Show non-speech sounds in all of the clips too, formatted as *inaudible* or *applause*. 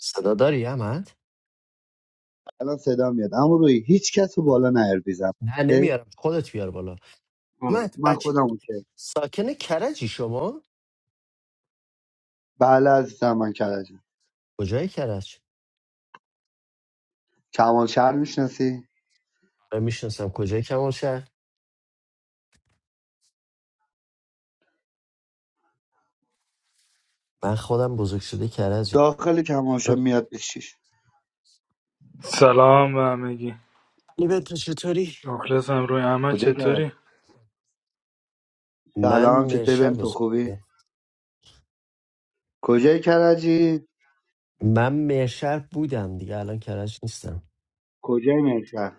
صدا داری احمد الان صدا میاد اما روی هیچ کس رو بالا نیار بیزم نه اوکی نمیارم خودت بیار بالا آره احمد من بچه خودم اوکی ساکن کرجی شما بله عزیزم من کرجم کجای کرج کمال شهر میشناسی من میشناسم کجای کمال شهر من خودم بزرگ شده کرجم داخل کمال شهر میاد بشیش سلام به همگی علی بنتو چطوری مخلصم روی احمد کجای کرج چطوری؟ من سلام چطه مرشر بهم تو بزرگ خوبی شدم کجای کرجی من مرشر بودم دیگه الان کرج نیستم کجای میشر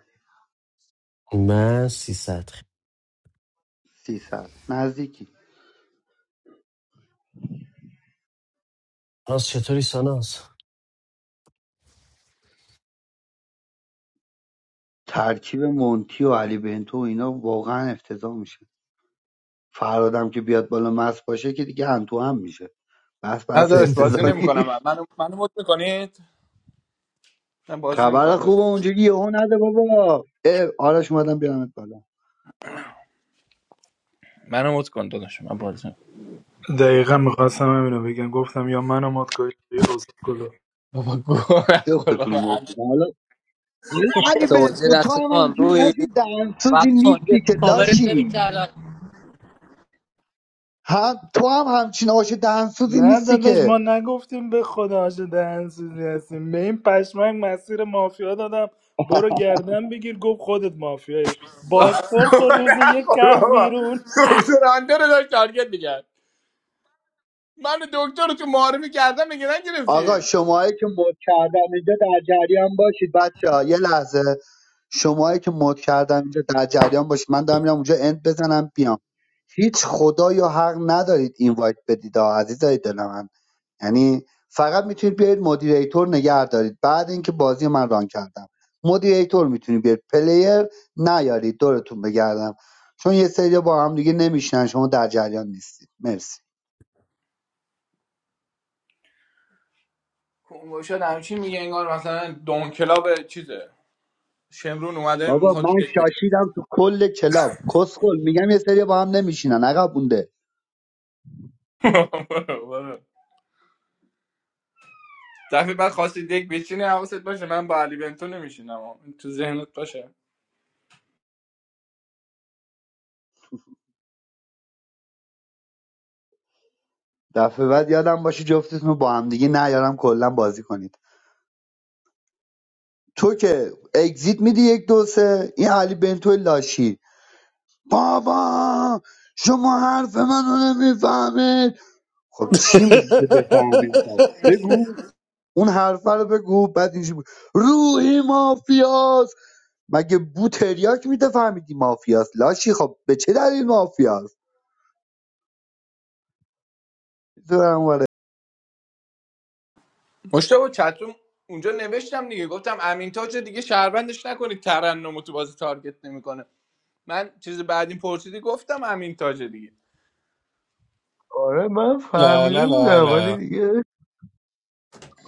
من 300 سی سال نزدیکی ساناز چطوری ساناز ترکیب مونتی و علی بنتو و اینا واقعا افتضاح میشه فرادم که بیاد بالا مست باشه که دیگه هم تو هم میشه بس نه بس داداش بازی *laughs* افتضاحی نمیکنم منو منو مد میکنید من بازی نمیکنم خبر داداش خوبه اونجوری یهو نده بابا اه، آرش اومدم بیارمت بالا منو مد کن داداش من بازی نمی‌کنم. دقیقا میخواستم همینو بگم گفتم یا منو مات کنید یا اسکلو بابا گوه نخور جفتتون بابا رو *laughs* مورد انت- بدم. حالا حالا علی So, به as you تو, تو هم know, همچین آش we watch دهنسوزی all these نیستی که covers every لاشی day. هم تو هم همچین آش دهنسوزی نه نیستی داداش که ما نگفتیم به خدا آشه دهن سوزی هستیم به این پشمک مسیر مافیا دادم برو گردن بگیر گفت خودت مافیایی بابا بازپرس رو گوه روز یک نخور کرد بابا بیرون *laughs* دکتر انده رو داشت تارگت میگرد من دکتر رو تو معارفی کردم میگه آقا نگرفتی شماهایی که مد کردم اینجا در جریان باشید بچه ها یه لحظه شماهایی که مد کردم اینجا در جریان باشید من دارم میرم اونجا اند بزنم بیام هیچ خدا یا حق ندارید اینوایت بدید ها عزیزای دل من یعنی فقط میتونید بیاید مدیریتور نگه دارید بعد اینکه بازی من ران کردم مدیریتور میتونید بیاید پلیر نیارید دورتون بگردم چون یه سری با هم دیگه نمیشنن شما در جریان نیستید مرسی شد همچین میگه انگار مثلا دون کلاب چیزه شمرون اومده بابا میخواد من دک بشینه *laughs* شاشیدم تو کل کلاب کسخل میگم یه سری با هم نمیشینن عقب مونده دفعه بعد خواستی دک بشینه حواست باشه من با علی بنتو نمیشینم تو ذهنت باشه دفعه بعد یادم باشه جفتتون رو با هم دیگه نیارم کلا بازی کنید تو که اگزییت میدی یک دو سه این علی بنتو لاشی بابا شما حرف منو نمیفهمید خب چی میگی که بفهمیم خب بگو اون حرفه رو بگو بعد اینجوری بود روحی مافیاس مگه بو تریاک میده فهمیدی مافیاس لاشی خب به چه دلیل مافیاس دورم بره. مشتاق چتروم اونجا نوشتم دیگه گفتم امین تاج رو دیگه شهروندش نکنید ترنم رو تو بازی تارگت نمیکنه من چیز بعدی پرسیدی گفتم امین تاج دیگه آره من لا لا فهمیده لا بودم ولی لا دیگه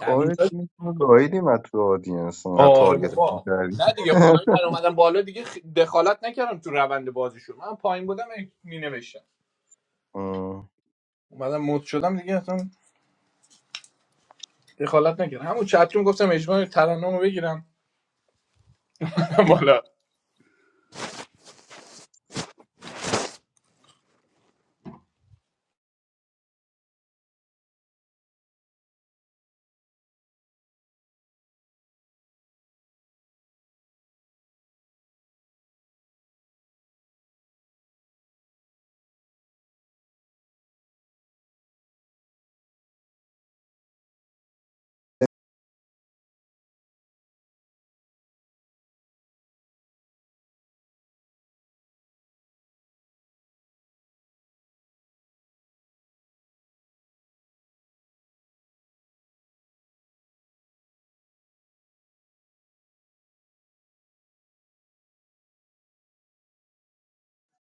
امین تاج تیمتون رو گاهیدیم از تو آدینس اینقدر آره تارگتت بابا میکردیم نه دیگه *laughs* خدای من اومدم بالا دیگه خ- دخالت نکردم تو روند بازیشون من پایین بودم می نوشتم اومدم مد شدم دیگه اصلا دخالت نکردم همون چتروم گفتم اجماع ترنم رو بگیرم *laughs* بالا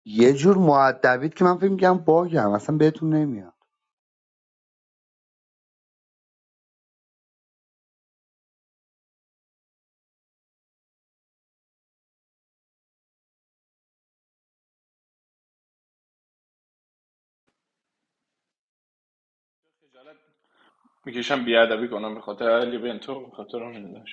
یه جور معدبید که من فکر میگم باگم اصلا بهتون نمیاد میکشم بیادبی کنم به خاطر علی بنتو به خاطر اون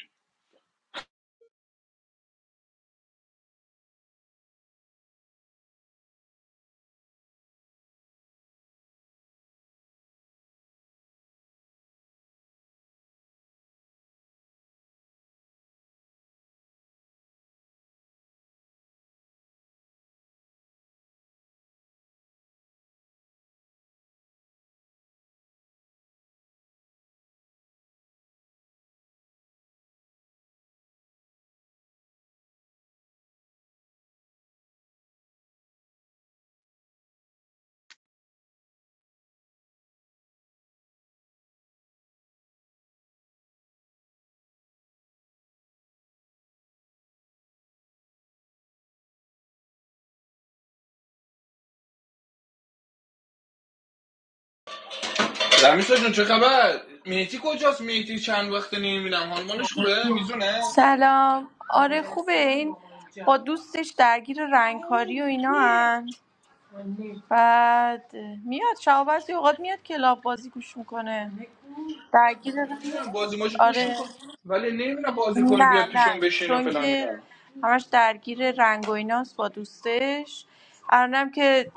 دمیسا جون چه خبر میتی کجاست میتی چند وقت نمیبینم حالمانش خوبه میزونه سلام آره خوبه این با دوستش درگیر رنگکاری و اینا هن. بعد میاد شب بعضی اوقات میاد کلاب بازی گوش میکنه درگیر رنگ نمیدونم بازی ماشو گوش آره میکنه ولی نمیدونم بازی کنه نه بیاد نه پیشون بشین و چون فلان که میدونم همش درگیر رنگ و ایناست با دوستش الانم که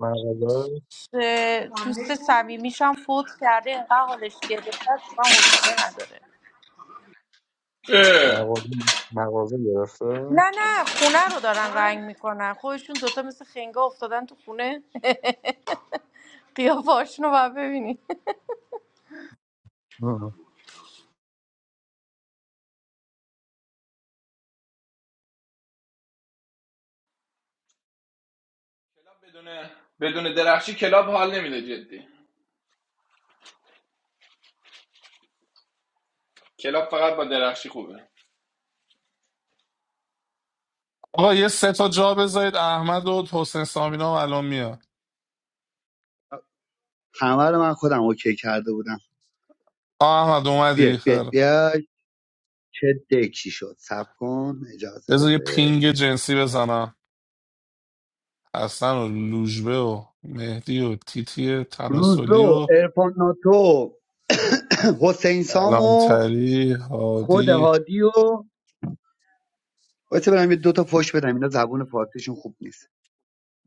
مغازه اه، دوست صمیمیش هم فوت کرده اینقدر حالش گرفته است، من حوصله نداره بدون مغازه مغازه نه گرفته نه خونه رو دارن رنگ میکنن خودشون دوتا مثل خنگا افتادن تو خونه قیافه‌هاشون رو باید ببینی مم. بدون درخشی کلاب حال نمیده جدی کلاب فقط با درخشی خوبه آقا یه سه تا جا بذارید احمد و حسین سامینا هم الان میاد همه رو من خودم اوکی کرده بودم آه احمد اومدی بیاید بیاید خیر بیاید چه دکی شد سب کن اجازه بذار یه بده پینگ جنسی بزنم حسن و لوژبه و مهدی و تیتی تناسلی روزو و ارفان *coughs* حسین سام و الانتری خود هادی هادی و باید برم یه دوتا پشت بدم اینا زبون فارسیشون خوب نیست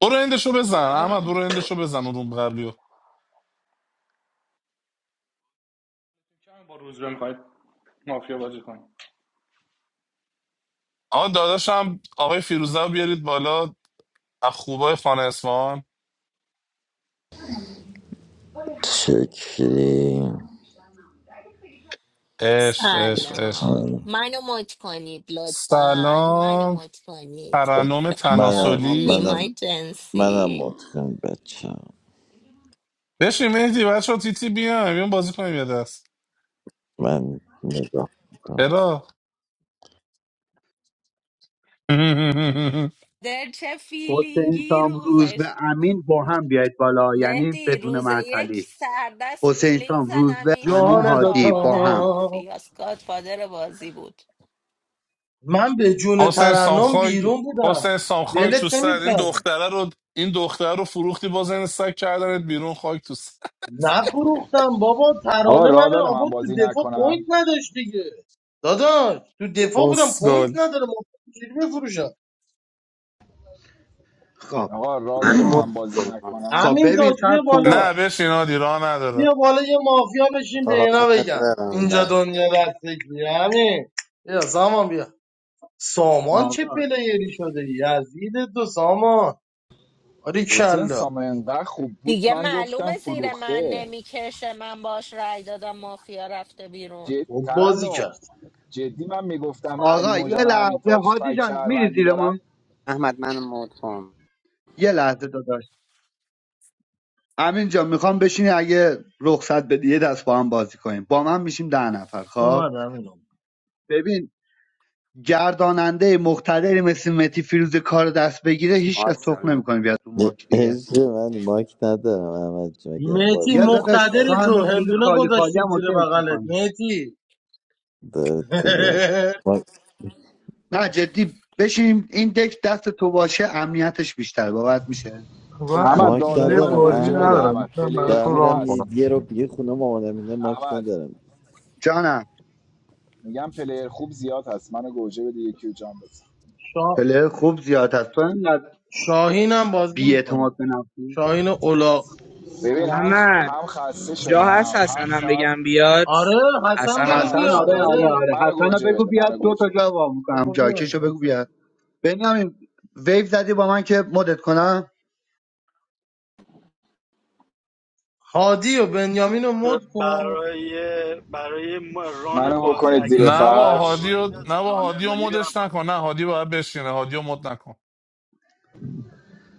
برو اندشو بازی بزن کنه؟ احمد برو اندشو بزن اون روم قبلی رو. کم با روز میخواید مافیا بازی کنیم آقا داداشم آقای فیروزه رو بیارید بالا از خوبای خانه اسمان شکلی عشق عشق عشق آره. سلام ترنم منم تناسلی منم منم متقن بچم بشین مهدی بچه ها تیتی بیان بیان بازی کنیم یه دست من نگاه میکنم چرا *laughs* حسین سام روز به امین با هم بیاید بالا یعنی بدون معطلی حسین سام روز به امین جهان دوتا هادی با هم من به جون حسین ترنم سامخاک بیرون بودم حسین سامخاک تو ولت سر این نمیکردم دختره رو این دختره رو فروختی باز این سگ کردنت بیرون خاک تو سر نفروختم بابا آقا ترانه من راه داره من آورد تو بازی دفاع پوینت نکنم نداشت دیگه داداش تو دفاع بودم پوینت اسکل نداره ما چجوری بفروشم خب آقا راه من داره *coughs* مود من بازی کنم نکنم خب همین ببین تاج سب بیا کن بالا نه بشین هادی راه نداره بیا بالا یه مافیا بشین به اینا قربونت بگم برم اینجا الله دنیا دستگیه همین بیا سامان بیا سامان چه آقا پلیری شده یزید دو سامان آری حسین کلا سام انقدر خوب بود من گفتم فروخته جد... خوب بازی ترنم کرد جدی من میگفتم علی آقا یه موجان و همین لحظه تاج حاجی فک جان میری شهروندی زیر ما دارن احمد من مود کن یه لحظه داداش امین جان میخوام بشینی اگه رخصت بدی یه دست با هم بازی کنیم با من میشیم ده نفر خب اومد همین ببین گرداننده مقتدری مثل متی فیروز کار دست بگیره هیچ کس تخ ماشاءالله نمیکنه بیاد رو ماک دیگه عشق من ماک ندارم احمد جون گرم مهتی باعث بیا داداش افتخار تو مقتدر دارم. تو همینجوری هندونه خالی خالی گذاشتیم هم زیر اوکیش بغلت میکنی مهتی دارد *laughs* دیگر ماک, نه جدی بشین این دک دست تو باشه امنیتش بیشتر باورت میشه من خودت هم احمد راه ماک میدونی داره حوصله منو ندارم بازی گوجه بده ندارم احمدم احمد میتونم پلیر دارم براتون خوب ران میرم هست یه کنم یه رو دیگه خونه مامانم اینا ماک احمد ندارم جانم میگم پلیر خوب زیاد هست منو گوجه بده یکی رو جام بزن شا... پله خوب زیاد هست تو اینقدر شاهین هم بازی بی‌اعتماد میکنه به نفسی شاهین اولاق ببین هم خ... محمد هم خسته جا شدم هست هم حسنم ساعت بگم بیاد آره حسن حسنم آره بگو حسن حسن میخواست رو بیاد آره گفت بگو آره بیاد آره آره منو حسن رو گوجه بگو بده بیاد منو دو تا گوجه بده جا وا میکنم بگو بیاد جاکش رو بگو بیاد حسن بنیامین ویو زدی با من که مدت کنم هادی و بنیامین رو مد کن برای برای ران منو بازی بکنید اگه زیر نه آقا نمیرم فرش هادی پایین و نه نداشت با رانر هادی و داری برم مدش پایین. نکن نه هادی باید بشینه هادی و مد نکن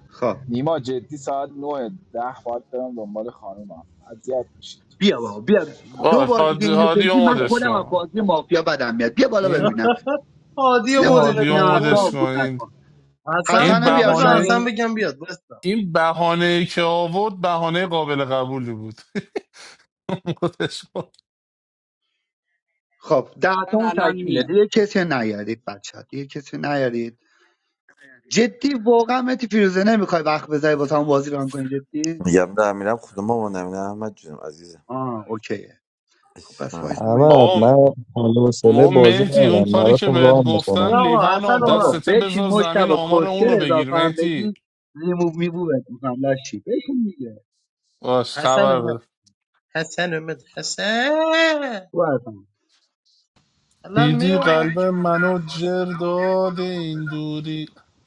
خب نیما جدی ساعت 9 ده باید برم دنبال خانومم اذیت میشید بیا بابا بیا دو باش بار دیگه هادی, اینو هادی بگی و من مدش خودم از کن بازی مافیا بدم میاد بیا بالا این ببینم هادی و این بیا بالا مدش هادی کن ببینم و اصلا دیوار مدش کن دی. آکوت این نکن حسن این حسن رو کو بیار بذار بهانه حسن شاهین بگم بیاد بستم این بهانه که آورد بهانه قابل قبولی بود *laughs* خودش گفت. خب ده من تامون الان تکمیله میام دیگه کسی نیارید بچه دیگه کسی نیارید جدی واقعا متی فیروزه نمیخوای وقت بذاری واسه همون بازی ران کنی جدی میگم دارم میرم خونه مامانم اینا احمد جونم عزیزم آه اوکیه خب عشق پس وایس من. من یکی احمد بابا رو بیارم. من حوصله ما بازی مهدی اون ندارم کاری که براتون بهت راه گفتم یا میکنم آقا لیوان حسن آب اومد بابا دستته بشین بذار زمین مشتبا آمار اونو کسچر بگیر اضافه هم مهدی بگی ریموو میمووت میکنم لشی بشین دیگه باش حسن خبر اومد بده حسن اومد حسن تو حسن الان دیدی آقا اینایی قلب میرم که من منو درخواست جر دادم و بیایید داده بالا مد این بدم دوری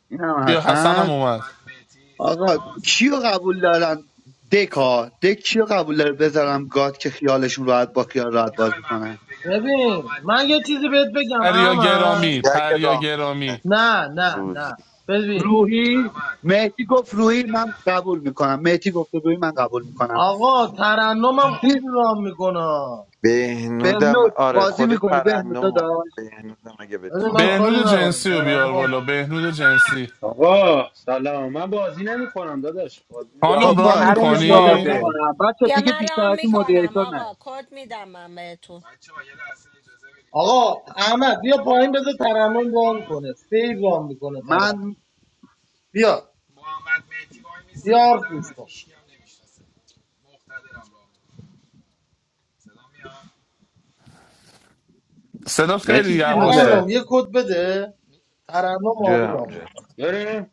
این هم بیا حسنم حسن اومد محمد مهدی آقا کیو قبول دارن دکا دک کیو قبول داره بذارم گاد که خیالشون راحت با خیال راحت بازی کنن ببین من یه چیزی بهت بگم پریا احمد گرامی دیگه اگه پریا راه- گرامی نه نه نه ببین روحی مهدی گفت روحی من قبول میکنم مهدی گفت روحی من قبول میکنم آقا ترنمم چی خوب رام میکنه بهنودم بهنود آره بازی خود میکنی بهنود ترنم داشت بهنودم اگه ببین بتون من ران کاری بهنود کنی ندارم جنسی رو بیار ترنمم بالا خوب بهنود جنسی آقا سلام من بازی نمیکنم داداش بازی این خب خانم نمیکنم دیگه ران عشق باشه حروم من بیا مدت میکنی؟ رانو زاده میکنم بچه دیگه بیشتر از این مدیریتور نه آقا احمد بیا پایین بذار ترنم رام کنه فیر رام میکنه ترنم من بیا بیا حرف گوش کن صدا خیلی مهتی یواشه فیروزه ترنم یه کد بده ترنم عالی جم رام جم میکنه بریم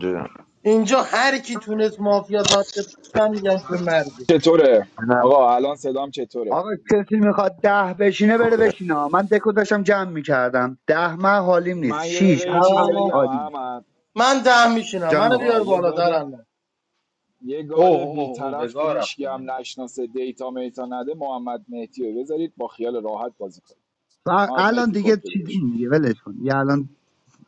جم اینجا هر کی تونست مافیا تارگت کنه، من میگم که مردی چطوره نه آقا الان صدام چطوره آقا کسی میخواد ده بشینه بره خوبه بشینه من دکو داشتم جمع میکردم ده من حالیم نیست من یه شیش دقیقه یه هفت چیز هشت ده. بگم عالی احمد من ده میشینم منو جانم آقا بیار یه بالا گاد ترنم یه گاد اوه اوه اوه بیطرف که بگاه هیچ رفتم هم نشناسه دیتا میتا نده محمد مهدی رو بذارید با خیال راحت بازی کنید و محمد الان مهدی کد دیگه بده بهش چیدیم دیگه ولش کن یه الان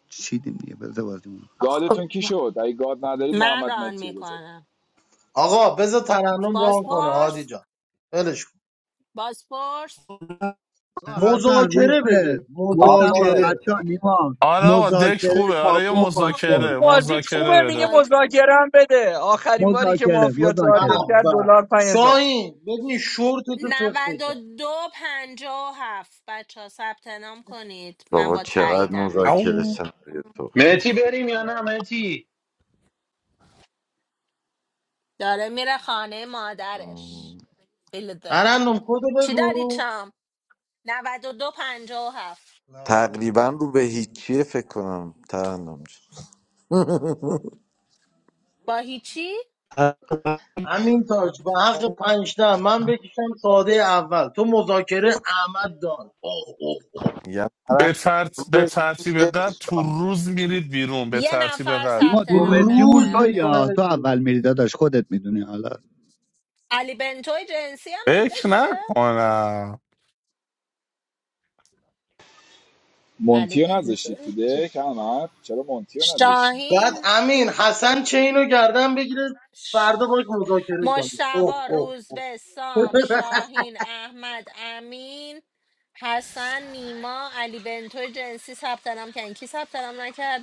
چیدیم دیگه بذار بازیمون رو. گادتون کی شد اگه گاد ندارید محمد مهدی رو بذارید آقا بذار ترنم رام کنه هادی جان ولش کن. آقا حسن روز مذاکره به بده کافو مذاکره بده بچه ها نیما آره آقا دک مذاکره خوبه آره یه کاپو پاسپورت خیلی مذاکره بازیت خوبه مذاکره میگه بده مذاکرم بده آخرین باری که مذاکره مافیا به مذاکره تارگت کرد به دلار 5000 شاین ببین شورت تو سفت بکن بابا چقدر مذاکره او سناریو تو مهتی بریم یا نه مهتی مم. ترنم کدو بگو 92. تقریبا رو به هیچیه فکر کنم ترنم جان. *laughs* uh, همین تاج به حق پنجده من بکشم ساده اول تو مذاکره احمد دان اوه اوه اوه. میگم ترنم به, ترت... رو به به ترتیب قد تو هیچیه روز میرید بیرون به ترتیب قد نیما دو متریمون روز تو میکنم یا تو اول بیرون میری داداش خودت میدونی حالا فکر نکنم مونتی رو نذاشتید تو دک احمد چرا مونتی رو نذاشتید بعد امین حسن چه اینو گردن بگیره فردا باش مذاکره کنه اوه اوه اوه *laughs*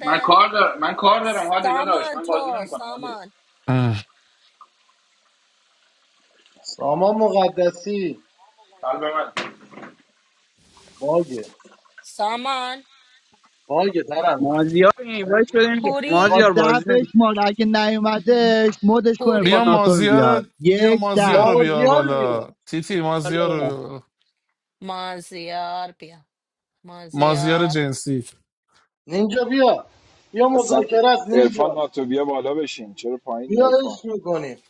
من کار دارم من کار دارم حالی داداش من بازی نمیکنم حالی اه. سامان مقدسی قلب من باگه باگه ترنم مازیار اینوایت بدیم که- تا مازیار ده بازی نمی- بشمار اگه نیومدش مدش کن ارفان بیا ناتو رو بیار مازیار بیا یک ده مازیار رو بیار مازیار رو بیار بالا تیتی حالا. مازیار رو مازیار جنسی نینجا بیا بیا اصلا مذاکره است ارفان نینجا ناتو بیا بالا بشین چرا پایینی بیا ارفان عشق میکنیم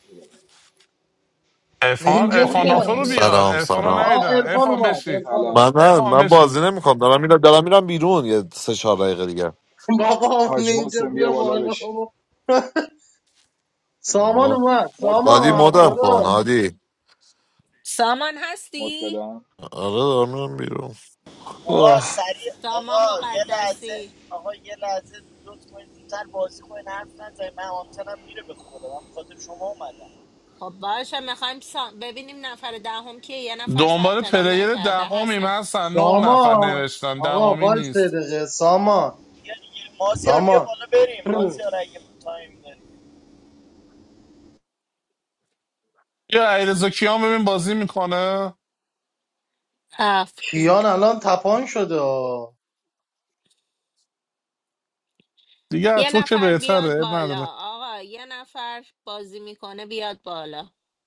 افان نینجا افاناتو بیا رو بیا بالا بیار Salam, افان رو salam. آه نیدم ارفان افان اومد بشین ارفان اومد سلام I'm not. I'm افان not بشین doing it anymore. I'm. I'm. I'm going out. What's the story? What's the *laughs* بابا حاج نینجا محسن بیا بیا بالا بالا بشین بابا *laughs* سامان story? اومد مد This بدم is سامان modern ارفان داداش times. مد بدم This is. آقا اوه. سریع آقا یه لحظه آقا یه لحظه لطف کنید زودتر بازی کنید حرف نزنید من آنتنم میره به خدا من به شما اومدم دنبال پلیر دهمیم هستن نه نفر سامان نوشتن آقا دهمی وای نیست سه دقیقه سامان بیا دیگه مازیار بیا سامان بالا بریم مازیار اگه تایم داری یا علیرضا کیان ببین بازی میکنه کیان الان تپان شده آه. دیگه از تو که بهتره اب نداره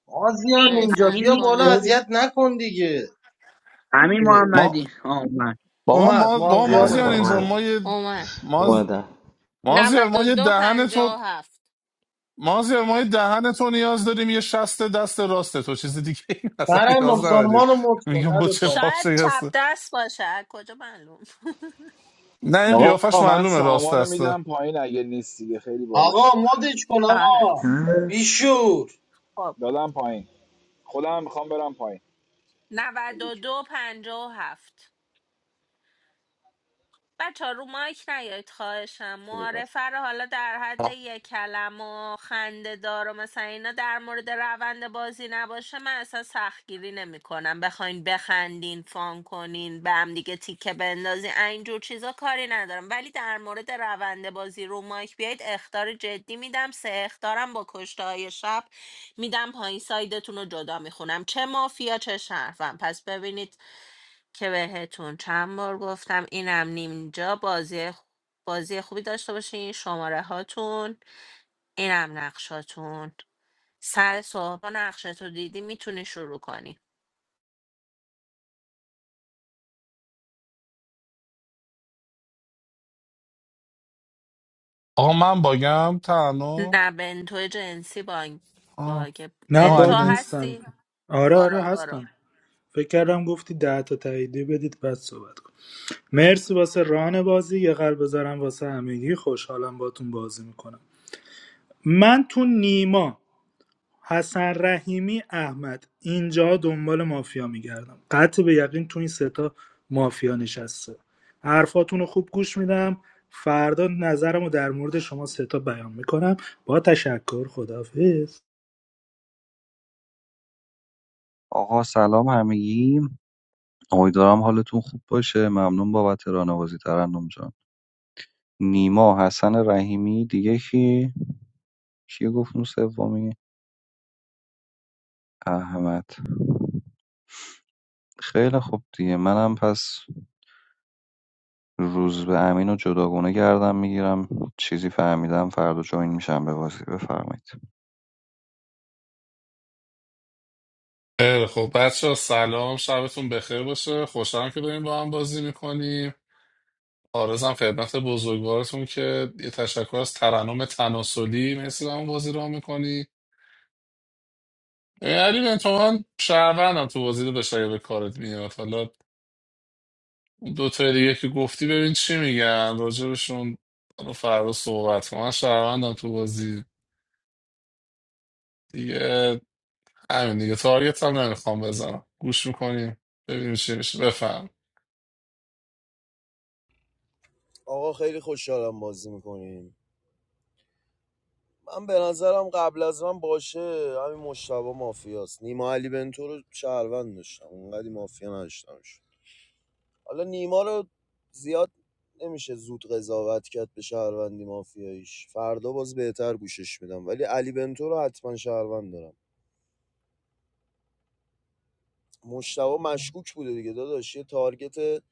مازیار امین نینجا امین بیا نیست بالا اذیت نکن دیگه امین اه. ما محمدی آمد بابا اومد ما بابا خیلی مازیار مازیار خوب اومد اینجا من ما یه اومد ماز مازیار ما یه دهن تو مازیار ما یه دهن تو نیاز داریم یه شست دست راست تو چیز دیگه این *laughs* اصلا نیاز ترنم نداریم سامان رو مت کن میگم با نده چه پایین پاپ شکسته نه این قیافش آقا من معلومه راست سامانو دسته میدم پایین اگه نیست دیگه خیلی بالا شد آقا مدش کن آقا نه. بیشور دادم پایین خودم میخوام برم پایین خیلی زیر بس آقا من باگم تنها آه، نه ما علی باگ بن نیستم آره آره هستم فکر کردم گفتی ده تا تاییدی بدید بعد صحبت کنم مرسی واسه ران بازی یه قلب بذارم واسه همگی خوشحالم باتون بازی میکنم من تو نیما حسن رحیمی احمد اینجا دنبال مافیا میگردم قطع به یقین تو این ستا مافیا نشسته حرفاتون رو خوب گوش میدم فردا نظرم رو در مورد شما ستا بیان میکنم با تشکر خدافز آقا سلام همگی امیدوارم حالتون خوب باشه ممنون بابت راهنمایی ترنم جان نیما حسن رحیمی دیگه کی کی گفت اون سومی؟ احمد خیلی خوب دیگه منم پس روز به امین و جداگونه گردم میگیرم چیزی فهمیدم فردا جوین میشم به بازی بفرمایید خیلی خب بچه سلام شبتون بخیر باشه خوشحالم که داریم با هم بازی میکنیم آرزم خدمت بزرگوارتون که یه تشکر از ترنم تناسلی مرسی به همون بازی را میکنی علی بن تو من شهروندم تو بازی داشت اگه به کارت میاد حالا اون دو دیگه که گفتی ببین چی میگن راجبشون رو فردا صحبت کنم من شهروندم تو بازی دیگه همین دیگه تارگت هم نمیخوام بزنم گوش میکنیم ببینیم چی میشه بفهم آقا خیلی خوشحالم بازی میکنین من به نظرم قبل از من باشه همین مشتبه مافیاست نیما علی بنتو رو شهروند داشتم اونقدی مافیا نداشتمش حالا نیما رو زیاد نمیشه زود قضاوت کرد به شهروندی مافیاییش فردا باز بهتر گوشش میدم ولی علی بنتو رو حتما شهروند دارم مشتبه مشکوک بوده دیگه داداش یه تارگت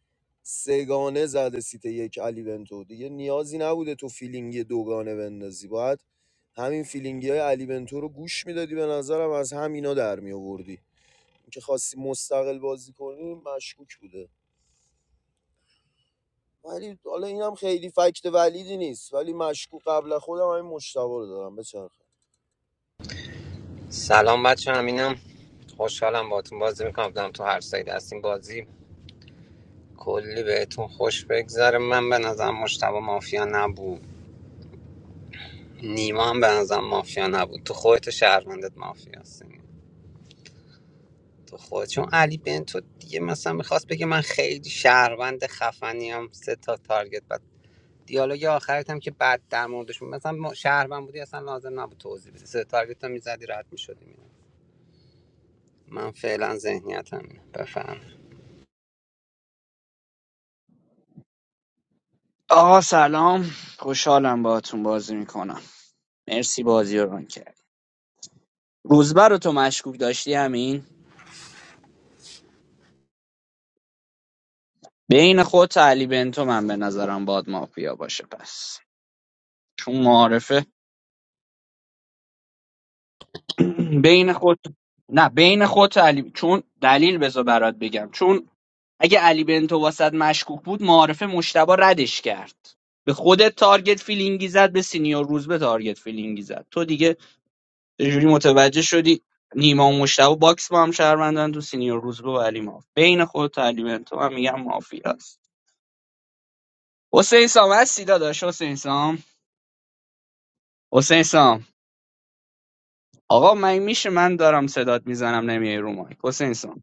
سگانه زده سیت یک علی بنتو دیگه نیازی نبوده تو فیلینگی دوگانه بندازی باید همین فیلینگی های علی بنتو رو گوش میدادی به نظرم از همینا در می آوردی اینکه خواستی مستقل بازی کنی مشکوک بوده ولی حالا اینم خیلی فکت ولیدی نیست ولی مشکوک قبل خودم همین مشتبه رو دارم بچرخه سلام بچه همینم خوشحالم باتون بازی میکنم بدم تو هر سایت هستیم بازی کلی بهتون خوش بگذره من به نظرم مشتبه مافیا نبود نیما هم به نظرم مافیا نبود تو خودت و شهروندت مافیا هستیم تو خود چون علی بن تو دیگه مثلا میخواست بگه من خیلی شهروند خفنیم سه تا تارگت دیالوگ آخرت هم که بعد در موردش مثلا ما شهروند بودی اصلا لازم نبود توضیح بدی سه تارگت هم میزدی راحت میشدی من فعلا ذهنیتم اینه. بفهم آقا سلام خوشحالم باهاتون بازی میکنم مرسی بازی رو ران کرد روزبر رو تو مشکوک داشتی امین بین خود علی بنتو من به نظرم باد مافیا باشه پس چون معارفه بین خود نه بین خود علی چون دلیل بذار برات بگم چون اگه علی بنتو واسط مشکوک بود معارفه مشتبه ردش کرد به خودت تارگت فیلینگی زد به سینیور روزبه تارگت فیلینگی زد تو دیگه یه جوری متوجه شدی نیما و مشتبا باکس با هم شهروندن تو سینیور روزبه و علی ماف بین خود علی بنتو من میگم مافیاست حسین سام هستی داداش حسین سام حسین سام آقا مگه میشه من دارم صدات میزنم نمیای رو مایک حسین سام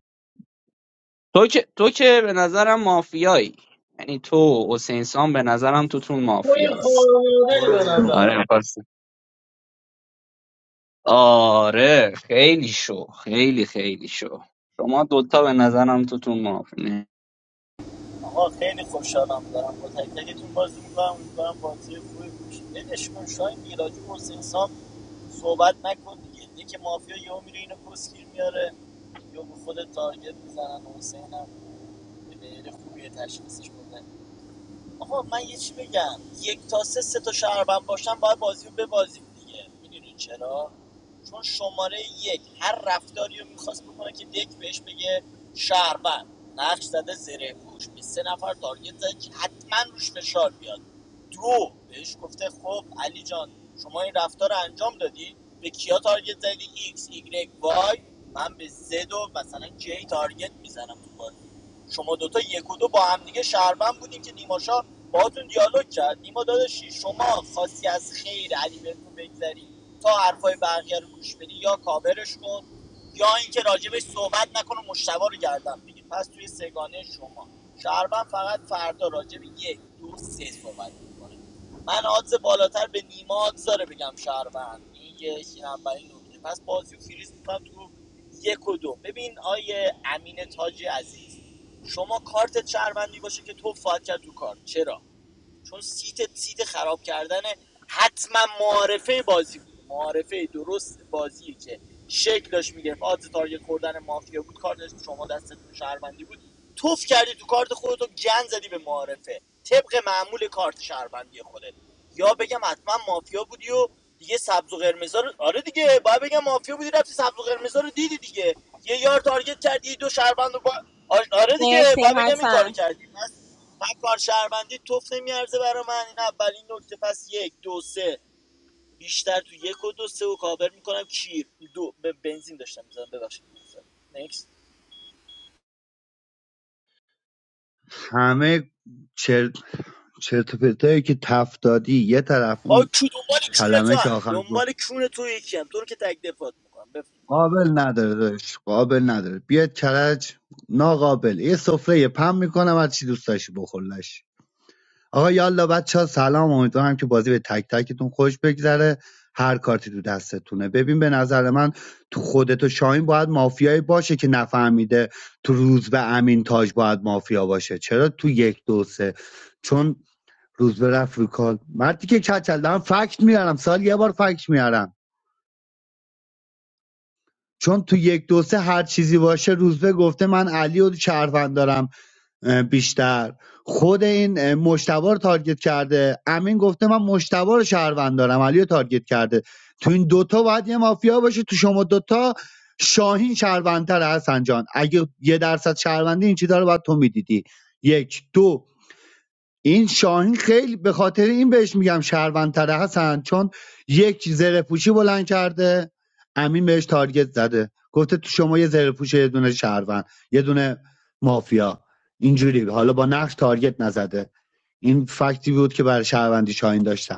تو که تو که به نظرم مافیایی یعنی تو حسین سام به نظرم توتون توی مافیاست خوارمادری برو به بیرون نظرم آره بزن پس آره خیلی شو خیلی خیلی شو شما دوتا به نظرم توتون مافیا نه. آقا خیلی خوشحالم دارم با تک تکتون بازی میکنم امیدوارم بازی خوبی باشه بدش کن شاهین میراجی و حسین سام صحبت نکن دیگه یکی مافیا یهو میره اینو کسگیر میاره یا به خود تارگت میزنن حسینم به غیر خوبی تشخیصش بده آقا من یه چی بگم یک تا سه سه تا شهروند باشن باید بازی رو ببازیم دیگه میدونین چرا چون شماره یک هر رفتاری رو میخواست بکنه که دک بهش بگه شهروند نقش زده زره پوش به سه نفر تارگت زده که حتما روش فشار بیاد دو بهش گفته خب علی جان شما این رفتار رو انجام دادی به کیا تارگت زدی ایکس ایگرگ وای من به زد و مثلا جی تارگت میزنم تو شما دوتا یک و دو با هم دیگه شهروند بودین که نیما شاه باهاتون دیالوگ کرد نیما داداشی شما خاصی از خیر علی بهتون بگذری تا حرفای بقیه رو گوش بدی یا کاورش کن یا اینکه راجبش صحبت نکن و مشتوا رو گردن بگیر پس توی سگانه شما شهروند فقط فردا راجب یک دو سه صحبت میکنه من آدز بالاتر به نیما آدز بگم شهروند این یه این اولین نکته پس بازی و فریز میکنم تو یک و دو ببین آیه امین تاج عزیز شما کارت شهروندی باشه که تو فقط کرد تو کارت چرا چون سیت سیت خراب کردن حتما معارفه بازی بود معارفه درست بازی که شکلش میگرفت آدز تارگت خوردن مافیا بود کار داشت شما دست شهروندی بود توف کردی تو کارت خودتو گن زدی به معارفه طبق معمول کارت شهروندی خودت یا بگم حتما مافیا بودی و دیگه سبز و قرمزا رو آره دیگه باید بگم مافیا بودی رفتی سبز و قرمزا رو دیدی دیگه یه یار تارگت کردی دو شهروند رو با... آره دیگه باید بگم این کارو کردی پس من کار شهروندی توف نمیارزه برا من این اولین نکته پس یک دو سه بیشتر تو یک و دو سه و کابر میکنم کیر دو به بنزین داشتم میزنم ببخشید نیکس. همه چرت, چرت و پرتایی که تفدادی یه طرف آ اون کی دنبال کونه تو کلمه که هم آخر گفت دنبال کونه تو یکی هم تو رو که تک دفات میکنم بف... قابل نداره داشت قابل نداره بیاد کرج ناقابل یه سفره پم میکنم هر چی دوست داشتی بخورلش آقا یالا بچه سلام امیدوارم که بازی به تک تکتون خوش بگذره هر کارتی تو دستتونه ببین به نظر من تو خودت و شاهین باید مافیایی باشه که نفهمیده تو روز به امین تاج باید مافیا باشه چرا تو یک دو سه چون روزبه رفت رو کال مردی که کچل دارم فکت میارم سال یه بار فکت میارم چون تو یک دو سه هر چیزی باشه روزبه گفته من علی و شهروند دارم اه، بیشتر خود این اه، مشتبه رو تارگت کرده امین گفته من مشتبه رو شهروند دارم علی رو تارگت کرده تو این دوتا باید یه مافیا باشه تو شما دوتا شاهین شهروندتر هستن جان اگه یه درصد شهروندی این چیزا رو باید تو میدیدی یک دو این شاهین خیلی به خاطر این بهش میگم شهروندتره حسن چون یک زره پوشی بلند کرده امین بهش تارگت زده گفته تو شما یه زره پوش یه دونه شهروند یه دونه مافیا اینجوری حالا با نقش تارگت نزده این فکتی بود که برای شهروندی شاهین داشتم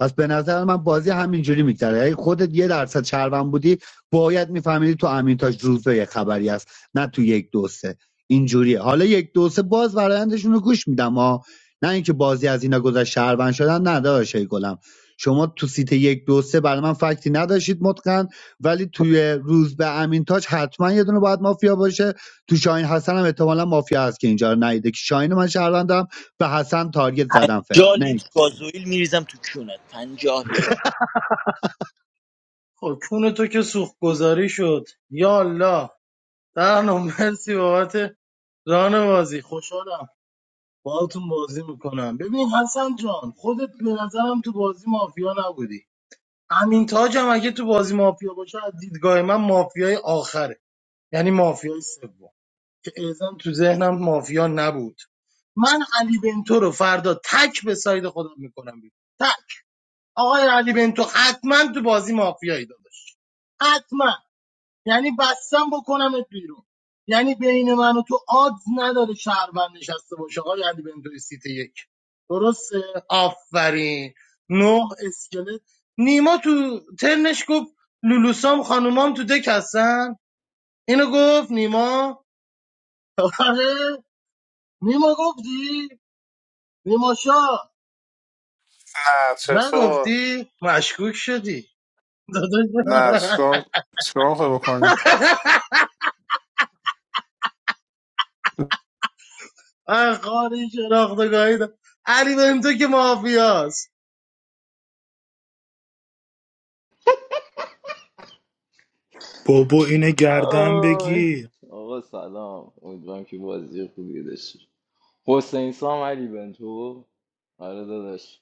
پس به نظر من بازی همینجوری میگذره اگه خودت یه درصد شهروند بودی باید میفهمیدی تو امینتاج روزه یه خبری است، نه تو یک دو سه اینجوریه حالا یک دو سه باز برایندشون رو گوش میدم ها نه اینکه بازی از اینا گذشت شهروند شدن نداشت گلم شما تو سیت یک دو سه برای من فکتی نداشتید مطلقاً ولی توی روز به امین تاج حتما یه دونه باید مافیا باشه تو شاهین حسن هم احتمالا مافیا هست که اینجا رو ندیده که شاهین من شهروندم به حسن تارگت زدم فعلا پنجاه لیتر گازوئیل میریزم تو کونت پنجاه لیتر خب کون تو که سوخت گذاری شد یا الله در مرسی بابت ران بازی خوشحالم باهاتون بازی میکنم ببین حسن جان خودت به نظرم تو بازی مافیا نبودی امین تاج هم اگه تو بازی مافیا باشه از دیدگاه من مافیای آخره یعنی مافیای سوم که اعزام تو ذهنم مافیا نبود من علی بنتو رو فردا تک به ساید خودم میکنم بیرون تک آقای علی بنتو حتما تو بازی مافیایی داداش حتما یعنی بستم بکنمت بیرون یعنی بین من و تو آدز نداره شهروند نشسته باشه آقای علی بنتو سیت یک درسته آفرین نه اسکلت نیما تو ترنش گفت لولوسام خانومام تو دک هستن اینو گفت نیما آره نیما گفتی؟ نیما شاه نه چطور نگفتی؟ مشکوک شدی نه داداش چیکار چیکار میخوای بکنی آه، خانه شناختگاهی دار علی بهم تو که مافیاست بابا اینه گردن آی. بگیر آقا سلام امیدوارم که بازی خوبی داشتی حسین سام علی بنتو آره داداش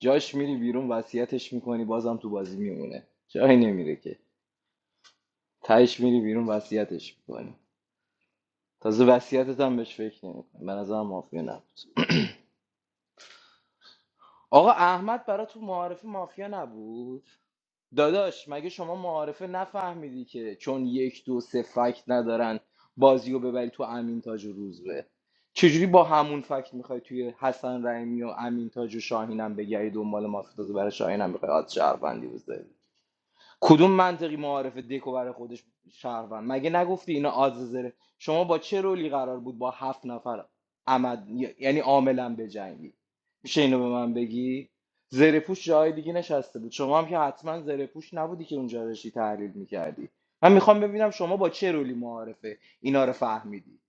جاش میری بیرون وصیتش میکنی بازم تو بازی میمونه جایی نمیره که تهش میری بیرون وصیتش میکنی تازه وصیتت هم بهش فکر نمیکنی به نظرم مافیا نبود آقا احمد برا تو معارف مافیا نبود داداش مگه شما معارفه نفهمیدی که چون یک دو سه فکت ندارن بازی رو ببری تو امین تاج و روزبه چجوری با همون فکت میخوای توی حسن رحیمی و امین تاج و شاهینم بگری دنبال مافیا برای شاهینم میخوای آد شهروندی بذاری کدوم منطقی معارف دکو برای خودش شهروند مگه نگفتی اینا آززره شما با چه رولی قرار بود با هفت نفر عمد یعنی عاملا بجنگی میشه اینو به من بگی زره پوش جای دیگه نشسته بود شما هم که حتما زره پوش نبودی که اونجا داشتی تحلیل میکردی من میخوام ببینم شما با چه رولی معارفه اینا رو فهمیدی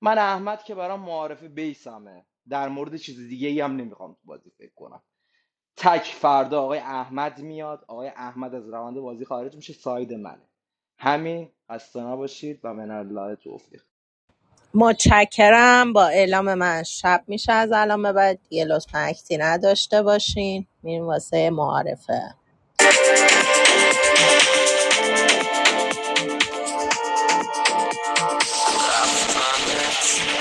من احمد که برام معارفه بیسمه در مورد چیز دیگه ای هم نمیخوام تو بازی فکر کنم تک فردا آقای احمد میاد آقای احمد از روند بازی خارج میشه ساید منه همین خسته نباشید و من الله توفیق رفتنت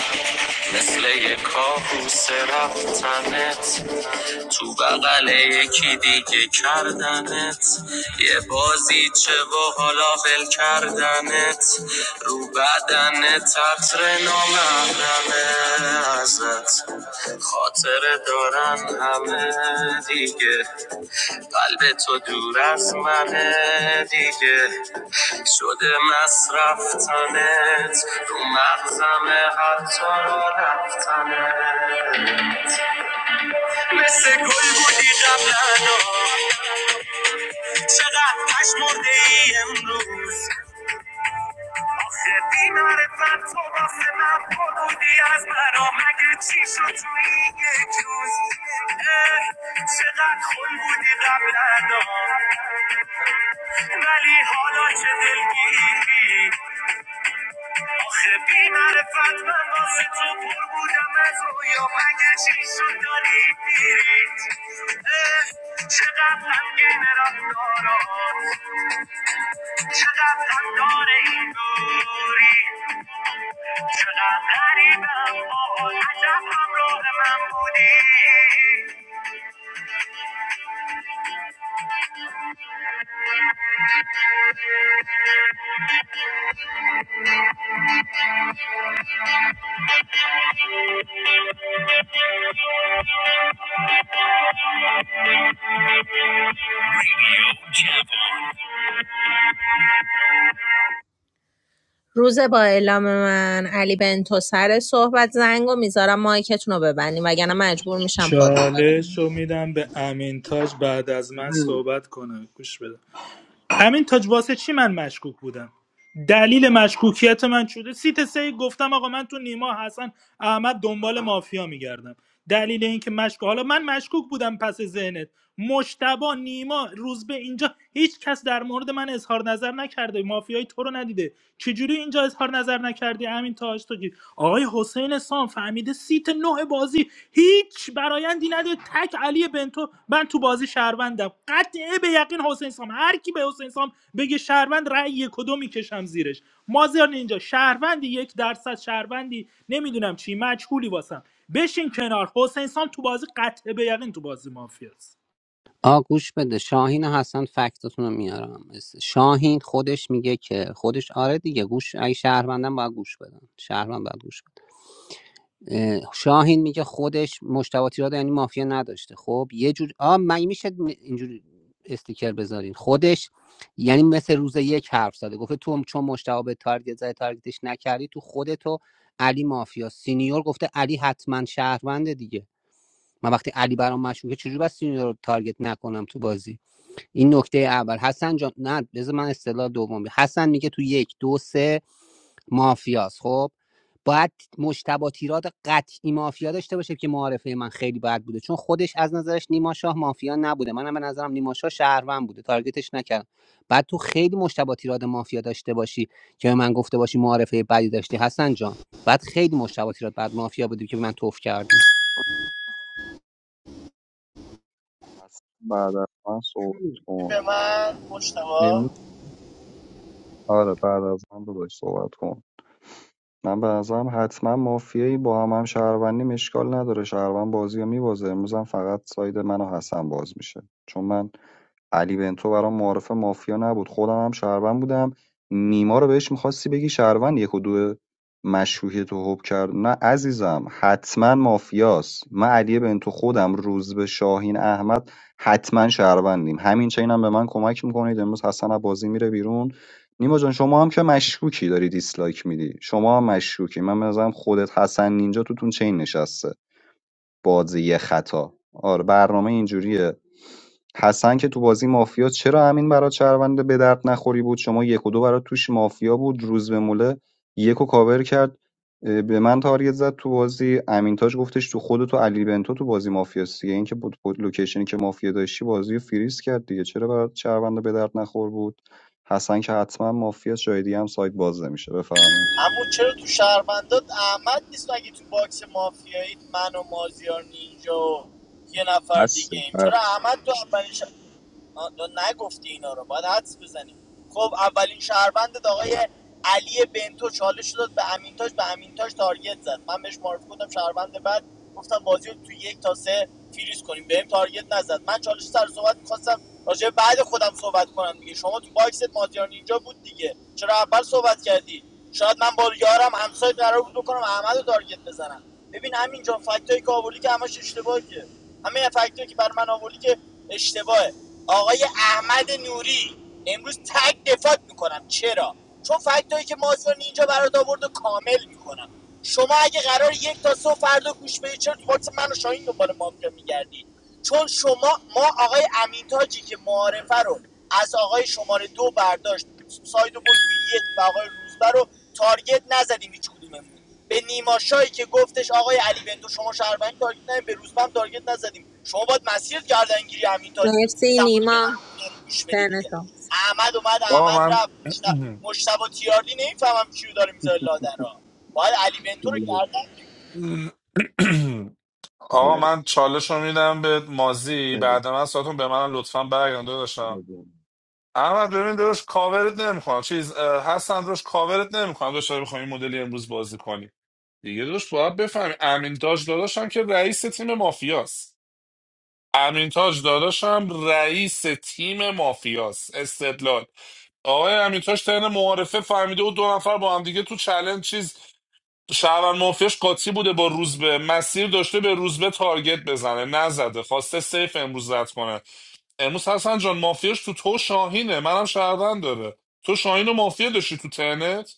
مثل یه کابوس رفتنت تو بغل یکی دیگه کردنت یه بازی چه و حالا ول کردنت رو بدن تطر نامحرمه ازت خاطره دارن همه دیگه قلب تو دور از منه دیگه شده مصرف تنت رو مغزم حتی را رفتنت مثل گل بودی قبلا چقدر پش مرده ای امروز بی معرفت تو واسه من پر بودی از مرا مگه چی شد تو این یک روز اه، چقدر خون بودی قبلا ولی حالا چه دلگیری آخه بی معرفت من واسه تو پر بودم از رویا مگه چی شد داری میری چقدر غمگین رفتارات چقدر غمدار این دوری شدم غریبم باز عجب همراه من بودی چالش رو میدم به امین تاج بعد از من صحبت کنه گوش بده همین تاج واسه چی من مشکوک بودم دلیل مشکوکیت من شده سیت سه گفتم آقا من تو نیما حسن احمد دنبال مافیا میگردم دلیل اینکه مشکوک حالا من مشکوک بودم پس ذهنت مشتبا نیما روز به اینجا هیچ کس در مورد من اظهار نظر نکرده مافیای تو رو ندیده چجوری اینجا اظهار نظر نکردی همین تاج تو کی؟ آقای حسین سام فهمیده سیت نه بازی هیچ برایندی نداره تک علی بنتو من تو بازی شهروندم قطعه به یقین حسین سام هر کی به حسین سام بگه شهروند رأی یک و دو میکشم زیرش مازیار اینجا شهروندی یک درصد شهروندی نمیدونم چی مجهولی واسم بشین کنار حسین سام تو بازی قطعه به یقین تو بازی مافیاست آ گوش بده شاهین و حسن فکتتون رو میارم شاهین خودش میگه که خودش آره دیگه گوش اگه شهروندم باید گوش بدن شهروند باید گوش بدن. اه، شاهین میگه خودش مشتبه تیراد یعنی مافیا نداشته خب یه جور آ من میشه اینجوری استیکر بذارین خودش یعنی مثل روز یک حرف زده گفته تو چون مشتبه به تارگت زده تارگتش نکردی تو خودتو علی مافیا سینیور گفته علی حتما شهرونده دیگه من وقتی علی برام مشروعه چجوری بس سینیور رو تارگت نکنم تو بازی این نکته اول حسن جان نه بذار من اصطلاح دوم بگم. حسن میگه تو یک دو سه مافیاست خب باید مجتبی تیراد قطعی مافیا داشته باشه که معارفه من خیلی بد بوده چون خودش از نظرش نیما شاه مافیا نبوده منم به نظرم نیما شاه شهروند بوده تارگتش نکردم بعد تو خیلی مجتبی تیراد مافیا داشته باشی که به من گفته باشی معارفه بدی داشتی حسن جان بعد خیلی مجتبی تیراد بعد مافیا بودی که به من توف کردم پس بعد از من صحبت کن به من مشتبه امروز آره بعد از من داداش صحبت کن من به نظرم حتما مافیایی با هم هم شهروندی مشکال نداره شهروند بازی رو میبازه امروز هم فقط ساید من و حسن باز میشه چون من علی بنتو برام معارف مافیا نبود خودم هم شهروند بودم نیما رو بهش میخواستی بگی شهروند یک و دو مشروعیت تو حب کرد نه عزیزم حتما مافیاست من علی بنتو خودم روز به شاهین احمد حتما شهروندیم همین چینم هم به من کمک میکنید امروز حسن از بازی میره بیرون نیما جان شما هم که مشکوکی داری دیسلایک میدی شما هم مشکوکی من بنظرم خودت حسن نینجا توتون چین نشسته بازی خطا آره برنامه اینجوریه حسن که تو بازی مافیا چرا امین برات شهرونده به درد نخوری بود شما یک و دو برات توش مافیا بود روز به موله یک و کاور کرد اه، به من تارگت زد تو بازی امین تاج گفتش تو خودت و علی بنتو تو بازی مافیاست دیگه این که بود بود لوکیشنی که مافیا داشتی بازی رو فریز کرد دیگه چرا برات شهرونده به درد نخور بود حسن که حتما مافیا جای دیگه هم سایت باز نمیشه بفرمایید اما چرا تو شهروندات احمد نیست اگه تو باکس مافیایی من و مازیار نینجا و یه نفر بس دیگه ایم بس. چرا احمد تو اولین شهر... نگفتی اینا رو باید حدس بزنیم خب اولین شهروندت آقای علی بنتو چالش داد به امینتاش به امینتاش تارگت زد من بهش معرفی کردم شهروند بعد گفتم بازی رو تو یک تا سه فریز کنیم بهم تارگت نزد من چالش سر صحبت میخواستم راجع به بعد خودم صحبت کنم دیگه شما تو باکست مازیار نینجا بود دیگه چرا اول صحبت کردی شاید من با یارم همسایه قرار بود بکنم احمد رو تارگت بزنم ببین همینجا فکتایی که آوردی که همش اشتباهه که همه فکتایی که بر من آوردی که اشتباهه آقای احمد نوری امروز تگ دفاع میکنم چرا چون فکتایی که مازیار اینجا برات آورد کامل میکنم شما اگه قرار یک تا صفر فردا گوش بدی چرا تو باکس من و شاهین دنبال مافیا میگردی چون شما ما آقای امینتاجی که معارفه رو از آقای شماره دو برداشت ساید رو برد تو یک و آقای روزبه رو تارگت نزدیم هیچ کدوممون به نیما که گفتش آقای علی بندو شما شهروند تارگت نزدیم به روزبه هم تارگت نزدیم شما باید مسیر گردنگیری امینتاج بود مرسی زمانی که نیما قرار بود اینا رو گوش بدی دیگه تنشو احمد اومد آقا احمد رفت مشت- من مشتبه تیاردی نمیفهمم کیو داره میذاره لادن را باید علی بنتو رو گردن *clears throat* آقا نه من چالش رو میدم به مازی بده بعد من ساعتون به من لطفا برگردم داداشم بده. احمد ببین داداش کاورت نمیکنم چیز اه، حسن داداش کاورت نمیکنم داداش داری بخوای این مدلی امروز بازی کنی دیگه داداش باید بفهمی امین تاج داداشم که رئیس تیم مافیاست امین تاج داداشم رئیس تیم مافیاست استدلال آقای امین تاج ترن معارفه فهمیده و دو نفر با هم دیگه تو چلنج چیز شهروند مافیاش قاطی بوده با روزبه مسیر داشته به روزبه تارگت بزنه نزده خواسته سیف امروز رد کنه امروز حسن جان مافیاش تو تو شاهینه منم شهروند داره تو شاهین و مافیا داشتی تو ترنت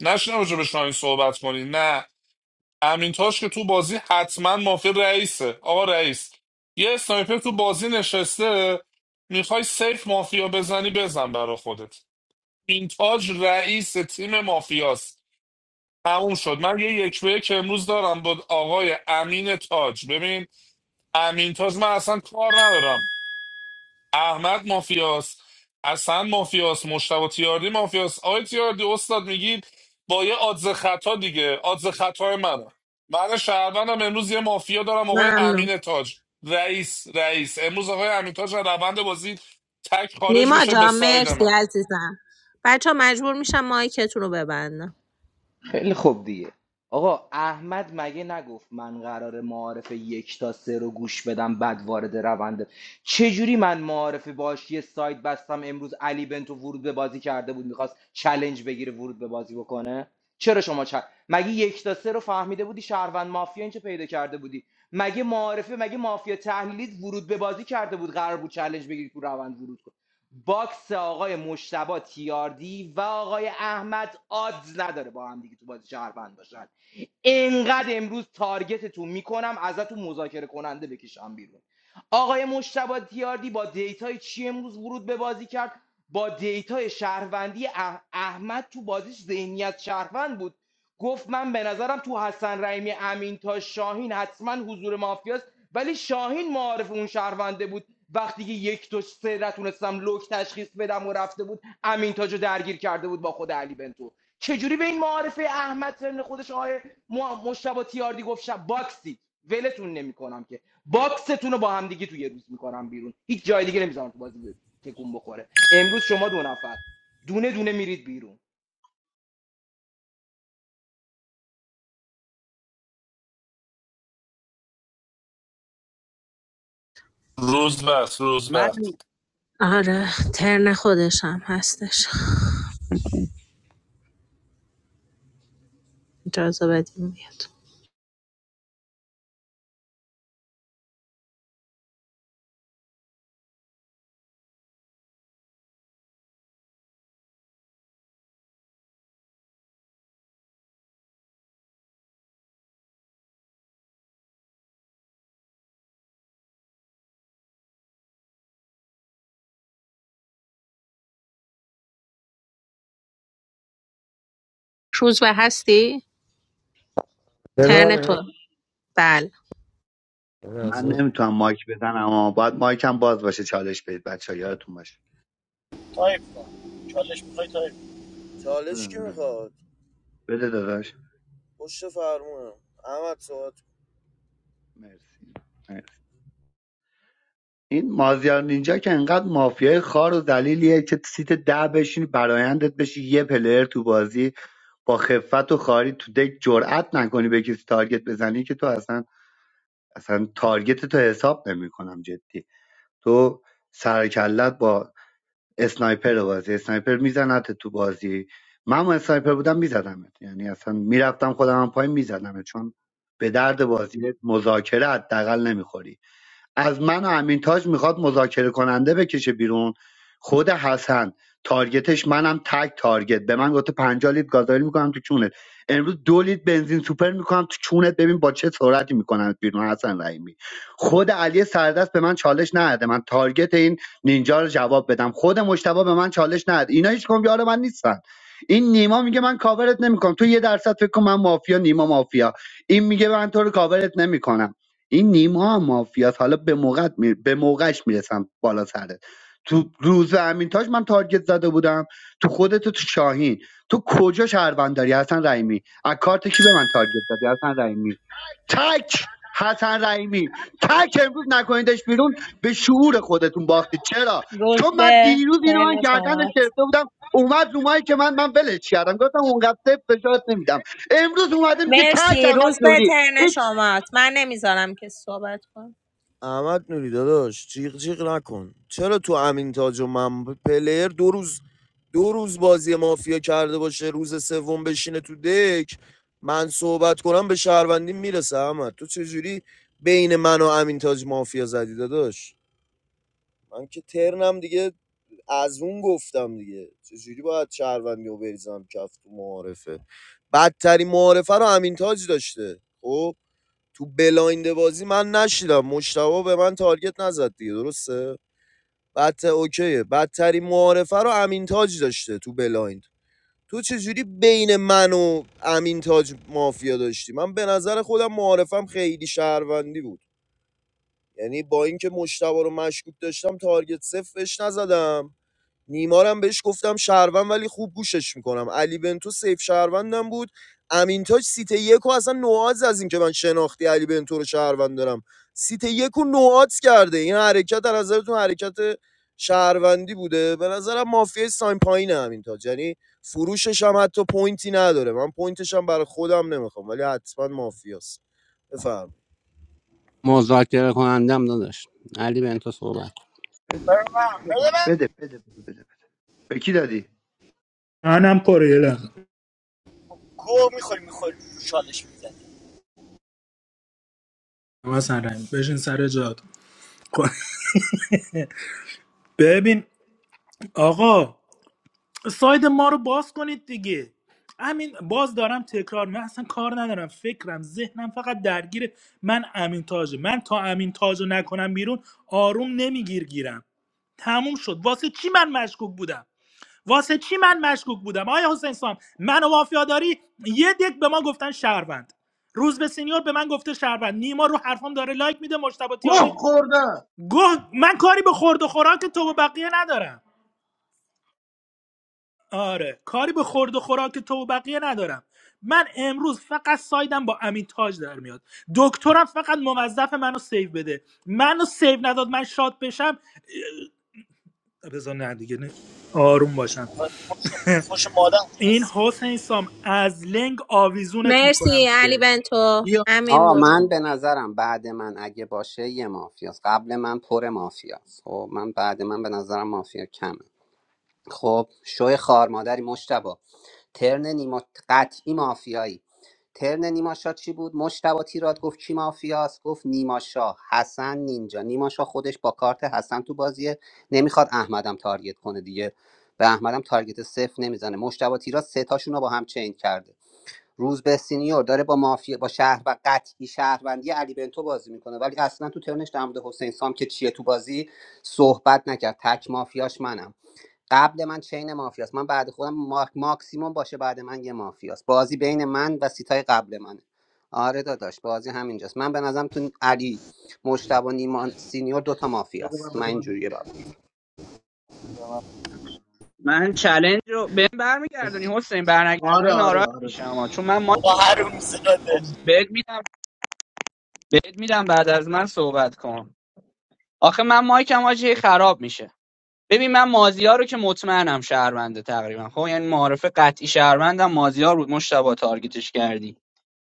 نشینم راجع به شاهین صحبت کنی نه امین تاش که تو بازی حتما مافیا رئیسه آقا رئیس یه اسنایپر تو بازی نشسته میخوای سیف مافیا بزنی بزن برا خودت این تاج رئیس تیم مافیاست تموم شد من یه یک به یک امروز دارم با آقای امین تاج ببین امین تاج من اصلا کار ندارم احمد مافیاس اصلا مافیاس مشتبه تیاردی مافیاس آقای تیاردی استاد میگید با یه آدز خطا دیگه آدز خطای منه من شهروندم امروز یه مافیا دارم آقای ممنون امین تاج رئیس رئیس امروز آقای امین تاج از روند بازی تک خارج نیما میشه به جان ساید مرسی من عزیزم بچه ها مجبور میشم مایکتون رو ببندم خیلی خوب دیگه آقا احمد مگه نگفت من قرار معارف یک تا سه رو گوش بدم بعد وارد روند چجوری من معارف باش یه سایت بستم امروز علی بنتو ورود به بازی کرده بود میخواست چلنج بگیره ورود به بازی بکنه چرا شما چل... مگه یک تا سه رو فهمیده بودی شهروند مافیا این پیدا کرده بودی مگه معارفه مگه مافیا تحلیلیت ورود به بازی کرده بود قرار بود چلنج بگیری تو روند ورود کنی باکس آقای مشتبه تیاردی و آقای احمد آدز نداره با هم دیگه تو بازی شهروند باشن انقدر امروز تارگتتون میکنم ازتون مذاکره کننده بکشم بیرون آقای مشتبه تیاردی با دیتای چی امروز ورود به بازی کرد با دیتای شهروندی اح- احمد تو بازیش ذهنیت شهروند بود گفت من به نظرم تو حسن رحیمی امین تا شاهین حتما حضور مافیاست ولی شاهین معارف اون شهرونده بود وقتی که یک دو سه نتونستم لوک تشخیص بدم و رفته بود امین تاجو درگیر کرده بود با خود علی بنتو چجوری به این معارفه احمد سن خودش آقای ما مشتبه تیاردی گفت شب باکسید ولتون نمیکنم که باکستون رو با هم دیگه تو یه روز میکنم بیرون هیچ جای دیگه نمیذارم تو بازی تکون بخوره امروز شما دو نفر دونه دونه میرید بیرون روز بس روز من بس آره ترن خودشم هستش اجازه بدیم بیاد روز به هستی؟ ترن تو بله من نمیتونم مایک بزنم اما باید مایکم باز باشه چالش بدید بچه ها یادتون باشه تایپ کن چالش میخوای تایپ کن. بده چالش کی بده بده. میخواد بده داداش پشت فرمونم احمد صحبت مرسی مرسی این مازیار نینجا که انقدر مافیای خار و دلیلیه که سیت ده بشین برایندت بشی یه پلر تو بازی با خفت و خاری تو دک جرأت نکنی به کسی تارگت بزنی که تو اصلا اصلا تارگت تو حساب نمیکنم جدی تو سرکلت با اسنایپر بازی اسنایپر میزنت تو بازی من هم اسنایپر بودم میزدمت یعنی اصلا میرفتم خودم هم پای میزدمت چون به درد بازی مذاکره حداقل نمیخوری از من و امین تاج میخواد مذاکره کننده بکشه بیرون خود حسن تارگتش منم تگ تارگت به من گفته 50 لیتر گازوئیل میکنم تو چونت امروز دو لیتر بنزین سوپر میکنم تو چونت ببین با چه سرعتی میکنم بیرون حسن رحیمی خود علی سردست به من چالش نده من تارگت این نینجا رو جواب بدم خود مشتبه به من چالش نده اینا هیچ کم یار من نیستن این نیما میگه من کاورت نمیکنم تو یه درصد فکر کن من مافیا نیما مافیا این میگه من تو رو کاورت نمیکنم این نیما هم مافیاس حالا به موقع می... به موقعش میرسم بالا سرت تو روز امین تاج من تارگت زده بودم تو خودت و تو شاهین تو کجا شهروند داری حسن رحیمی از کارت کی به من تارگت زدی حسن رحیمی تک حسن رحیمی تک امروز نکنیدش بیرون به شعور خودتون باختی چرا روز چون من به دیروز اینو من ترن گردنش شماست گرفته بودم اومد رومایی که من من ولش کردم گفتم اونقدر صفر فشارت نمیدم امروز اومده میگه تک مرسی احمد روز به نوری ترن این شماست من نمیذارم که صحبت کن. احمد نوری داداش جیغ جیغ نکن چرا تو امین تاج و من پلیر دو روز دو روز بازی مافیا کرده باشه روز سوم بشینه تو دک من صحبت کنم به شهروندی میرسه احمد تو چجوری بین من و امین تاج مافیا زدی داداش من که ترنم دیگه از اون گفتم دیگه چجوری باید شهروندی رو بریزم کف تو معارفه بدترین معارفه رو امین تاج داشته خب تو بلایند بازی من نشیدم مشتبه به من تارگت نزد دیگه درسته بدتر اوکیه بدترین معارفه رو امین تاج داشته تو بلایند تو چجوری بین من و امین تاج مافیا داشتی من به نظر خودم معارفم خیلی شهروندی بود یعنی با اینکه مشتبه رو مشکوک داشتم تارگت صفرش نزدم نیمارم بهش گفتم شهروند ولی خوب گوشش میکنم علی بنتو سیف شهروندم بود امین تاج سیت یک و اصلا نوآز از اینکه من شناختی علی بنتو رو شهروند دارم سیت یک و نوآز کرده این حرکت در نظرتون حرکت شهروندی بوده به نظرم مافیای ساین پایینه امین تاج یعنی فروشش هم حتی پوینتی نداره من پوینتش هم برای خودم نمیخوام ولی حتما مافیاست بفرمایید مذاکره کنندم نداشت علی به تو صحبت بده بده من بده بده بده بده به کی دادی منم پره یه لحظه. گوه میخوری میخوری چالش میزنی حسن رحیم، بشین سر جات *laughs* ببین آقا ساید ما رو باز کنید دیگه همین باز دارم تکرار من اصلا کار ندارم فکرم ذهنم فقط درگیر من امین تاجه من تا امین تاج رو نکنم بیرون آروم نمیگیر گیرم تموم شد واسه چی من مشکوک بودم واسه چی من مشکوک بودم آیا حسین سام من و وافیاداری یه دک به ما گفتن شهروند روز به سینیور به من گفته شهروند نیما رو حرفام داره لایک میده مشتبه گوه تیاردی خوردم گفت من کاری به خورد و خوراک تو و بقیه ندارم آره کاری به خورد و خوراک تو و بقیه ندارم من امروز فقط سایدم با امین تاج در میاد دکترم فقط موظف منو سیو بده منو سیو نداد من شاد بشم اه، بذار نه دیگه نه. آروم باشم خوش, خوش مادم این خواستی حسین سام از لنگ آویزونت میکنم مرسی تو علی دک بنتو یا امین آه بود من به نظرم بعد من اگه باشه یه مافیاست قبل من پر مافیاست خب من بعد من به نظرم مافیا کمه خب شوی خارمادری مشتبا ترن نیما قطعی مافیایی ترن نیما شاه چی بود مشتبا تیرات گفت کی مافیاست گفت نیما شاه حسن نینجا نیما شاه خودش با کارت حسن تو بازیه نمیخواد احمدم تارگت کنه دیگه به احمدم تارگت صفر نمیزنه مشتبا تیرات سه تاشون رو با هم چین کرده روز به سینیور داره با مافیا با شهر و قطعی شهروندی علی بنتو بازی میکنه ولی اصلا تو ترنش در مورد حسین سام که چیه تو بازی صحبت نکرد تک مافیاش منم قبل من چین مافیاست من بعد خودم ما... ماکسیموم باشه بعد من یه مافیاست بازی بین من و سیتای قبل منه آره داداش بازی همینجاست من به نظرم تو علی مشتبه و نیما سینیور دوتا بده من مافیاست من بده من اینجوریه بابا من چلنج رو بهم برمیگردونی حسین آره برنگردونی آره ناراحت آره میشم آه. چون من بابا مایکم رو- حروم زاده آه، بهت میدم بهت میدم بعد از من صحبت کن آخه من مایکم آجی خراب میشه ببین من مازیار رو که مطمئنم شهرونده تقریبا خب یعنی معارف قطعی شهروندم مازیار بود مشتبه تارگتش کردی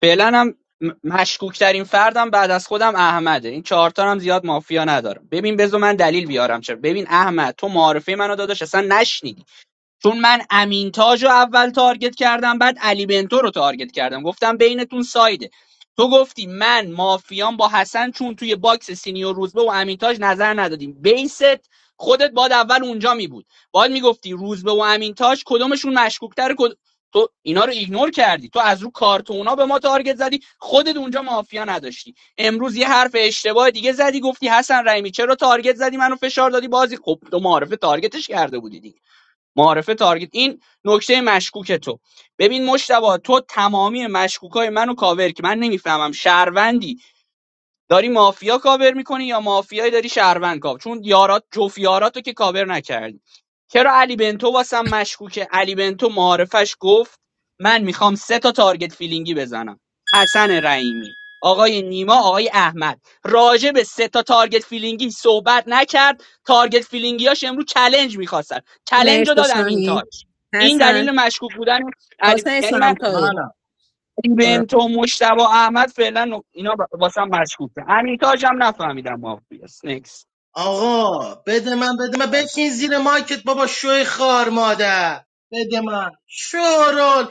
فعلا هم مشکوک ترین فردم بعد از خودم احمده این چهار تا هم زیاد مافیا ندارم ببین بذار من دلیل بیارم چرا ببین احمد تو معارفه منو داداش اصلا نشنیدی چون من امین رو اول تارگت کردم بعد علی بنتو رو تارگت کردم گفتم بینتون سایده تو گفتی من مافیام با حسن چون توی باکس سینیور روزبه و امینتاج تاج نظر ندادیم بیست خودت باد اول اونجا می بود باید میگفتی روزبه و امینتاج تاج کدومشون مشکوکتر کد... تو اینا رو ایگنور کردی تو از رو کارتونا به ما تارگت زدی خودت اونجا مافیا نداشتی امروز یه حرف اشتباه دیگه زدی گفتی حسن رحیمی چرا تارگت زدی منو فشار دادی بازی خب تو معارف تارگتش کرده بودی دیگه معارفه تارگت این نکته مشکوک تو ببین مشتبه تو تمامی مشکوکای منو کاور که من نمیفهمم شهروندی داری مافیا کاور میکنی یا مافیایی داری شهروند کاور چون یارات جوف یاراتو که کاور نکردی چرا علی بنتو واسم مشکوکه علی بنتو معارفش گفت من میخوام سه تا تارگت فیلینگی بزنم حسن رحیمی آقای نیما آقای احمد راجع به سه تا تارگت فیلینگی صحبت نکرد تارگت فیلینگیاش امروز چلنج میخواستن چلنج رو مرسی دادم این شاهین تاج این حسن دلیل مشکوک بودن علی حسین یعنی من سامتایی منم برو بنت و مشتبه احمد فعلا نق- اینا ب- واسه هم مشکوکه امیرتاج هم نفهمیدم مافیا است. نکس آقا بده من بده من بکین زیر مایکت بابا شوی خار مادر بده من شورول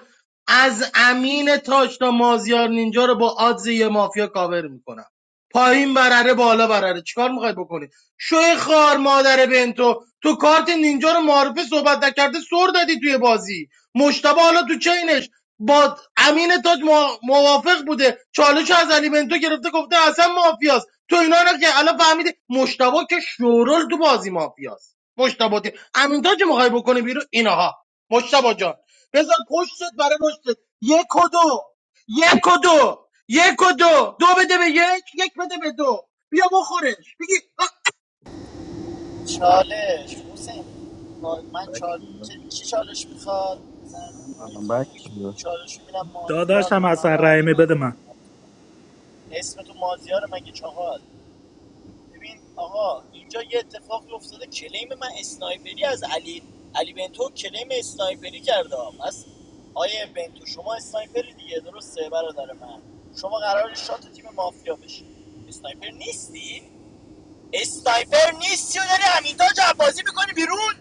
از امین تاج تا مازیار نینجا رو با آدز یه مافیا کاور میکنم پایین برره بالا برره چیکار میخوای بکنی شوی خار مادر بنتو تو کارت نینجا رو معرفه صحبت نکرده سر دادی توی بازی مشتبه حالا تو چینش با امین تاج موا- موافق بوده چالش از علی بنتو گرفته گفته اصلا مافیاست تو اینا رو که الان فهمیدی مشتبه که شورول تو بازی مافیاست مشتبه دی امین تاج رو میخوای بکنی بیرون اینها مشتبه جان بذار پشتت برای پشتت یک و دو یک و دو یک و دو دو بده به یک یک بده به دو بیا بخورش بگی چالش حسین با- من بک چال... بده، کی چالش میخواد بزن بک بده. چالش میبینم مازیار رو داداشم من حسن بعد رحیمی من بده من اسم تو مازیار مگه چهار ببین آقا اینجا یه اتفاقی افتاده کلیم من اسنایپری از علی علی بنتو کلیم اسنایپری کرده ها. پس آیه بنتو شما اسنایپری دیگه درسته برادر من شما قرار شات تیم مافیا بشی اسنایپر نیستی اسنایپر نیستی و داری همینطور بازی میکنی بیرون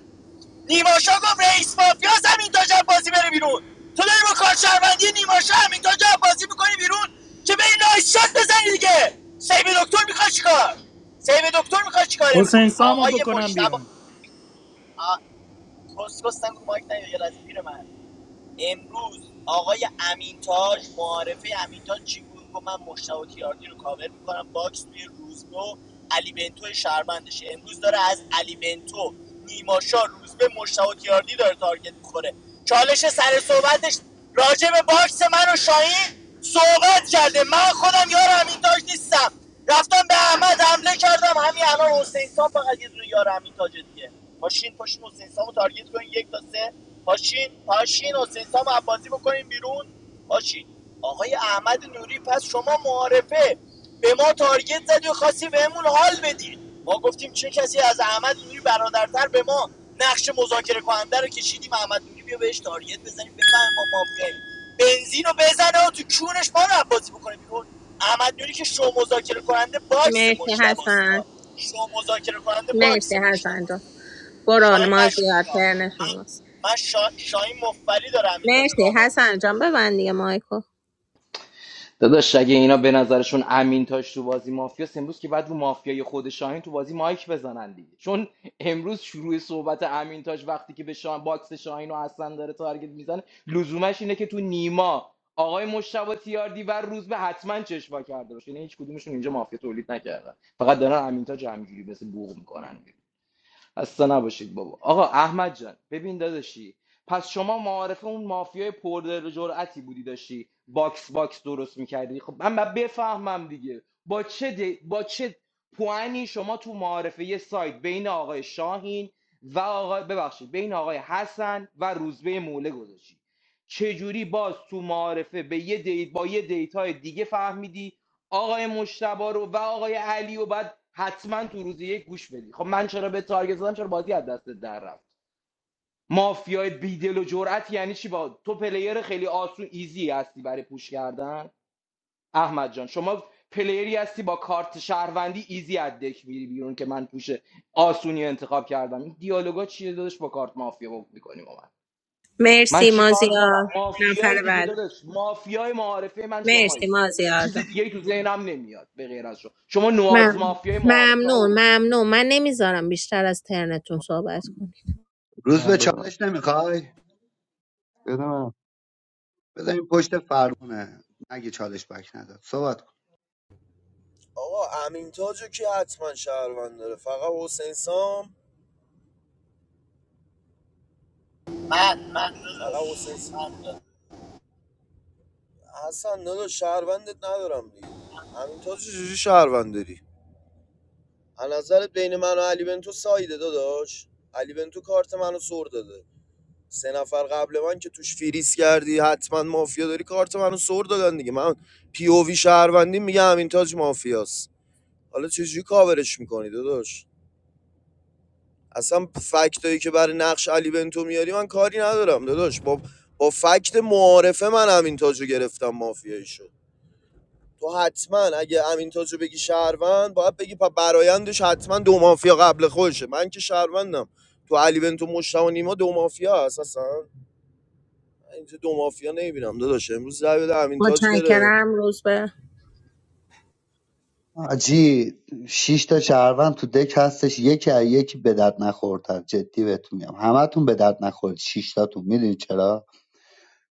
نیماشا گفت رئیس مافیاس همین تاج بازی بره بیرون تو داری با کارشهروندی نیماشا همین تاج بازی می‌کنی بیرون که به این نایس شات بزنی دیگه سیب دکتر میخواد چیکار سیب دکتر می‌خواد چیکار امروز حسین سامو آقای بکنم مشتبه بیرون آ، کس کس نگو مایک نیا یه لحظه پیر من امروز آقای امینتاج معارفه امینتاج چی بود گفت من مشتاق تیاردی رو کاور میکنم باکس توی روزبه و علی بنتو شهروندشه امروز داره از علی بنتو نیماشا روزبه مشتاق تیاردی داره تارگت میخوره چالش سر صحبتش راجع به باکس من و شاهین صحبت کرده من خودم یار امینتاج نیستم رفتم به احمد حمله کردم همین الان حسین سام فقط یه دونه یار همین تاج دیگه پاشین پاشین حسین سامو تارگت کنین یک تا سه پاشین پاشین حسین سامو عباسی بکنین بیرون پاشین آقای احمد نوری پس شما معارفه به ما تارگت زدی و خواستی بهمون حال بدی ما گفتیم چه کسی از احمد نوری برادرتر به ما نقش مذاکره کننده رو کشیدیم احمد نوری بیا بهش تارگت بزنیم بفهم ما مافیاییم بنزین رو بزنه و تو کونش ما رو عباسی بکنه بیرون احمد نوری که شو مذاکره کننده باکس مرسی مشتباست حسن ها. شو مذاکره کننده باکس مرسی حسن جان مشتباست برو شاهین مازیار مشکوک ها. ترن من شماست من شا... شاهین مفبری دارم این تاجو مرسی کابل حسن جان ببند دیگه مایکو داداش اگه اینا به نظرشون امین تاش تو بازی مافیاست امروز که بعد رو مافیای خود شاهین تو بازی مایک بزنن دیگه چون امروز شروع صحبت امین تاش وقتی که به شاهین باکس شاهین و حسن داره تارگت میزنه لزومش اینه که تو نیما آقای مشتبه تیاردی و روز به حتما چشوا کرده باشه یعنی هیچ کدومشون اینجا مافیا تولید نکردن فقط دارن امین تاج همینجوری مثل بوق میکنن خسته نباشید بابا آقا احمد جان ببین داداشی پس شما معارفه اون مافیای پردر جرأتی بودی داشتی باکس باکس درست میکردی خب من باید بفهمم دیگه با چه دی... با چه پوانی شما تو معارفه یه سایت بین آقای شاهین و آقای ببخشید بین آقای حسن و روزبه موله گذاشتی چجوری باز تو معارفه به یه دیت با یه دیتای دیگه فهمیدی آقای مشتبا رو و آقای علی رو باید حتما تو روز یک گوش بدی خب من چرا به تارگت زدم چرا بازی از دستت در رفت مافیای بیدل و جرأت یعنی چی با تو پلیر خیلی آسون ایزی هستی برای پوش کردن احمد جان شما پلیری هستی با کارت شهروندی ایزی از دک میری بیرون که من پوش آسونی انتخاب کردم این دیالوگا چیه داداش با کارت مافیا می‌کنی؟ ما. من مرسی چی کار کنم مازیار نفر مافیای دیگه بعد داداش مافیای معارفه من مرسی شمایی هیچ مازیار چیز جان دیگه ای تو ذهنم نمیاد به غیر از شما شما نواز ممنون مافیای معارفه ها و ممنون روز ممنون من نمیذارم بیشتر از ترنتون صحبت کنیم روز به من بدونم چالش نمیخوای بدونم بزنیم پشت فرمونه اگه چالش بک نداد صحبت کن آقا امین تاجو که حتما شهروند داره فقط حسین سام من من فقط حسین س... من داداش. حسن داداش شهروندت ندارم دیگه همینطور چجوری شهروند داری از نظرت بین من و علی بنتو سایده داداش علی بنتو کارت منو سر داده سه نفر قبل من که توش فریز کردی حتما مافیا داری کارت منو سر دادن دیگه من پی او وی شهروندی میگه همین تاج مافیاست حالا چجوری کاورش میکنی داداش اصلا فکتایی که برای نقش علی بنتو میاری من کاری ندارم داداش با با فکت معارفه من همین تاجو گرفتم مافیایی شد تو حتما اگه امین تاجو بگی شهروند باید بگی پا برایندش حتما دو مافیا قبل خودشه من که شهروندم تو علی بنتو مشتاق و نیما دو مافیا هست اصلا من اینجا دو مافیا نمیبینم داداش امروز زای بده امین تاج بره متشکرم روز به آجی شش تا شهروند تو دک هستش یکی از یکی به درد نخورتر جدی بهتون میگم همتون به درد نخورید شش تاتون میدونی چرا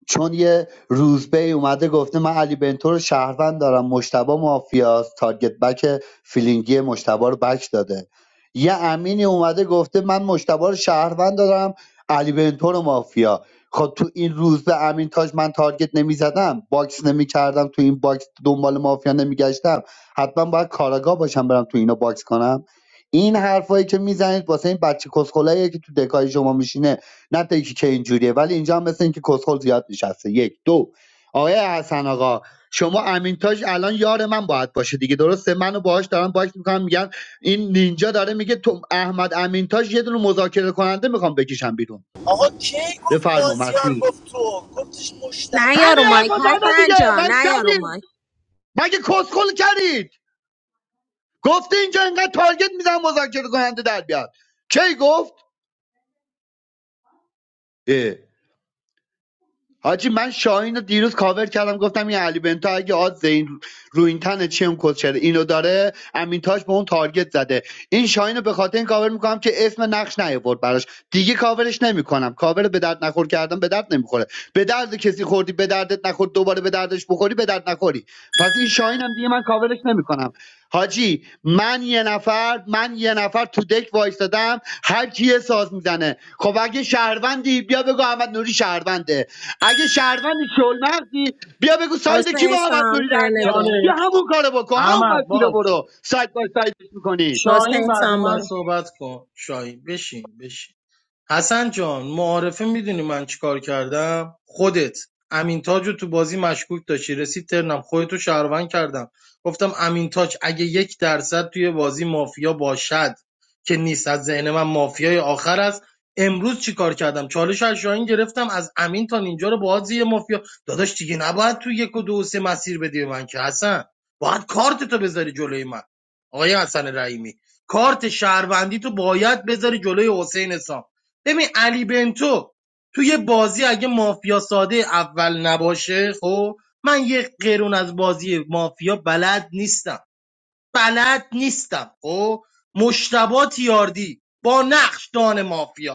چون یه روزبهی اومده گفته من علی بنتو رو شهروند دارم مشتبه مافیاست تارگت بک فیلینگی مشتبه رو بک داده یه امینی اومده گفته من مشتبه رو شهروند دارم علی بنتو رو مافیا خب تو این روز امین تاج من تارگت نمیزدم باکس نمیکردم تو این باکس دنبال مافیا نمیگشتم حتما باید کاراگاه باشم برم تو اینو باکس کنم این حرفایی که میزنید واسه این بچه کسخلاییه که تو دکای شما میشینه نه تا اینکه چه اینجوریه ولی اینجا هم مثل اینکه کسخل زیاد نشسته یک دو آقای حسن آقا شما امینتاج الان یار من باید باشه دیگه درسته منو باهاش دارن باش میکنم میگن این نینجا داره میگه تو احمد امینتاج یه دونه مذاکره کننده میخوام بکشم بیرون آقا کی گفت بفرما مازیار مسیح گفت تو گفتش نه مشتبا یارو همین مایک حرفا زده حسن دیگه جان من نه یارو مایک کردیم مگه کسخل کردید گفته اینجا انقدر تارگت میزن مذاکره کننده در بیاد کی گفت اه. حاجی من شاهین رو دیروز کاور کردم گفتم این علی بنتا اگه آد این رو این تنه چه اون کد شده اینو داره امین تاج به اون تارگت زده این شاهین رو به خاطر این کاور میکنم که اسم نقش نیاورد براش دیگه کاورش نمیکنم کاور به درد نخور کردم به درد نمیخوره به درد کسی خوردی به دردت نخور دوباره به دردش بخوری به درد نخوری پس این شاهین هم دیگه من کاورش نمیکنم حاجی من یه نفر من یه نفر تو دک وایستادم هر کیه ساز میزنه خب اگه شهروندی بیا بگو احمد نوری شهرونده اگه شهروندی شلمغزی بیا بگو ساید کی با حسین احمد سام نوری در ترن میاد دو بیا چالش همون کارو بکن همون احمد مسیر رو برو باشه ساید با سایدش میکنید شاهین حسین بعد سام من برو صحبت کن شاهین بشین بشین حسن جان معارفه میدونی من چیکار کردم خودت امین تاج رو تو بازی مشکوک داشتی رسید ترنم خودتو شهروند کردم گفتم امین تاج اگه یک درصد توی بازی مافیا باشد که نیست از ذهن من مافیای آخر است امروز چیکار کردم چالش از شاهین گرفتم از امین تا اینجا رو باهات یه مافیا داداش دیگه نباید تو یک و دو و سه مسیر بدی به من که حسن باید کارت تو بذاری جلوی من آقای حسن رحیمی کارت شهروندی تو باید بذاری جلوی حسین سام ببین علی بنتو توی بازی اگه مافیا ساده اول نباشه خب من یه قرون از بازی مافیا بلد نیستم بلد نیستم خب مشتبا تیاردی با نقش دان مافیا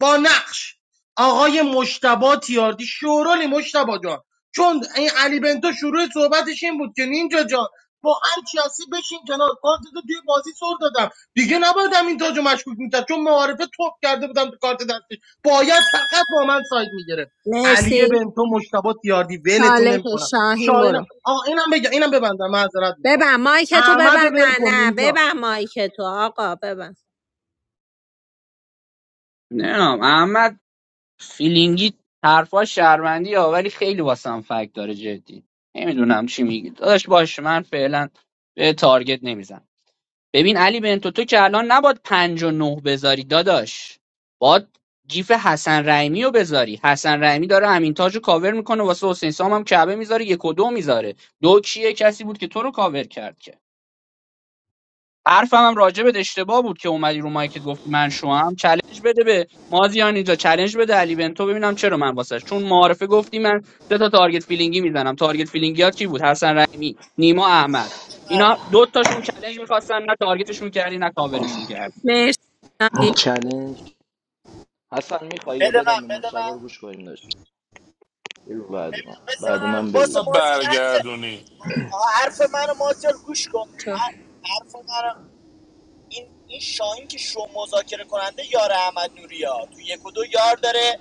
با نقش آقای مشتبا تیاردی شورولی مشتبا جان چون این علی بنتو شروع صحبتش این بود که نینجا جان با هر چیاسی بشین کنار کارت تو توی بازی سر دادم دیگه نباید همین تاجو مشکوک میتر چون معارفه توپ کرده بودم تو کارت دستش باید فقط با من ساید میگرفت علی مرسی بنتو مشتبا تیاردی ولتون نمیکنم چالش شاهین شاهین برو آه اینم بگم اینم ببندم معذرت میخوام ببن مایک تو احمد رو ببن نه ول کن نه اینجا ببن مایک تو آقا ببن نمیدونم احمد فیلینگی حرفا شهروندی ها ولی خیلی واسه هم فکت داره جدی نمیدونم چی میگی داداش باش من فعلا به تارگت نمیزن ببین علی بنتو تو که الان نباد پنج و نه بذاری داداش باد جیف حسن رحیمی رو بذاری حسن رحیمی داره همین تاج رو کاور میکنه واسه حسین سام هم کعبه میذاره یک و دو میذاره دو کیه کسی بود که تو رو کاور کرد که حرفم هم راجبت اشتباه بود که اومدی رو مایکت گفتی من شوام چالش بده به مازیان اینجا چالش بده علی بنتو ببینم چرا من واسش چون معارفه گفتی من سه تا تارگت فیلینگی میزنم تارگت فیلینگی ها کی بود حسن رحیمی نیما احمد من اینا دو تاشون چالش میخواستن نه تارگتشون کردی نه کاورشون کردی مرسی یک *laughs* حسن میخوای یا بده بدم من به بده مشتبه من رو گوش کنیم داشت بگو بعد من ببین بذار بعد من من باس بگو مازیار حرف برگردونی حرف منو مازیار گوش کن تو حرف منو این این شاهین که شو مذاکره کننده یار احمد نوریا تو یک و دو یار داره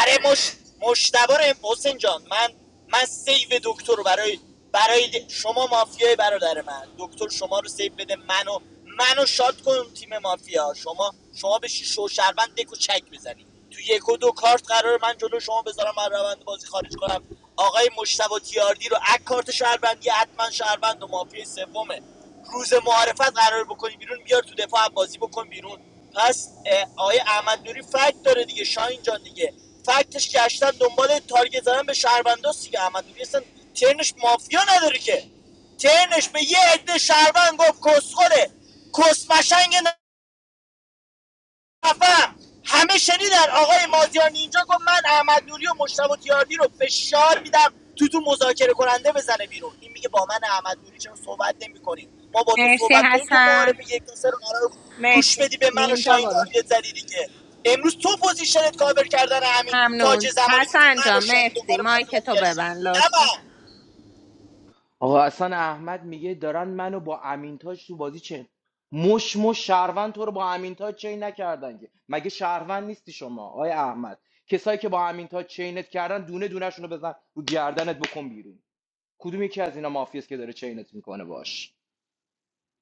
آره مش مشتبه رو ام- حسین جان من من سیو دکتر رو برای برای شما مافیای برادر من دکتر شما رو سیو بده منو منو شاد کن تیم مافیا شما شما بشی شو شربند دکو چک بزنی تو یک و دو کارت قرار من جلو شما بذارم من روند بازی خارج کنم آقای مشتبه تیاردی رو اک کارت شهروندی حتما شهروند و مافیا سومه روز معارفت قرار بکنی بیرون بیار تو دفاع بازی بکن بیرون پس اه، آقای احمد نوری فکت داره دیگه شاهین جان دیگه فکتش گشتن دنبال تارگت زدن به شهرونداست دیگه احمد نوری اصلا ترنش مافیا نداره که ترنش به یه عده شهروند گفت کسخوره کسمشنگ خفم همه شنیدن آقای مازیار نینجا گفت من احمد نوری و مشتبه تیاردی رو فشار میدم تو تو مذاکره کننده بزنه بیرون این میگه با من احمد نوری چرا صحبت نمی ما با تو مرسی صحبت کنیم تو حسن معارف یک تا سه رو قرار گوش مرسی بدی به من و نینجا شاهین برو تارگت زدی دیگه امروز تو پوزیشنت کاور کردن همین تاج ممنون زمانی که تو حسن من جا و شاهین مرسی دوباره مایک مافیا تو میگشتی ببن نه لطفا من آقا حسن احمد میگه دارن منو با امینتاج تو بازی چه مش مش شهروند تو رو با امینتاج چین نکردن که مگه شهروند نیستی شما آقای احمد کسایی که با امینتاج چینت کردن دونه دونه‌شون رو بزن رو گردنت بکن بیرون کدوم یکی از اینا مافیاست که داره چینت میکنه باش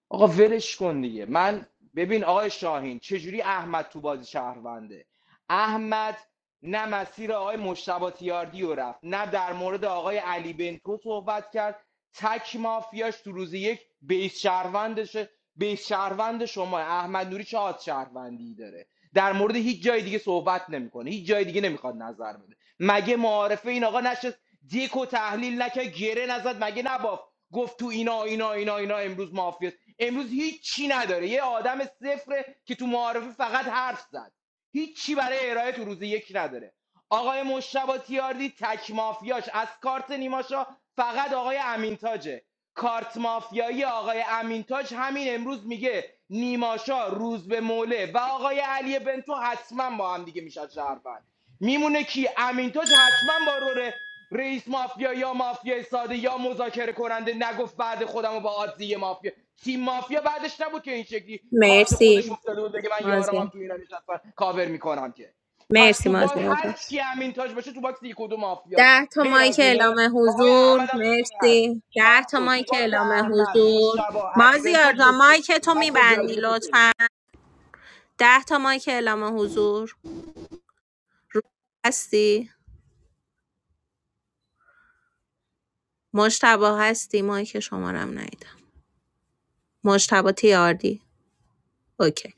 آقا ولش کن دیگه من ببین آقای شاهین چجوری احمد تو بازی شهرونده احمد نه مسیر آقای مشتبه تیاردی رو رفت نه در مورد آقای علی بنتو صحبت کرد تک مافیاش تو روز یک بیس شهروندشه بیس شهروند شما احمد نوری چه آد شهروندی داره در مورد هیچ جای دیگه صحبت نمیکنه هیچ جای دیگه نمیخواد نظر بده مگه معارفه این آقا نشست دیکو تحلیل نکه گره نزد مگه نباف گفت تو اینا اینا اینا اینا امروز مافیاست امروز هیچی نداره یه آدم صفره که تو معارفه فقط حرف زد هیچی برای ارائه تو روز یک نداره آقای مشتبه تیاردی تک مافیاش از کارت نیماشا فقط آقای امینتاجه کارت مافیایی آقای امینتاج همین امروز میگه نیماشا روز به موله و آقای علی بنتو حتما با هم دیگه میشن شهروند میمونه کی امین توش حتما با رول رئیس مافیا یا مافیا ساده یا مذاکره کننده نگفت بعد خودم و با آدزی مافیا تیم مافیا بعدش نبود که این شکلی کارت خودش مرسی افتاده بود بگه من یارم مازیار هم تو اینا نشستن کاور میکنم که پس مرسی تو با مازیار جان. هر چی امین تاج باشه تو باکس یک و دو مافیاست ده تا غیر مایک از اعلام اینه آقای حضور احمد هم توشون هست مرسی تموم ده تا شد تو مایک باکس اعلام احمد حضور مشتبا علی بنتو مازیار جان دکه مایک تو مثلا میبندی جدیه فکر لطفا ده تا مایک اعلام حضور رو هستی مجتبی هستی مایک شمارم ندیدم مجتبی تیاردی اوکی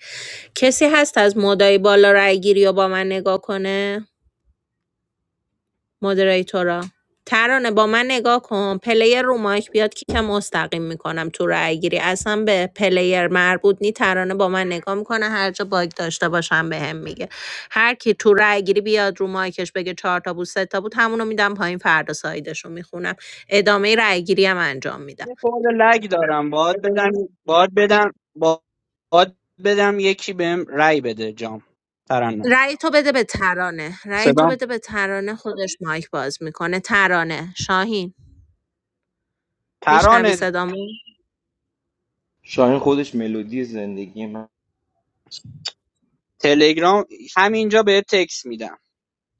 کسی هست از مدعی بالا رای گیری و با من نگاه کنه مدیریتورا ترانه با من نگاه کن پلیر رو مایک بیاد کیک مستقیم میکنم تو رای گیری اصلا به پلیر مربوط نی ترانه با من نگاه میکنه هر جا باگ داشته باشم بهم میگه هر کی تو رای گیری بیاد رو مایکش بگه چهار تا بود سه تا بود همونو میدم پایین فردا سایدش رو میخونم ادامه رای گیری هم انجام میدم یه خورده لگ دارم باید بدم باید بدم باید بدم یکی بهم رای بده جام ترانه رای تو بده به ترانه رای تو صدام بده به ترانه خودش مایک باز میکنه ترانه شاهین میشنوی ترانه صدامو شاهین خودش ملودی زندگی من تلگرام همینجا بهت تکس میدم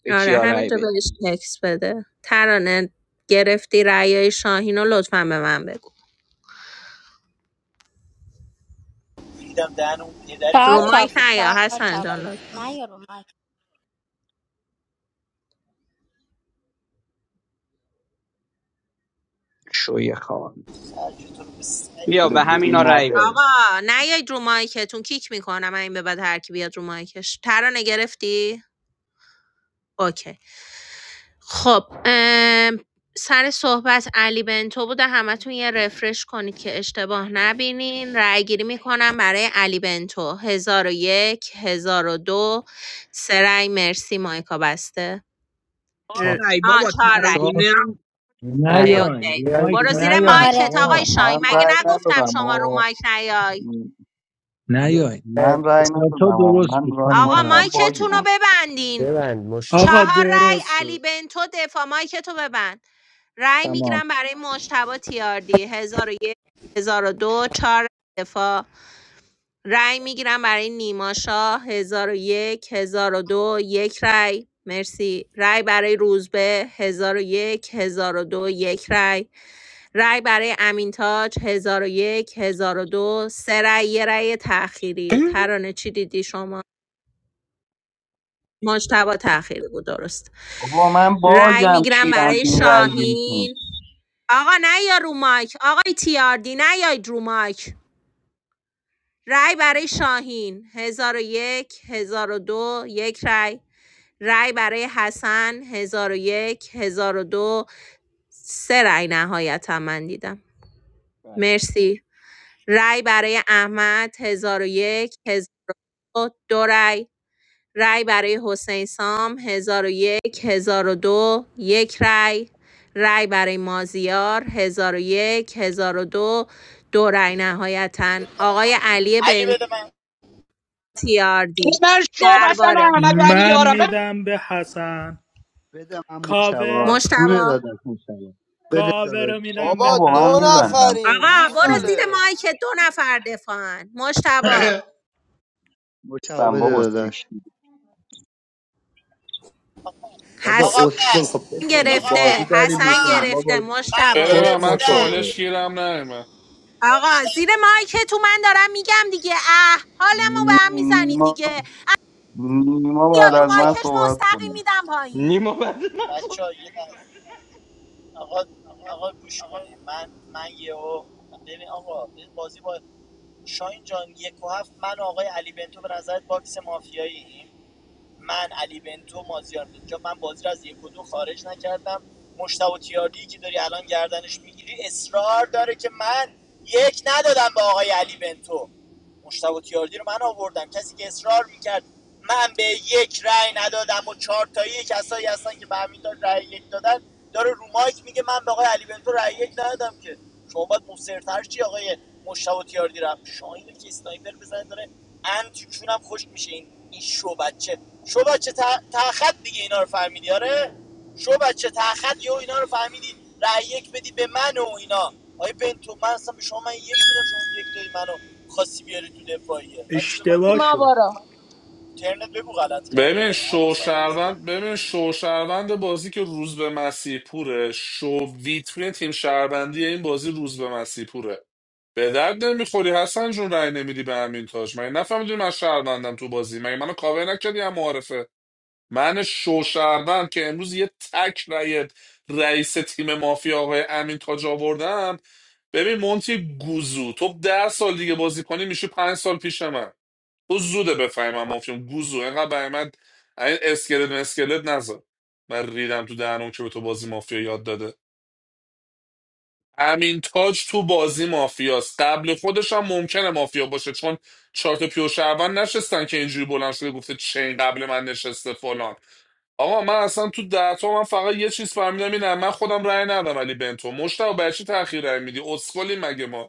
به آره کیا رای همینجا بدی بهش تکس بده ترانه گرفتی رأیای شاهین رو لطفا به من بگو دیدم دهن اون پدری که چهار رو برای تو تا مایک این بود نیا گوش چهار حسن تا جان بود لطفا. نه یارو مایک شوی خان کرد، بیا برو به بیرون همینا رأی مادر بده آقا نیاید رو مایکتون کیک میکنم این به بعد هر کی بیاد رو مایکش ترانه گرفتی اوکی خب ام، سر صحبت علی بنتو بوده همتون یه رفرش کنید که اشتباه نبینین رأی گیری میکنم برای علی بنتو هزار و یک هزار و دو سرای مرسی مایکا بسته آن ر... چاپ رأی آه بابا چهار رأی. ترانه چهار هم نه اوکی یا نیاین اوکی رو یا این مایک برو دوباره. زیر نیاین آره مایکت آقای آقا مشتبه شاهین من بدم بده من من مگه رأی تحصیلی بود نگفتم ندادم شما رو مایک آه. نیای یه نیاین من رأی چهار ندادم تا آقا. درست من بود رأی خانم آقا مایکم تایم باگی مایکتون رو بود ببندین ببند مشتم آقا چهار رای درست علی بنتو دفاع مایکتو ببند رای تمام میگیرم برای مجتبا تیاردی هزار و یک هزار و دو چهار رای دفاع رای میگیرم برای نیما شاه هزار و یک هزار و دو یک رای مرسی رای برای روزبه هزار و یک هزار و دو یک رای رای برای امین امینتاج 1001 1002 سه رای یه رای تأخیری ترانه چی دیدی شما مجتبا تأخیری بود درست بابا من رای باگم میگیرم کیرم برای تو این رأی گیری کنی. شاهین آقا نه یا رو مایک آقای تیاردی نه یا رو مایک رای برای شاهین 1001 1002 یک هزار و دو، یک رای رای برای حسن 1001 1002 سه رای نهایتا من دیدم مرسی رای برای احمد ۱۰۰۱ هزار و دو رای، رای برای حسین سام ۱۰۰۱ هزار و دو، یک رای، رای برای مازیار ۱۰۰۱ هزار و دو، دو رای نهایتا. آقای علی علی بده من بنتیاردی من شو حسن درباره احمد علی من یارم بده میدم به حسن بده من کاور مشتبا جون مشتبا داداش مشتبا بده کاور داداش رو چی میدم به بابا بابا دو من احمد میبندم نفرین آقا برو سکشتی زیر گوساله مایک دو نفر دفاعن مشتبا *laughs* مشتبا سم بده بابا داداش سکشتی بابا حسن آقا اسکل بس خب بده دیگه این آقا بازی گرفته آقا داریم حسن میکنیم بابا گرفته من مشتبا بده کت من, من موتوره گرفتم چالش گیرم نیمه آقا زیر مشتبه مایک تو من دارم میگم دیگه اه حالمو به هم میزنید نیما دیگه نیما بعد یاد رو از بچه من ها مایکش صحبت مستقیم کنم میدم پایین نیما بعد من صحبت- بچه ها یه لحظه. آقا آقا گوش کنه من من یه او. ببین آقا ببین بازی با شاین جان یک و هفت من آقای علی بنتو به نظرت باکس مافیایی من علی بنتو مازیار اینجا من بازی را از یک و دو خارج نکردم مشتبه تیاردی که داری الان گردنش میگیری اصرار داره که من یک ندادم به آقای علی بنتو مشتبه تیاردی رو من آوردم کسی که اصرار میکرد من به یک رأی ندادم و چهار تایی کسایی هستن که به همین داد رأی یک دادن داره رو مایک میگه من به آقای علی بنتو رأی یک ندادم که شما باید مصرتر چی آقای مشتبه تیاردی رم شاهین که اسنایپر بزنه داره انتیشون هم خوش میشه این این شو بچه شو بچه تا تا خط دیگه اینا رو فهمیدی آره شو بچه تخت یه اینا رو فهمیدی رأی یک بدی به من و اینا آیا بنتو من اصلا به شما من یک دادم شما یک دادی منو خاصی بیاری تو دفاعیه بچه به من اشتباه گفت شد ترنت بگو غلط کردی ببین ها حواسم هست شوشروند ببین شوشروند بازی که روز به مسیح پوره شو ویترین تیم شهروندی این بازی روز به مسیح پوره به درد نمیخوری حسن جون رای نمیدی به همین تاج من نفهمیدی من شهروندم تو بازی من منو کاور نکردی هم معارفه من شوشروند که امروز یه تک رای رئیس تیم مافیا آقای امین تاج آوردم ببین مونتی گوزو تو ده سال دیگه بازی کنی میشه پنج سال پیش من تو زوده بفهمم مافیام گوزو انقدر برای من این اسکلت اسکلت نذار من ریدم تو دهنم که به تو بازی مافیا یاد داده امین تاج تو بازی مافیاست قبل خودش هم ممکنه مافیا باشه چون چهار تا پیو شهروند نشستن که اینجوری بلند شده گفته چین قبل من نشسته فلان آقا من اصلا تو ده تا من فقط یه چیز فهمیدم اینه من خودم رأی ندادم ولی بنتو مشتاق برای چی تاخیر رأی میدی اسکلی مگه ما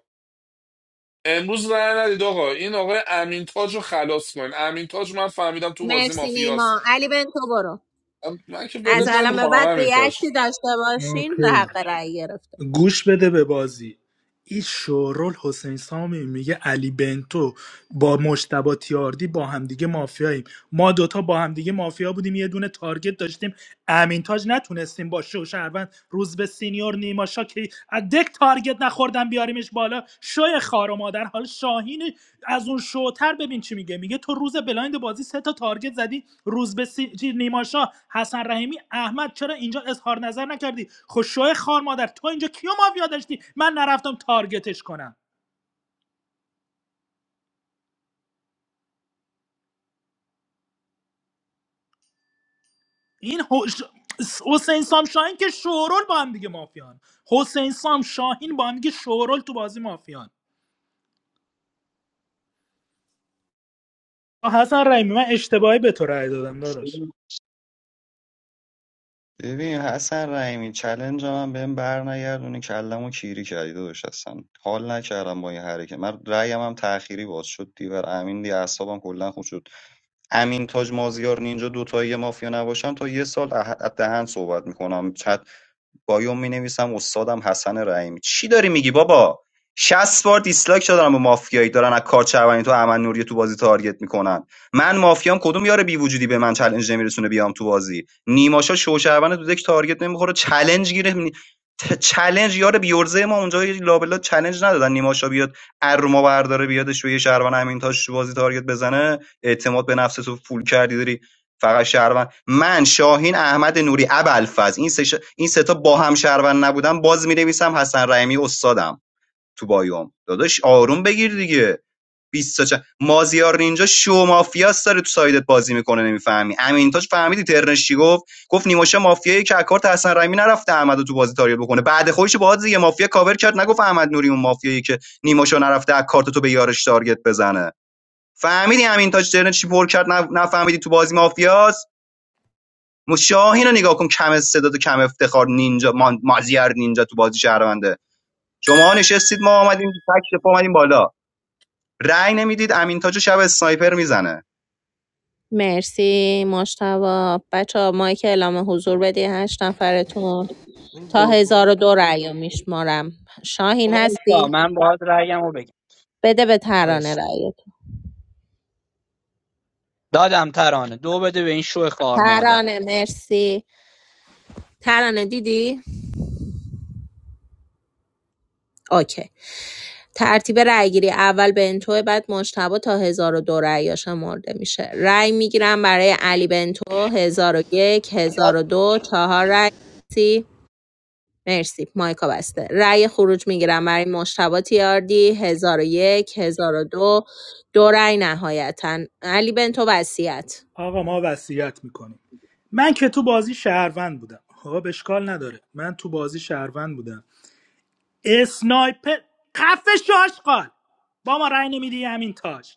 امروز رأی ندید آقا این آقای امین تاج رو خلاص کن امین تاج من فهمیدم تو بازی مرسی نیما مافیاست علی بنتو برو من که از گوش ولت الان بده. به نمیخوام بعد امین تاج ریاکتی داشته باشین اوکی. حق رأی گرفته باشین گوش بده به بازی این شورول حسین سامی میگه علی بنتو با مشتبا تیاردی با همدیگه مافیاییم ما دوتا با همدیگه مافیا بودیم یه دونه تارگت داشتیم امین تاج نتونستیم با شو شهروند روز به سینیور نیما شاکی از تارگت نخوردن بیاریمش حالا شوی خار و مادر حالا شاهین از اون شوتر ببین چی میگه میگه تو روز بلایند بازی سه تا تارگت زدی روز به سی... چی، حسن رحیمی احمد چرا اینجا اظهار نظر نکردی خب شوی خار مادر تو اینجا کیو مافیا داشتی من نرفتم تارگتش کنم این هوش- حسین سام شاهین که شورول با هم دیگه مافیان حسین سام شاهین با هم دیگه شورول تو بازی مافیان آه، حسن رحیمی من اشتباهی به تو رأی دادم داداش ببین ببین حسن رحیمی چلنج من بهم بر نگردونی کلمو کیری کردی داداش هستن حال نکردم با این حرکت من رأیم هم تأخیری باز شد دیور امین دی اعصابم کلا خود امین تاج مازیار نینجا دوتایی مافیا نباشن تا یه سال اه- دهن صحبت میکنم چت بایوم مینویسم استادم حسن رحیمی چی داری میگی بابا 60 بار دیسلایک دارم به مافیایی دارن از کار چربنی تو امن نوری تو بازی تارگت میکنن من مافیام کدوم یاره بی وجودی به من چالش نمیرسونه بیام تو بازی نیماشا شو چربن تو دک تارگت نمیخوره چالش گیره ت- چلنج یار بیورزه ما اونجا یه لابلا چلنج ندادن نیماشا بیاد ار ما برداره بیادش و یه شهروند همین تاش تو بازی تارگت بزنه اعتماد به نفس تو فول کردی داری فقط شهروند من شاهین احمد نوری ابوالفضل این سه ش- این سه تا با هم شهروند نبودن باز مینویسم حسن رحیمی استادم تو بایوم داداش آروم بگیر دیگه بیست تا چند. مازیار نینجا شو مافیاس داره تو سایدت بازی میکنه نمیفهمی امینتاج فهمیدی ترنش چی گفت گفت نیماشا مافیایی که اکارت حسن رحیمی نرفته احمد تو بازی تاریخ بکنه بعد خودش باهات یه مافیا کاور کرد نگفت احمد نوری اون مافیایی که نیماشا نرفته اکارت تو به یارش تارگت بزنه فهمیدی امینتاج ترنش چی پر کرد نف- نفهمیدی تو بازی مافیاس مشاهین اینو نگاه کن کم استعداد و کم افتخار نینجا مازیار نینجا تو بازی شهرونده شما نشستید ما آمدیم تک پا اومدیم بالا رأی نمیدید امین تاجو شب اسنایپر میزنه مرسی مشتبا بچه ها مایک اعلام حضور بدی هشت نفرتون این تا هزار گلگلی و دو رأی میشمارم شاهین وایسا هستی؟ من باید رأیمو بگم بده به ترانه وایس رأیت دادم ترانه دو بده به این شو خار مادر ترانه مرسی ترانه دیدی؟ اوکی ترتیب رأیگیری اول بنتو بعد مجتبی تا 1002 رأی شمرده میشه رأی میگیرم برای علی بنتو یاد 1001 دو چهار رأی مرسی مایکا بسته رأی خروج میگیرم برای مشتبه تیاردی هزار و یک هزار و دو دو رأی نهایتا علی بنتو وصیت آقا ما وصیت میکنیم من که تو بازی شهروند بودم خب اشکال نداره من تو بازی شهروند بودم اسنایپر خفش آشقال با ما رأی نمیدی همین تاج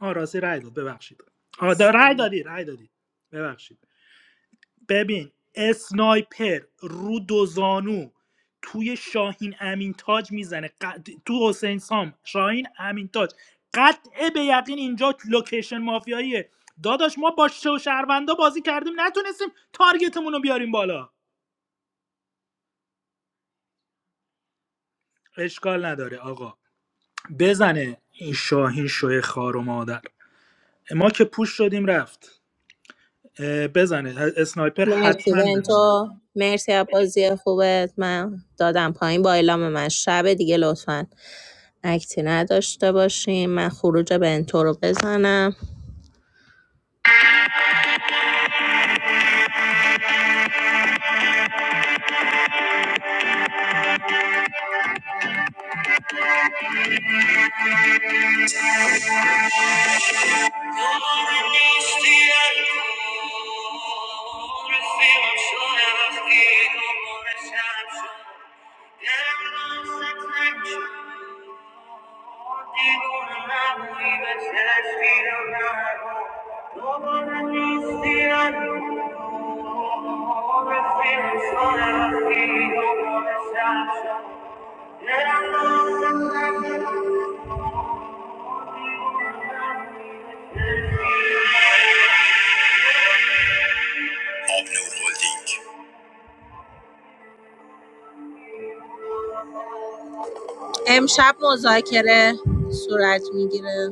آ راستی رأی داد ببخشید آ دا رأی اسکل. دادی رأی دادی ببخشید ببین اسنایپر رو دو زانو توی شاهین امین تاج میزنه قد... تو حسین سام شاهین امین تاج قطع به یقین اینجا لوکیشن مافیاییه داداش ما با شو شهروندا بازی کردیم نتونستیم تارگتمون رو بیاریم بالا اشکال نداره آقا بزنه این شاهین شوی خار و مادر ما که پوش شدیم رفت اه، بزنه اسنایپر مرسی حتما بزنه بنتو مرسی از بازی خوبت من دادم پایین با اعلام من شب دیگه لطفا اکتی نداشته باشیم من خروج بنتو رو بزنم I'm Yeah. امشب مذاکره صورت میگیره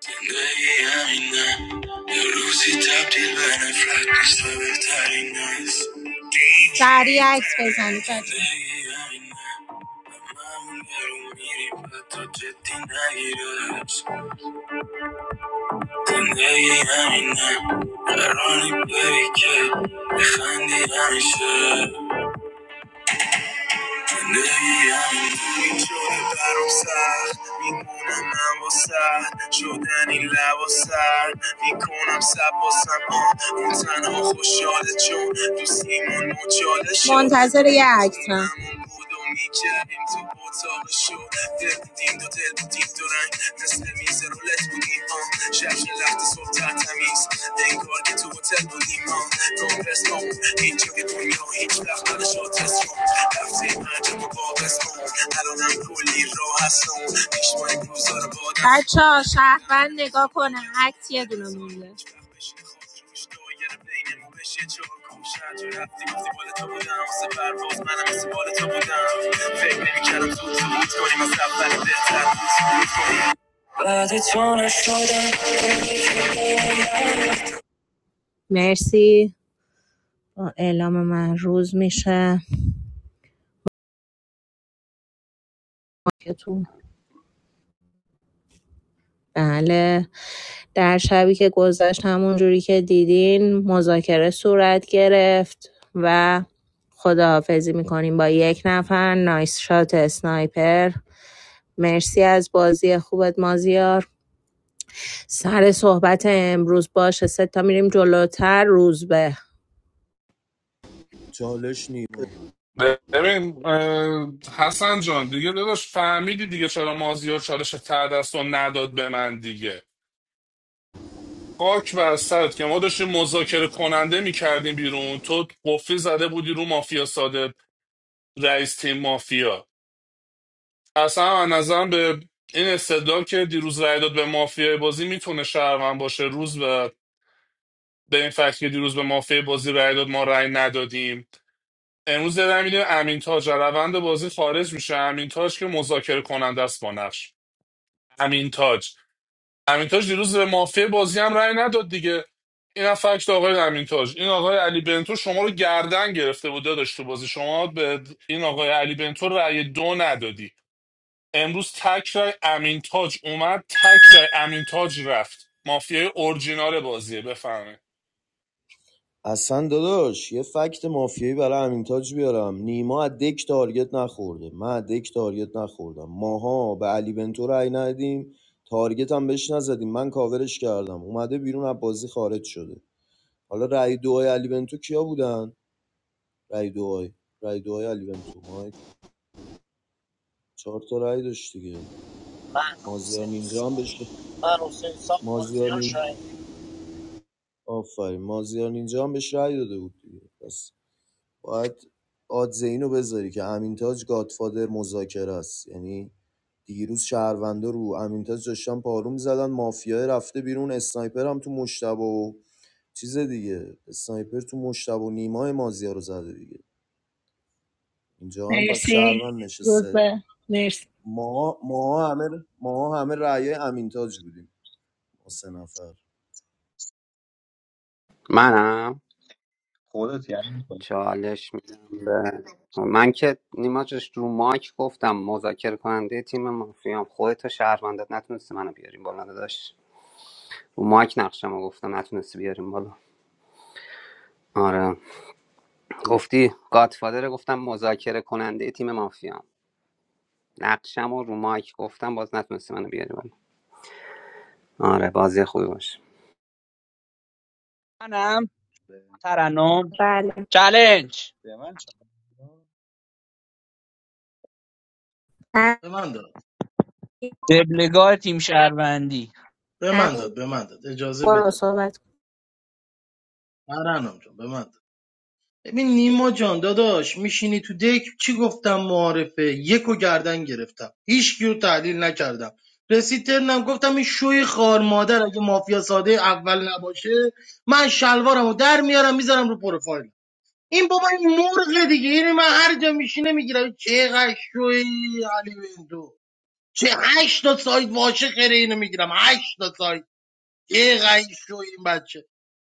زندگی همینه. سریع عکس بزنید بچه‌ها. زندگیم این شده برام سخت میمونم من با سخت شدن این لبا سر میکنم سباسم اون تنها خوشحاله چون دوستیمون مجاله شد منتظر یه عکسم بریم تو اتاق شو دل دیدیم دو دل بودیم دو رنگ مثل میز رولت بودیم آن شب لخت صبح تمیز انگار که تو هتل بودیم آن نامرس نامون هیچ جای دنیا هیچ وقت نشد رسون رفتیم عجب و باقص کن الانم کلی راه هستم پیش ما این روزا رو بادم خفه شی، خسروش، بشه چهار گوش. هر رفتی گفتی بال تو بودم واسه پرواز منم مثل بال تو بودم فکر نمی‌کردم زود سقوط کنیم از اول بهتر بعد تو نشدم مرسی اعلام من روز میشه تو بله در شبی که گذشت همون جوری که دیدین مذاکره صورت گرفت و خداحافظی میکنیم با یک نفر نایس شات سنایپر مرسی از بازی خوبت مازیار سر صحبت امروز باشه سه تا میریم جلوتر روز به چالش نیما ببین اه، حسن جان دیگه داداش فهمیدی دیگه چرا مازیار چالش ته دست رو نداد به من دیگه خاک بر سرت که ما داشتیم مذاکره کننده میکردیم بیرون تو قفلی زده بودی رو مافیا ساده رئیس تیم مافیا اصلا از نظرم به این استدلال که دیروز رای داد به مافیای بازی میتونه شهروند باشه روز به به این فکت که دیروز به مافیا بازی رای داد ما رای ندادیم امروز دارم میدیم امین تاج از روند بازی خارج میشه امین تاج که مذاکره کننده است با نقش امین تاج امین تاج دیروز به مافیا بازی هم رای نداد دیگه این هم فکت آقای امین تاج این آقای علی بنتو شما رو گردن گرفته بود داداش تو بازی شما به این آقای علی بنتو رای دو ندادی امروز تک رای امین تاج اومد تک رای امین تاج رفت مافیای اورجینال بازیه بفهمه اصلا داداش یه فکت مافیایی برای امین تاج بیارم نیما از دک تارگت نخورده من از دک تارگت نخوردم ماها به علی بنتو رأی ندیم تارگت هم بهش نزدیم من کاورش کردم اومده بیرون از بازی خارج شده حالا رأی دوهای علی بنتو کیا بودن رأی دوهای رأی دوهای علی بنتو مایک چهار تا رأی داشت دیگه من مازیار حسین نینجا هم سام بشه من حسین سام مازیار مازیار نینجا شاهین آفرین مازیار نینجا هم بهش رأی داده بود دیگه بس. باید آدز اینو بذاری که امینتاج گادفادر مذاکره است یعنی دیروز شهروندا رو امینتاج داشتن پارو میزدن مافیا رفته بیرون اسنایپر هم تو مشتبه و چیز دیگه اسنایپر تو مشتبه و نیمای مازیا رو زده دیگه اینجا هم پس مرسی شهروند نشسته به مرسی ما ما همه ما همه رأی امینتاج بودیم ما سه نفر منم خودت یعنی می‌کنی. چالش میدم به من که نیما جست رو مایک گفتم مذاکره کننده تیم مافیام خودت و شهروندت نتونستی منو بیاریم بالا داداش رو مایک نقشمو گفتم نتونستی بیاریم بالا آره گفتی گادفادر گفتم مذاکره کننده تیم مافیا نقشم و رو مایک گفتم باز نتونستی منو بیاری بالا آره بازی خوبی باشه منم ترنم بله چلنج به من چه؟ به من داد دبلگاه تیم شهروندی به من داد همین به من داد اجازه بده برو صحبت کن ترنم جان ببند ببین نیما جان داداش میشینی تو دک چی گفتم معارفه یکو گردن گرفتم هیچ کیو تحلیل نکردم رسید ترنم گفتم این شوی خار مادر اگه مافیا ساده اول نباشه من شلوارمو در میارم میذارم رو پروفایل این بابا این مرغ دیگه این من هر جا میشینه میگیرم چقدر شوی علی بندو چه هشت تا سایت واشه خیره اینو میگیرم هشت تا سایت چقدر شوی این بچه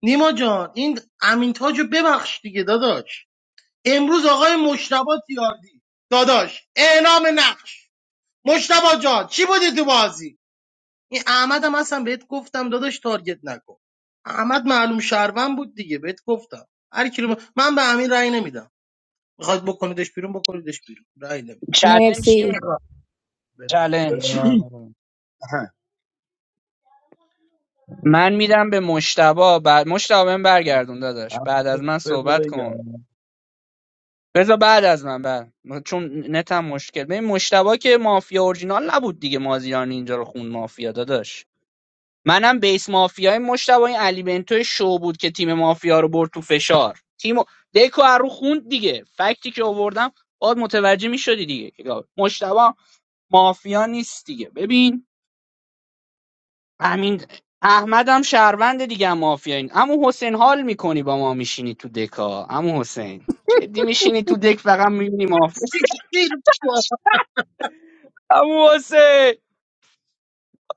نیما جان این امین تاجو ببخش دیگه داداش امروز آقای مشتبا تیاردی داداش اعلام نقش مشتبا جان چی بودی تو بازی این احمد هم اصلا بهت گفتم داداش تارگت نکن احمد معلوم شهروند بود دیگه بهت گفتم هر کی رو ب- من به امین رأی نمیدم میخواد بکنیدش بیرون بکنیدش بیرون رأی نمیدم چلنج کی مرسی میخواد بده. چلنج اه. من میدم به مشتبا بعد مشتبا بهم برگردون داداش بعد از من صحبت کن بذار بعد از من بعد چون نتم مشکل ببین مشتبا که مافیا اورجینال نبود دیگه مازیار اینجا رو خون مافیا داداش منم بیس مافیای مشتبا این علی بنتو شو بود که تیم مافیا رو برد تو فشار تیم دکو از رو خوند دیگه فکتی که آوردم باید متوجه میشدی دیگه مشتبا مافیا نیست دیگه ببین همین احمدم شهروند دیگه هم مافیا این عمو حسین حال میکنی با ما میشینی تو دکا عمو حسین جدی میشینی تو دک فقط میبینی سیکتیر بابا. عمو حسین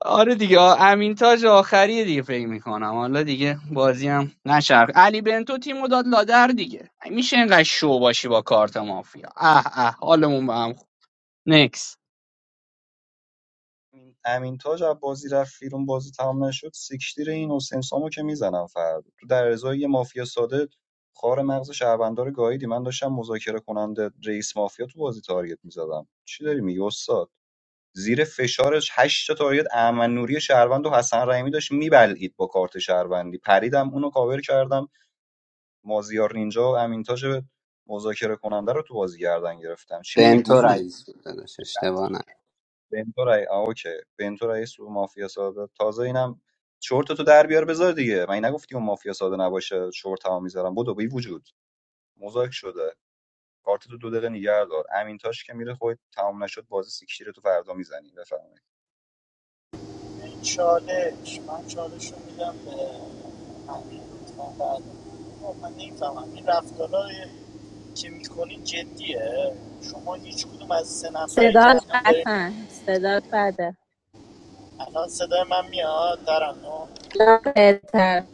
آره دیگه آ- امین تاج آخریه دیگه فکر میکنم حالا دیگه بازی هم نچرخ علی بنتو تیمو داد لادر دیگه میشه اینقدر شو باشی با کارت مافیا اه اه حالمون به هم خورد. نکس امین تاج از بازی رفت بیرون بازی تمام نشد سیکشتیر این حسین سامو که میزنم فردا تو در ازای یه مافیا ساده خار مغز شهروندار گاهیدی من داشتم مذاکره کننده رئیس مافیا تو بازی تارگت میزدم چی داری میگی استاد زیر فشارش هشت تا تارگت احمد نوری شهروند و حسن رحیمی داشت میبلعید با کارت شهروندی پریدم اونو کاور کردم مازیار نینجا و امین تاج مذاکره کننده رو تو بازی گردن گرفتم چی میگی تو گوزو رئیس بود داداش اشتباه نه بنتورای رای آه، اوکی بنتو سو مافیا ساده تازه اینم چرت تو در بیار بذار دیگه من نگفتی اون مافیا ساده نباشه چرت ها میذارم بدو بی وجود مذاکر شده کارت تو دو دقیقه نگه دار امین تاش که میره خود تمام نشد بازی سیکشیر تو فردا میزنی بفرمایید این چالش من چالش رو میدم به امیر لطفاً بعد آه، من نمیفهمم این رفتارهای که میکنی جدیه شما هیچ کدوم از سه نفری که صدا الان داریم بطن صدا بده الان صدای من میاد ترانو جان بهتر.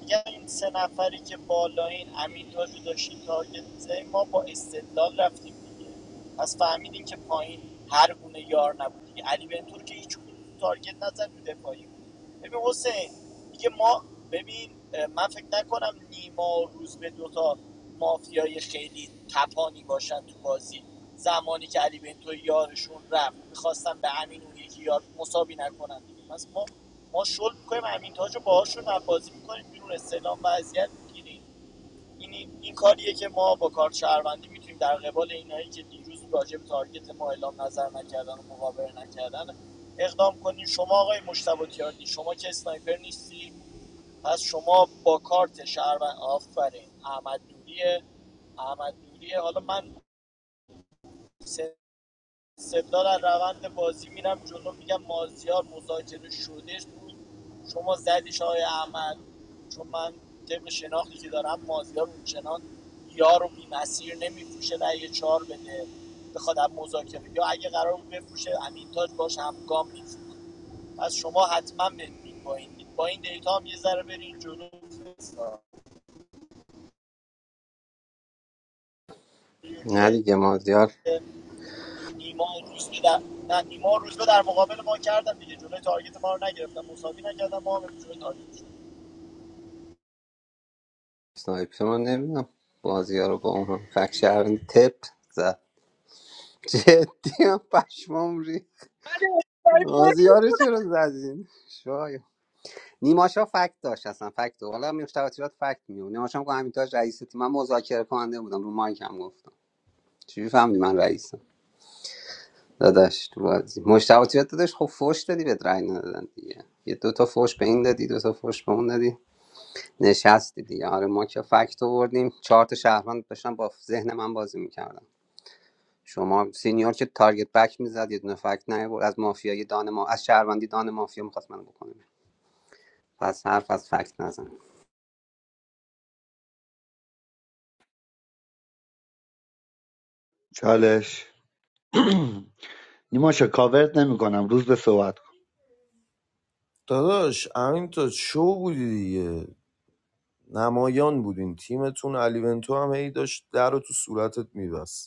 میگم این سه نفری که بالا این امین تاج رو داشتیم تارگت می‌زدیم، ما با استدلال رفتیم دیگه پس فهمیدیم که پایین هر گونه یار نبود دیگه علی بنتور که هیچ گونه تارگت نزد رو دفاعی ببین حسین میگه ما ببین من فکر نکنم نیما روز به دوتا مافیای خیلی تپانی باشن تو بازی زمانی که علی بنتو یارشون رفت میخواستم به امین اون یکی یار مساوی نکنن دیگه پس ما ما شل میکنیم امین تاج رو باهاشون بازی میکنیم بیرون استعلام وضعیت میگیریم این این کاریه که ما با کارت شهروندی میتونیم در قبال اینایی که دیروز راجع به تارگت ما اعلام نظر نکردن و مقابله نکردن اقدام کنیم شما آقای مشتبه تیاردی شما که اسنایپر نیستی پس شما با کارت شهروند آفرین احمد دوریه احمد دوریه حالا من سه استقلال از روند بازی میرم جلو میگم مازیار مذاکره شدش بود شما زدیش های احمد چون من طبق شناختی که دارم مازیار اونچنان یار و بیمسیر نمیفروشه رأی چهار بده بخواد از مذاکره یا اگه قرار بود بفروشه امینتاج باش همگام میفروخت پس شما حتما بمیرین با این با این دیتا هم یه ذره برین جلو نه که دیگه مازیار نیما روز که در نه نیما روز رو در مقابل ما کردن دیگه جلوی تارگت ما رو نگرفتن مساوی نکردن ما هم جلوی تارگت شدیم. سنایپر من نمیدونم مازیار رو با اون هم فک شهروند تپ زد *laughs* جدی هم پشمام ری مازیار رو چرا زدین شاید نیماشا فکت داشت اصلا فکت داشت. حالا مشتبه تیرات فکت میون نیماشا هم که همین تاج رئیس تیم من مذاکره کننده بودم رو مایک هم گفتم چی فهمیدی من رئیسم داداش تو بازی مشتبه تیمت داداش خب فوش دادی بهت رأی ندادن دیگه یه دو تا فوش به این دادی دو تا فوش به اون دادی نشستی دیگه آره ما که فکت آوردیم چهار تا شهروند داشتن با ذهن من بازی میکردم شما سینیور که تارگت بک میزد یه دونه فکت نیاورد از مافیای دان ما از شهروندی دان مافیا میخواست منو بکنه پس حرف از فکت نزن چالش *clears throat* نیماشا کاورت نمیکنم روز به صحبت کن داداش امینتاج شو بودی دیگه نمایان بودین تیمتون علی بنتو هم هی داشت در رو تو صورتت میبست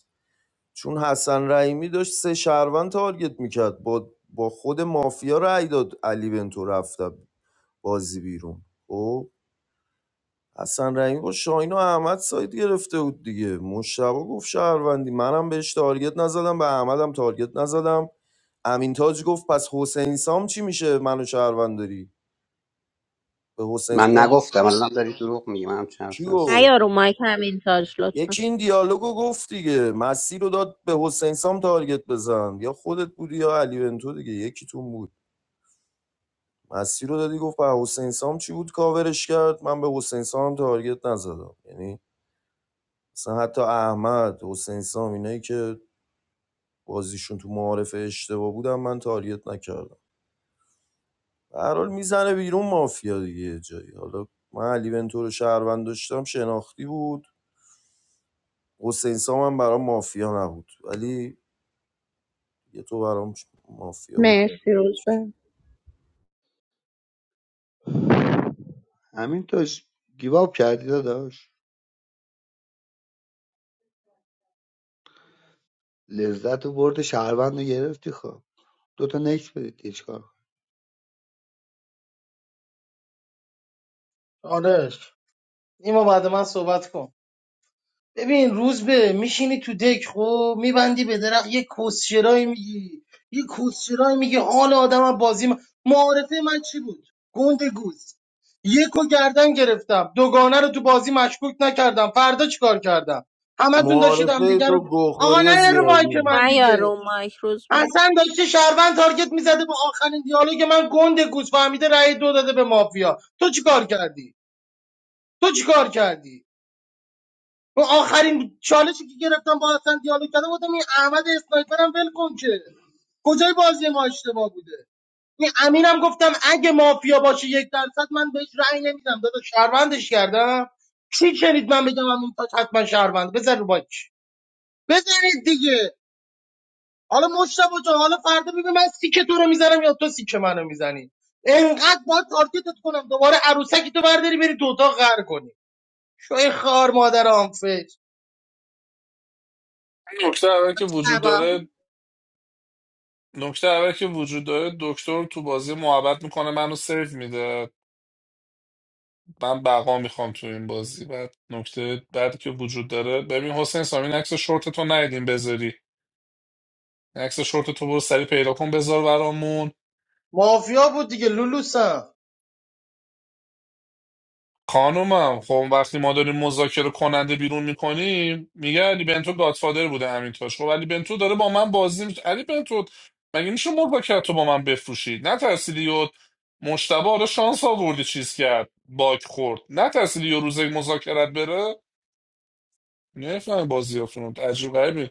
چون حسن رحیمی داشت سه شهروند تارگت میکرد با با خود مافیا رأی داد علی بنتو رفت بازی بیرون او حسن رحیمی با شاهین و احمد سایت گرفته بود دیگه مشتبه گفت شهروندی منم بهش تارگت نزدم به احمدم تارگت نزدم امین تاج گفت پس حسین سام چی میشه منو شهروند داری به حسین من سام نگفتم الان داری دروغ میگی من هم چه حرف کی شناسی. نه گفت یارو مایک همین تاج لطفا یکی این دیالوگو گفت دیگه مسیر رو داد به حسین سام تارگت بزن یا خودت بودی یا علی بنتو دیگه یکیتون بود مسیر رو دادی گفت به حسین سام چی بود کاورش کرد من به حسین سام تارگت نزدم یعنی مثلا حتی احمد حسین سام اینایی که بازیشون تو معارف اشتباه بودم من تارگت نکردم به هر حال میزنه بیرون مافیا دیگه جایی حالا من علی بنتو رو شهروند داشتم شناختی بود حسین سام هم برام مافیا نبود ولی یه تو برام مافیا بود مرسی روز به. همین توش گیواب کردی داداش لذت و برد شهروند رو گرفتی خب دوتا نکس بدید هیچ کار آرش نیما بعد من صحبت کن ببین روز به میشینی تو دک خب میبندی به درخت یه کسشرایی میگی یه کسشرایی میگی حال آدم از بازی من... معارفه من چی بود گنده گوز یکو گردن گرفتم دوگانه رو تو بازی مشکوک نکردم فردا چیکار کردم همتون داشتید هم معارفه دیگه رو تو آقا گوخوری نه رو مایک زیادی من نه یا دیگه رو مایک روز به حسن داشته شهروند تارگت میزده با آخرین دیالوگ من گنده گوز فهمیده رأی دو داده به مافیا تو چیکار کردی تو چیکار کردی اون آخرین چالشی که گرفتم با اصلا دیالوگ کردم گفتم این احمد اسنایپر هم ول کن که کجای بازی ما اشتباه بوده این امینم گفتم اگه مافیا باشه یک درصد من بهش رأی نمیدم دادا شهروندش کردم چی شنید من بگم امین تا حتما شهروند بزن رو باک بزنید دیگه حالا مشتبه جان حالا فردا ببین من سیک تو رو میزنم یا تو سیک منو میزنی انقدر باید تارگتت کنم دوباره عروسکی تو برداری بری تو اتاق غر کنی شوی خار مادر آنفش نکته اول که وجود داره نکته اول که وجود داره دکتر تو بازی محبت میکنه منو سیو میده من بقا میخوام تو این بازی بعد نکته بعدی که وجود داره ببین حسین سامین عکس شورت تو ندیدیم بذاری عکس شورت تو برو سری پیدا کن بذار برامون مافیا بود دیگه لولوسم خانومم خب وقتی ما داریم مذاکره کننده بیرون میکنیم میگه علی بنتو گادفادر بوده همین تاش خب علی بنتو داره با من بازی میشه علی بنتو مگه میشه مذاکرت رو با من بفروشی نترسیدی یا مشتبه حالا شانس آوردی چیز کرد باگ خورد نترسیدی یا روز مذاکرت بره نفهم بازی رو عجیب غریبی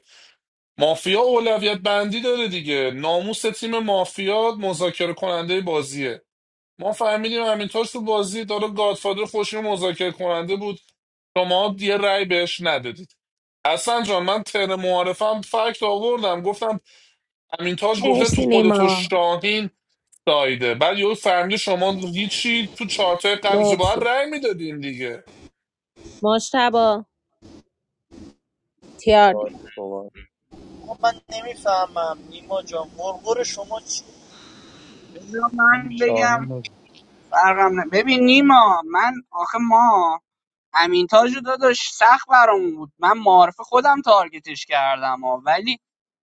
مافیا اولویت بندی داره دیگه ناموس تیم مافیا مذاکره کننده بازیه ما فهمیدیم همینطور تو بازی داره گادفادر خوشی مذاکره کننده بود شما یه رأی بهش ندادید حسن جان من تر معارفم فکت آوردم گفتم امینتاج گفته تو مرسی خود تو نیما شاهین دایده بعد یهو فهمیدی شما هیچی تو چارتای قبلش باید مرسی رأی میدادین دیگه مشتبا شاهین تیاردی صحبت خب من نمیفهمم نیما جان غرغر شما چی بذار کنم. من بگم شاهین فرقم نه ببین نیما من آخه ما امین تاج رو داداش سخت برامون بود من معارف خودم تارگتش کردم ها. ولی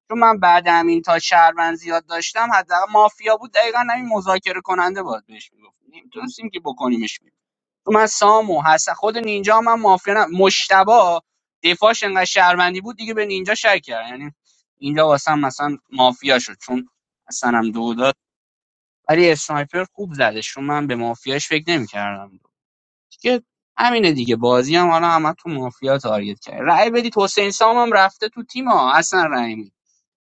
چون من بعد همین تا شهروند زیاد داشتم حداقل مافیا بود دقیقا همین مذاکره کننده باید بهش میگفت نمیتونستیم که بکنیمش بیرون. چون من سامو حسن خود نینجا هم من مافیا نه مشتبه دفاعش انقدر شهروندی بود دیگه به نینجا شک کرد یعنی اینجا واسه هم مثلا مافیا شد چون اصلا هم دو داد ولی اسنایپر خوب زده چون من به مافیاش فکر نمیکردم دیگه همینه دیگه بازی هم حالا همه تو مافیا تارگت کرد رأی بدید حسین سام هم رفته تو تیم ها اصلا رأی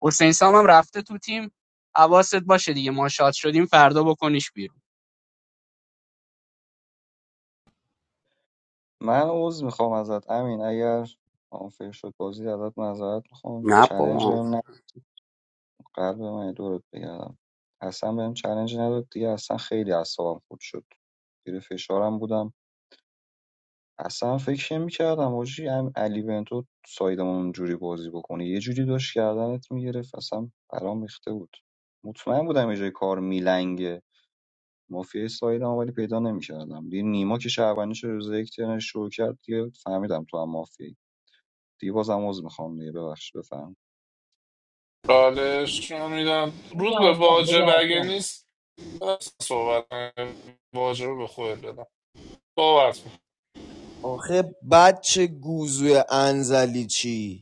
حسین سام هم رفته تو تیم حواست باشه دیگه ما شاد شدیم فردا بکنیش بیرون من عذر میخوام ازت امین اگر آنفیر شد بازی ازت معذرت میخوام نه چلنج بابا بهم نه قلب من دورت بگردم اصلا بهم چلنج نداد دیگه اصلا خیلی اعصابم خود شد زیر فشارم بودم اصلا فکر میکردم آجی هم علی بنتو سایدمون اونجوری بازی بکنه یه جوری داشت گردنت میگرفت اصلا برام ریخته بود مطمئن بودم یه جای کار میلنگه مافیای سایدم ولی پیدا نمیکردم دیگه نیما که شعبانی شد روز یک ترنش شروع کرد دیگه فهمیدم تو هم مافیایی. دیگه بازم عذر میخوام دیگه ببخش بفهم چالش من میدم بده روز به اصلا بده واجب اگه اصلا نیست بس صحبت کنیم. واجب رو به خود بدم صحبت کن. آخه بچه گوزوی انزلی چی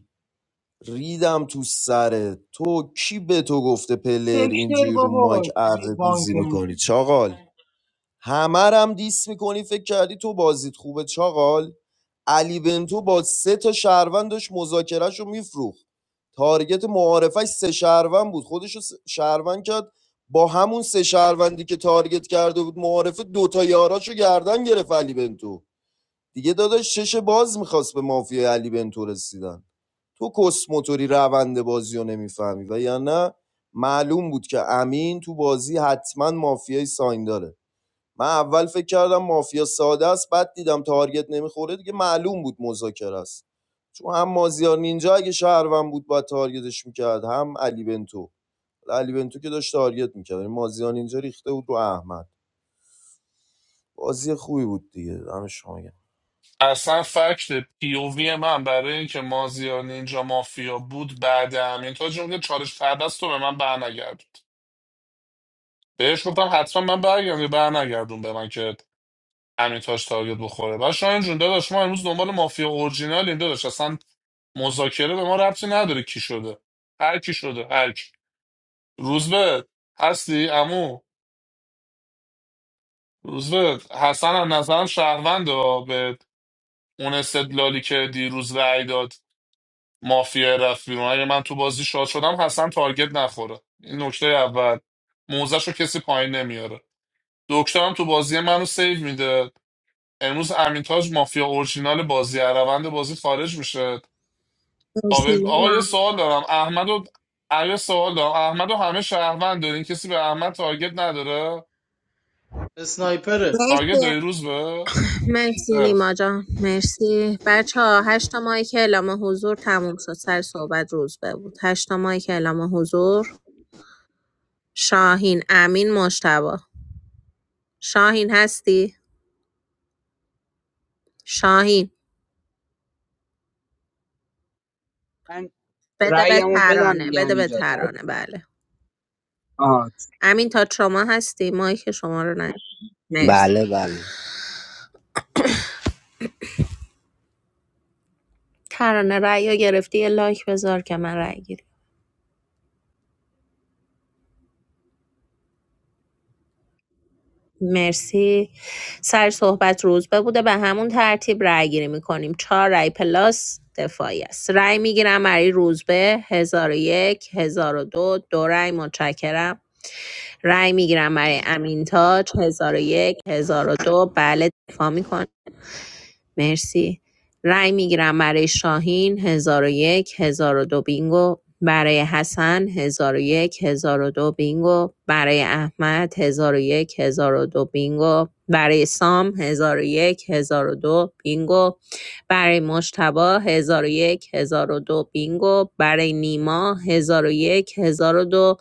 ریدم تو سرت تو کی به تو گفته پلر سکتر اینجوری رو بابا مایک بی اره بانک گوزی میکنی می‌زنه. چاقال همرم دیس میکنی فکر کردی تو بازیت خوبه چاقال علی بنتو با سه تا شهروند داشت مذاکرهش رو میفروخت تارگت معارفش سه شهروند بود خودش رو سه- شهروند کرد با همون سه شهروندی که تارگت کرده بود معارفه دوتا یاراشو گردن گرفت علی بنتو دیگه داداش چش باز میخواست به مافیای علی بنتو رسیدن تو کسموتوری روند بازی رو نمیفهمی و یا نه معلوم بود که امین تو بازی حتما مافیای ساین داره من اول فکر کردم مافیا ساده است بعد دیدم تارگت نمیخوره دیگه معلوم بود مذاکره است چون هم مازیار نینجا اگه شهروند بود باید تارگتش میکرد هم علی بنتو حالا علی بنتو که داشت تارگت میکرد مازیار نینجا ریخته بود رو احمد بازی خوبی بود دیگه دم شما گرم. اصلا فکت پیووی من برای اینکه مازیار نینجا مافیا بود بعد همین تا جمله چالش فردست رو به من برنگردوند بهش گفتم حتما من برگردم یه برنگردون به من که همین تاش تارگت بخوره بعد شاید جون داداش ما امروز دنبال مافیا اورجینال این داداش اصلا مذاکره به ما ربطی نداره کی شده هر کی شده هر کی روزبه هستی عمو روزبه حسن از نظرم شهرونده به اون استدلالی که دیروز رأی داد مافیا رفت بیرون اگه من تو بازی شاد شدم حسن تارگت نخوره این نکته اول موزش رو کسی پایین نمیاره دکتر هم تو بازی منو سیو میده امروز امین تاج مافیا اورجینال بازی از روند بازی خارج میشه مرسی تابع- آقا نیما یه سوال دارم احمد و آ، یه سوال دارم احمد و همه شهروند دارین کسی به احمد تارگت نداره اسنایپره تارگت مرسی داری روز به مرسی خیر. نیما جان مرسی بچه ها هشتا ماهی که اعلام حضور تموم شد سر صحبت روز به بود هشتا ماهی که اعلام حضور شاهین امین مشتبا شاهین هستی؟ شاهین من بده به رأیمو بدم ترانه دیگه بده به همینجا تک ترانه بله آه. امین تا شما هستی ماهی که شما رو نه مرسی. بله بله ترانه رأی رو گرفتی یه لایک بذار که من رأی گیری مرسی سر صحبت روزبه بوده به همون ترتیب رأی گیری میکنیم چهار رأی پلاس دفاعی است رأی میگیرم برای روزبه هزار و یک هزار و دو دو رأی متشکرم رأی میگیرم برای امین تاج هزار و یک هزار و دو بله دفاع می‌کنم. مرسی رای میگیرم برای شاهین 1001 دو بینگو برای حسن 1001 دو بینگو برای احمد 1001 دو بینگو برای سام 1001 دو بینگو برای مجتبا 1001 دو بینگو برای نیما 1001 دو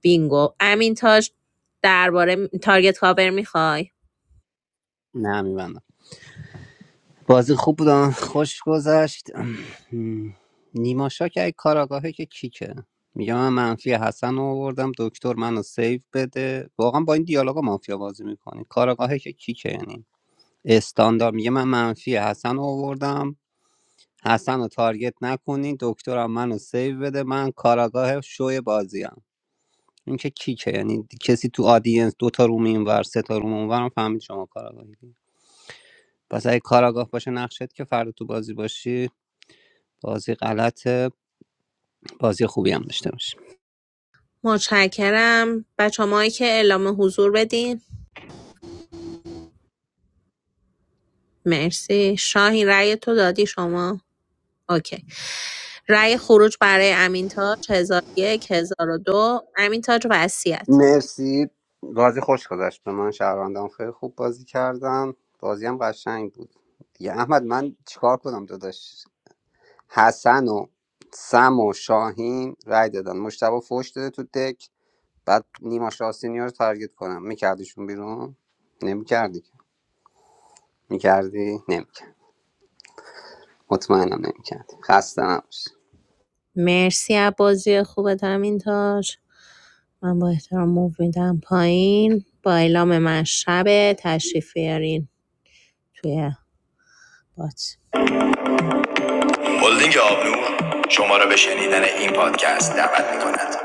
بینگو امین تاج درباره تارگت کاور میخوای نه میبندم بازی خوب بود آه. خوش گذشت نیما شا که کاراگاهه که کیکه میگم من منفی حسن رو آوردم دکتر منو سیو بده واقعا با این دیالوگا مافیا بازی میکنی کاراگاهه که کیکه یعنی استاندار میگه من منفی حسن رو آوردم حسن رو تارگت نکنی دکترم منو سیو بده من کاراگاه شوی بازیم این که کیکه یعنی کسی تو آدینس دو تا روم اینور سه تا روم اونورم فهمید شما کاراگاهی پس اگه کاراگاه باشه نقشت که فردا تو بازی باشی بازی غلطه بازی خوبی هم داشته باشه متشکرم بچه مایی که اعلام حضور بدین مرسی شاهین رأی تو دادی شما اوکی رأی خروج برای امین تاج 1001 دو. امین تاج وصیت مرسی بازی خوش گذشت به من شهروندان خیلی خوب بازی کردم بازی هم قشنگ بود دیگه احمد من چیکار کنم داداش حسن و سم و شاهین رای دادن مشتبه فوش داده تو دک بعد نیما شاسینی رو تارگت کنم میکردیشون بیرون نمیکردی میکردی نمیکرد مطمئنم نمیکردی خسته نباشی مرسی از بازی خوبت همین تاج من با احترام موو میدم پایین با اعلام من شب تشریف بیارین توی بات هلدینگ آبنو شما را به شنیدن این پادکست دعوت می کند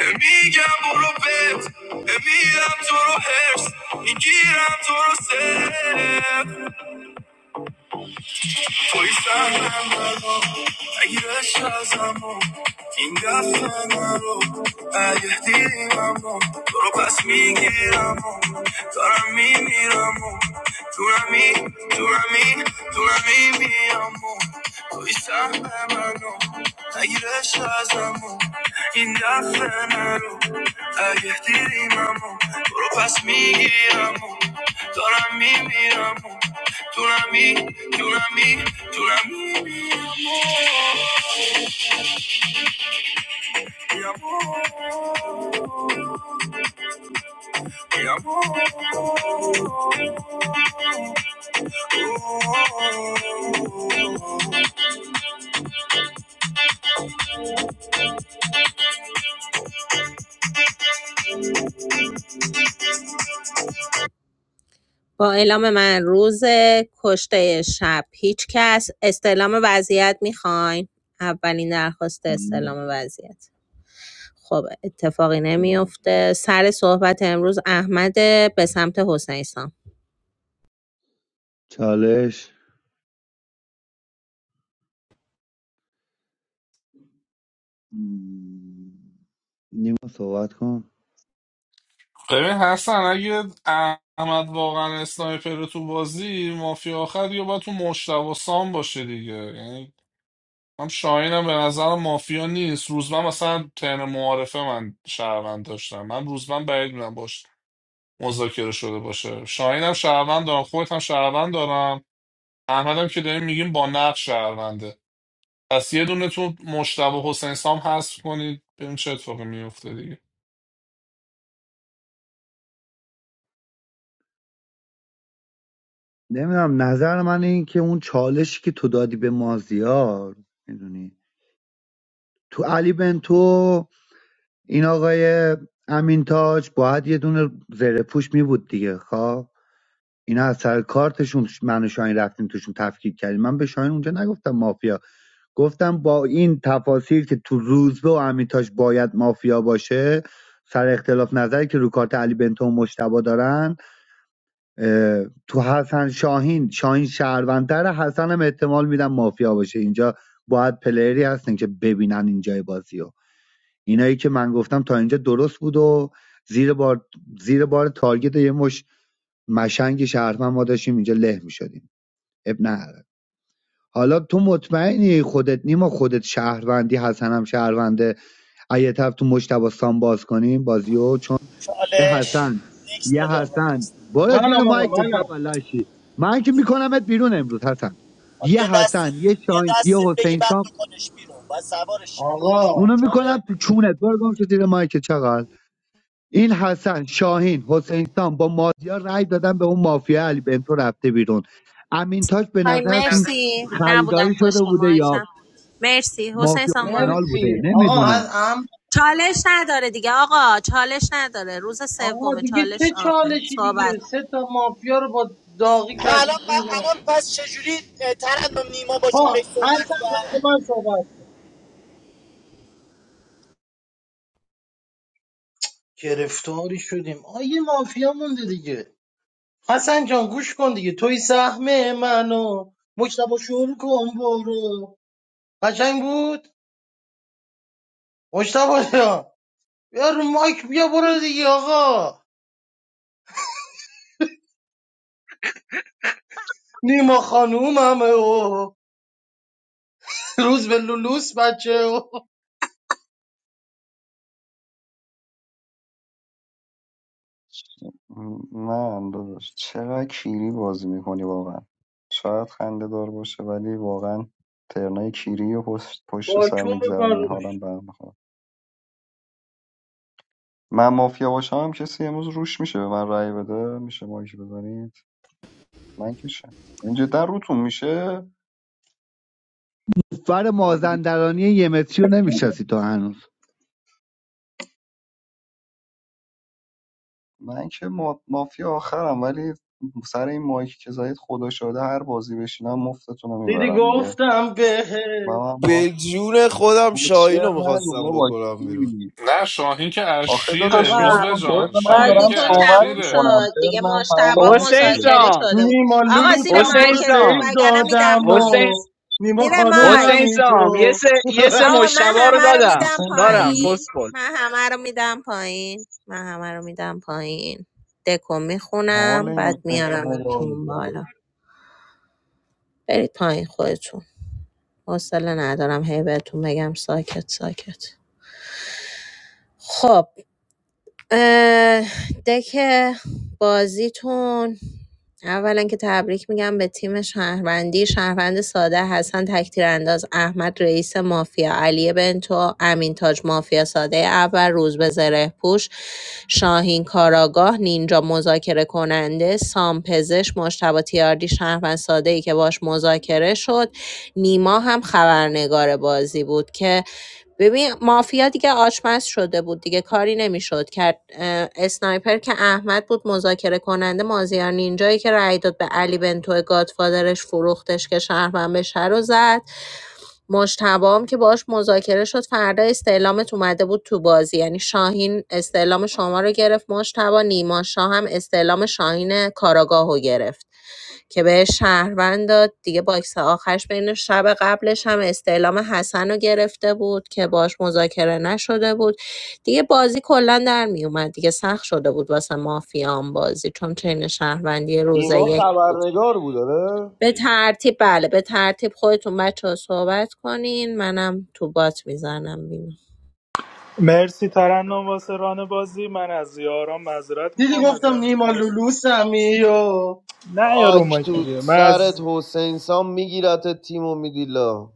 میگم برو بت میرم تو رو هرس میگیرم تو رو سر توی سرم اگه داشت ازمو این دفعه نرو اگه دیدیمم تو رو پس میگیرم دارم میمیرم تو نمی تو نمی تو نمیمیم توی سهم منو اگه داشت ازمو این دفعه نرو اگه دیدیمم تو رو پس میگیرم دارم میمیرم تو نمی تو نمی تو نمیمیم با اعلام من روز کشته شب هیچ کس استعلام وضعیت میخواین اولین درخواست استعلام وضعیت خب اتفاقی نمیفته سر صحبت امروز احمد به سمت حسین سام چالش مم. نیما صحبت کن ببین حسن اگه احمد واقعا اسنایپر تو بازی مافیا آخر یا باید تو مشتبه سام باشه دیگه یعنی هم شاهین هم به نظرم مافیا نیست روزبن مثلا ترن معارفه من شهروند داشتم من روزبن بعید میدونم باش مذاکره شده باشه شاهین هم شهروند دارم خودت هم شهروند دارم احمد هم که داریم میگیم با نقش شهرونده پس یه دونه تو مشتبه حسین سام حذف کنید ببین چه اتفاقی میفته دیگه نمیدونم نظر من این که اون چالشی که تو دادی به مازیار میدونی تو علی بنتو این آقای امین تاج باید یه دونه زره پوش می بود دیگه خب اینا از سر کارتشون من و شاهین رفتیم توشون تفکیک کردیم من به شاهین اونجا نگفتم مافیا گفتم با این تفاصیل که تو روزبه و امیتاش باید مافیا باشه سر اختلاف نظری که رو کارت علی بنتو و مشتبا دارن تو حسن شاهین شاهین شهروندتر حسن هم احتمال میدم مافیا باشه اینجا باید پلیری هستن که ببینن اینجای بازی اینایی که من گفتم تا اینجا درست بود و زیر بار زیر بار تارگت یه مش مشنگ شهروند ما داشتیم اینجا له میشدیم اب نداره حالا تو مطمئنی خودت نیما خودت شهروندی حسنم شهرونده اگه طرف تو مشتباستان باز کنیم بازیو چون یه چالش حسن نیکس یه بده آقا حسن نیکس برو زیر منم آقا مایکت منم بابا لاشی من که میکنمت بیرون امروز حسن آ، بیا یه دستت حسن یه بیا شاهین یه دستت بگی حسین بعد سام بکنش بیرون بعد سوارش چی بکنش آقا بیرون اونو میکنم چاله تو چونت برو گم شو زیر مایکت چقدر این حسن شاهین حسین سام با مازیار رأی دادن به اون مافیا علی بنتو رفته بیرون امین تاج به آی نظرتون مرسی خریداری نبودم شده پشت بوده یا مایکم مرسی حسین مافیا سام برو اورجینال بوده مرسی آقا من نمیدونم ام چالش نداره دیگه آقا چالش نداره روز آقا سوم دیگه چه چالش آفه چالشی صحبت دیگه سه تا مافیا رو با داغی آقا کردید الان بیرون الان پس چجوری اه، ترنم نیما با چالش ها حسن صحبت کرد بعد من صحبت گرفتاری شدیم آ یه مافیا مونده دیگه حسن جان گوش کن دیگه توی سهم منو مجتبا شور کن برو قشنگ بود مشتبه جان بیا رو مایک بیا برو دیگه آقا نیما خانوممه و روز به لولوس بچه و من داداش چقدر کیری بازی میکنی واقعا شاید خنده دار باشه ولی واقعا ترنای کیری و پشت, پشت سر واکوم بکن میگذرونی روش حالم به هم میخواد من مافیا باشم هم کسی امروز روش میشه به من رأی بده میشه مایک بزنید من که شم این جدا روتون میشه فر با این گی- مازندرانی یه متری رو نمیشناسی تو هنوز من که ما... مافیا آخرم ولی سر این مایک که زدید خدا شده هر بازی بشینم مفتتون رو دیدی میبرم دیگه گفتم به و من با به جون خودم شاهین کوچر رو نگو میخواستم بابا کی بکنم بیرون می‌بینی؟ نه شاهین که آخه اشیره داداش نیا آقا روزبه کن جان بذار من شاهین دارم که بازیتون صحبت تموم اشیره میکنم شد دیگه ترمم تمام مشتبا حسین نشده مذاکره سام شده بود نیما آقا زیر لولوسم تو حسین رو مایکتون سام سیو وگرنه میدم دادم و پایین حسین نیما زیر مایک حسین خانوممی سام یه تو سه یه سه آقا من مشتبه رو همه رو دادم میدم حسین دارم سامی پست پایین کن من همه رو میدم پایین من همه رو میدم پایین دکو حال میخونم این بعد حسین سامو با میارمتون میدم بالا برید پایین خودتون حوصله ندارم هی بهتون بگم ساکت ساکت خب اه، دک بازیتون اولا که تبریک میگم به تیم شهروندی شهروند ساده حسن تکتیر انداز احمد رئیس مافیا علی بنتو امین تاج مافیا ساده اول روز به زره پوش شاهین کاراگاه نینجا مذاکره کننده سام پزش مشتبه تیاردی شهروند ساده ای که باش مذاکره شد نیما هم خبرنگار بازی بود که ببین مافیا دیگه آشپز شده بود دیگه کاری نمیشد کرد اه، اسنایپر که احمد بود مذاکره کننده مازیار نینجایی که رأی داد به علی بنتو گادفادرش فروختش که شهروند بشه رو زد مجتبام که باش مذاکره شد فردا استعلامت اومده بود تو بازی یعنی شاهین استعلام شما رو گرفت مجتبا نیما شاه هم استعلام شاهین کاراگاه رو گرفت که به شهروند داد دیگه باکس آخرش بین شب قبلش هم استعلام حسن رو گرفته بود که باش مذاکره نشده بود دیگه بازی کلا در می اومد دیگه سخت شده بود واسه مافیان بازی چون چین شهروندی اینا روزه خبرنگار بود آره به ترتیب بله به ترتیب خودتون بچه ها صحبت کنین منم تو بات میزنم بینو مرسی ترنم واسه ران بازی من از یاران معذرت دیدی میخوام از گفتم زمین نیما کاش لولوسمی و نه یا رو آک تو دیگه من سرت از حسین سام میگیرت تیم و میدیلا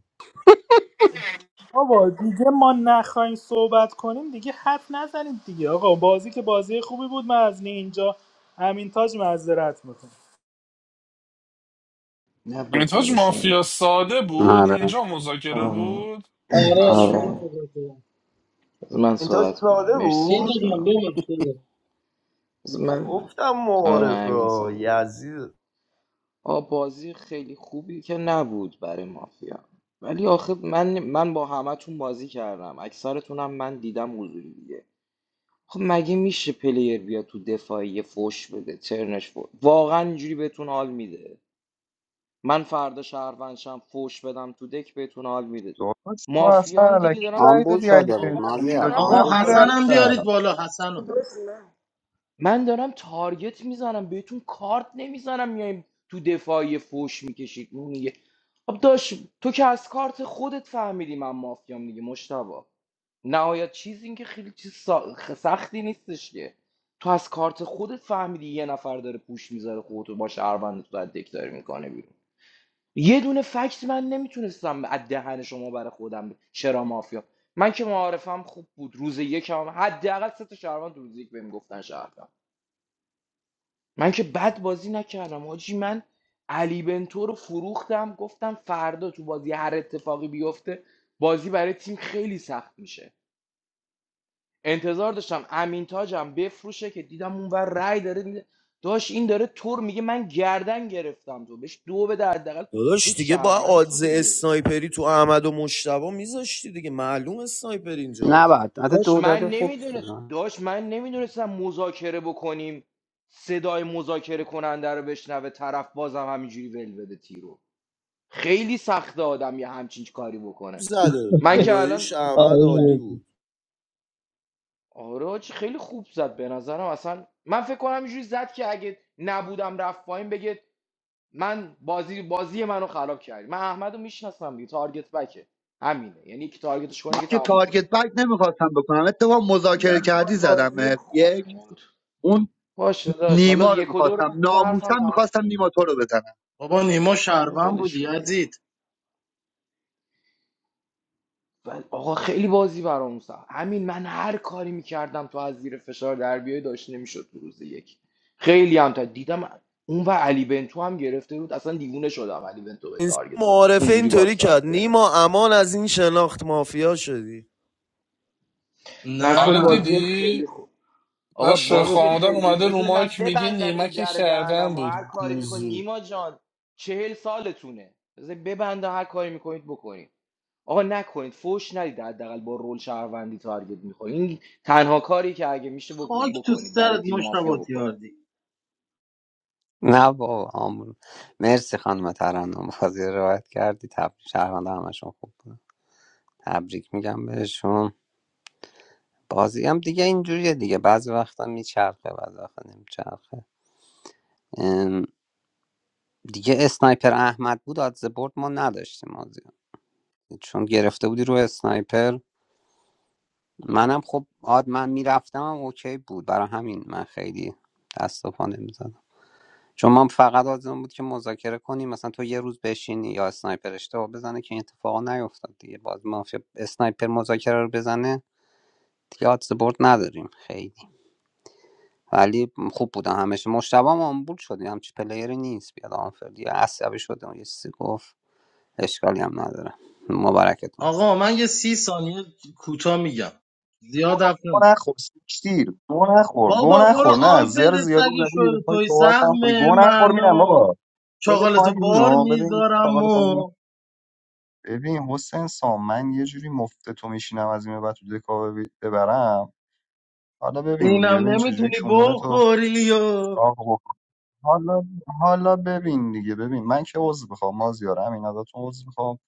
بابا دیگه ما نخواهیم صحبت کنیم دیگه حرف نزنید دیگه آقا بازی که بازی خوبی بود من از نینجا امین تاج معذرت میخوام نه با میتاج فدا سره مافیا ساده بود آره اینجا مذاکره آه، بود آره نینجا پشمان آره بزرگم بذار من انتاش صحبت کنم ساله مرسی نینجا بود بازی جان برام ببخش دیگه. بذار من گفتم آره همین معارفه ساده یزید آ بازی خیلی خوبی که نبود برای مافیا ولی آخه من من با همتون بازی کردم اکثرتونم من دیدم حضوری دیگه خب مگه میشه پلیر بیاد تو دفاعی فوش بده ترنش فوش واقعا اینجوری بهتون حال میده من فردا شهروندشم فوش بدم تو دک بهتون حال میده داداش تو اصلا مافیام دیگه علکی دارم رای آمبول دادی علی شده آقا بود من بنتو که مازیار میدادی دارم من آقا آمبول شده حسنم تارگت بود. بیارید میرفتم بالا آخه حسنو درست نه. من دارم تارگت میزنم بهتون کارت نمیزنم میایم تو دفاعی فوش میکشید اون میگه خب داش تو که از کارت خودت فهمیدی من مافیام دیگه مشتبا نهایت چیز این که خیلی چیز سا- خ- سختی نیستش که تو از کارت خودت فهمیدی یه نفر داره پوش میذاره خودتو با شهروند تو دک داره میکنه یه دونه فکت من نمیتونستم از دهن شما برای خودم ب- چرا مافیا من که معارفم خوب بود روز یکم هم- حداقل سه تا شهروند روز یک بهم گفتن شهروند من که بد بازی نکردم حاجی من علی بنتو رو فروختم گفتم فردا تو بازی هر اتفاقی بیفته بازی برای تیم خیلی سخت میشه انتظار داشتم امین تاجم بفروشه که دیدم اونور رای داره میده داشت این داره تور میگه من گردن گرفتم تو بهش دو بده حداقل تو داداش دیگه دیگه با شهروند سی آدز دیگه اسنایپری تو احمد و مشتبه میذاشتی دیگه معلوم اسنایپر اینجا بود نباید حتی داشت دو من داده خوب نمیدونست شد. داشت من نمیدونستم مذاکره بکنیم صدای مذاکره کننده رو بشنوه طرف بازم همینجوری ول بده تیرو خیلی سخته آدم یه همچین کاری بکنه زده من که خداییش الان احمد عالی بود آره حاجی، خیلی خوب زد به نظرم اصلا من فکر کنم اینجوری زد که اگه نبودم رفت پایین بگه من بازی بازی منو خراب کردی من احمد میشناسم دیگه تارگت بکه همینه یعنی که تارگتش من کنه که که تموم شد تارگت بک نمیخواستم بکنم اتفاق مذاکره در کردی کل بازی زدم خوبی یک بود. اون باشه داشت حالا نیما رو یک و دو رو میخواستم بذار حرفم ناموسم تمام میخواستم شه نیما تو رو بزنم بابا نیما رو شهروند ولش بودی کن دیگه عزیز ولی آقا خیلی بازی برام سخت همین من هر کاری میکردم تو از زیر فشار در بیای داشت نمیشد تو روز یک خیلی هم تا دیدم اون و علی بنتو هم گرفته بود اصلا دیوونه شدم علی بنتو به این تارگت زد معارفه اونجوری باد اینطوری کرد سایت گرفت نیما امان از این شناخت مافیا شدی در کل آره نه بازی دیدی خیلی خوب من آقا شوخ بازی نگفتم آمدم خیلی اومده رو بذار من مایک میگه ببندم این نیمک در شهروند دهنم و هر بود کاری میکنی گوزو نیما جان چهل سالتونه بذار ببندم هر کاری میکنید بکنید آقا نکنید فوش ندید حداقل با رول شهروندی تارگت میخورید این تنها کاری که اگه میشه بکن- خاک تو بکنید برای سرت تیم مافیا مشتبه بکنید تیاردی نه بابا آمون مرسی خانم ترنم بازی رو روایت کردی تبریک شهرونده همشون خوب بود تبریک میگم بهشون بازی هم دیگه اینجوریه دیگه بعضی وقتا میچرخه بعضی وقتا نمیچرخه ام، دیگه اسنایپر احمد بود آدز برد ما نداشتیم بازی چون گرفته بودی رو اسنایپر منم خب آد من میرفتم اوکی بود برای همین من خیلی دست و پا نمی‌زدم. چون من فقط آزم بود که مذاکره کنیم مثلا تو یه روز بشینی یا اسنایپر اشتباه بزنه که این اتفاقا نیفتاد دیگه باز مافیا اسنایپر مذاکره رو بزنه دیگه آدز برد نداریم خیلی ولی خوب بودن همش مشتبه هم آمبول شدی همچی پلیری نیست بیاد آنفردی عصبی شده اون یه چیزی گفت اشکالی هم نداره مبارکتون آقا باشه من یه سی ثانیه کوتاه میگم تو زیاد حرف گو نمی‌زنم. نخور سیکتیر گو نخور گو بابا برو نخور نه زر آنفیر زیادی سگ زدی یه شور دفعه توی صحبت هم کنی. سهم گو نخور میرم منو بابا بده چاقالتو پایین بار اینو بده این میذارم فقط پایین و ببین حسین سام من یه جوری مفت تو میشینم از این به بعد تو دکا بب- ببرم حالا ببین دیگه اینم ببین چه نمیتونی کمونه تو بخوری و چاق بکنم حالا حالا ببین دیگه ببین من که عضو میخوام مازیار همین ازتون عضو میخوام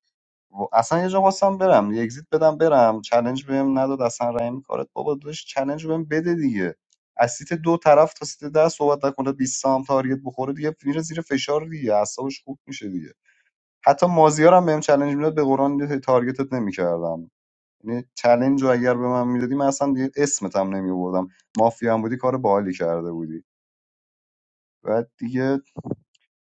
و اصلا یه جا خواستم برم یه اگزیت بدم برم چلنج بهم نداد اصلا رحم کارت بابا داداش چلنج بهم بده دیگه از سیت دو طرف تا سیت ده صحبت نکنه بیست سام تارگت بخوره دیگه میره زیر فشار دیگه اعصابش خوب میشه دیگه حتی مازیار هم بهم چلنج میداد به قرآن یه تارگتت نمیکردم یعنی چلنج رو اگر به من میدادی من اصلا دیگه اسمت هم نمی آوردم مافیا هم بودی کار باحالی کرده بودی بعد دیگه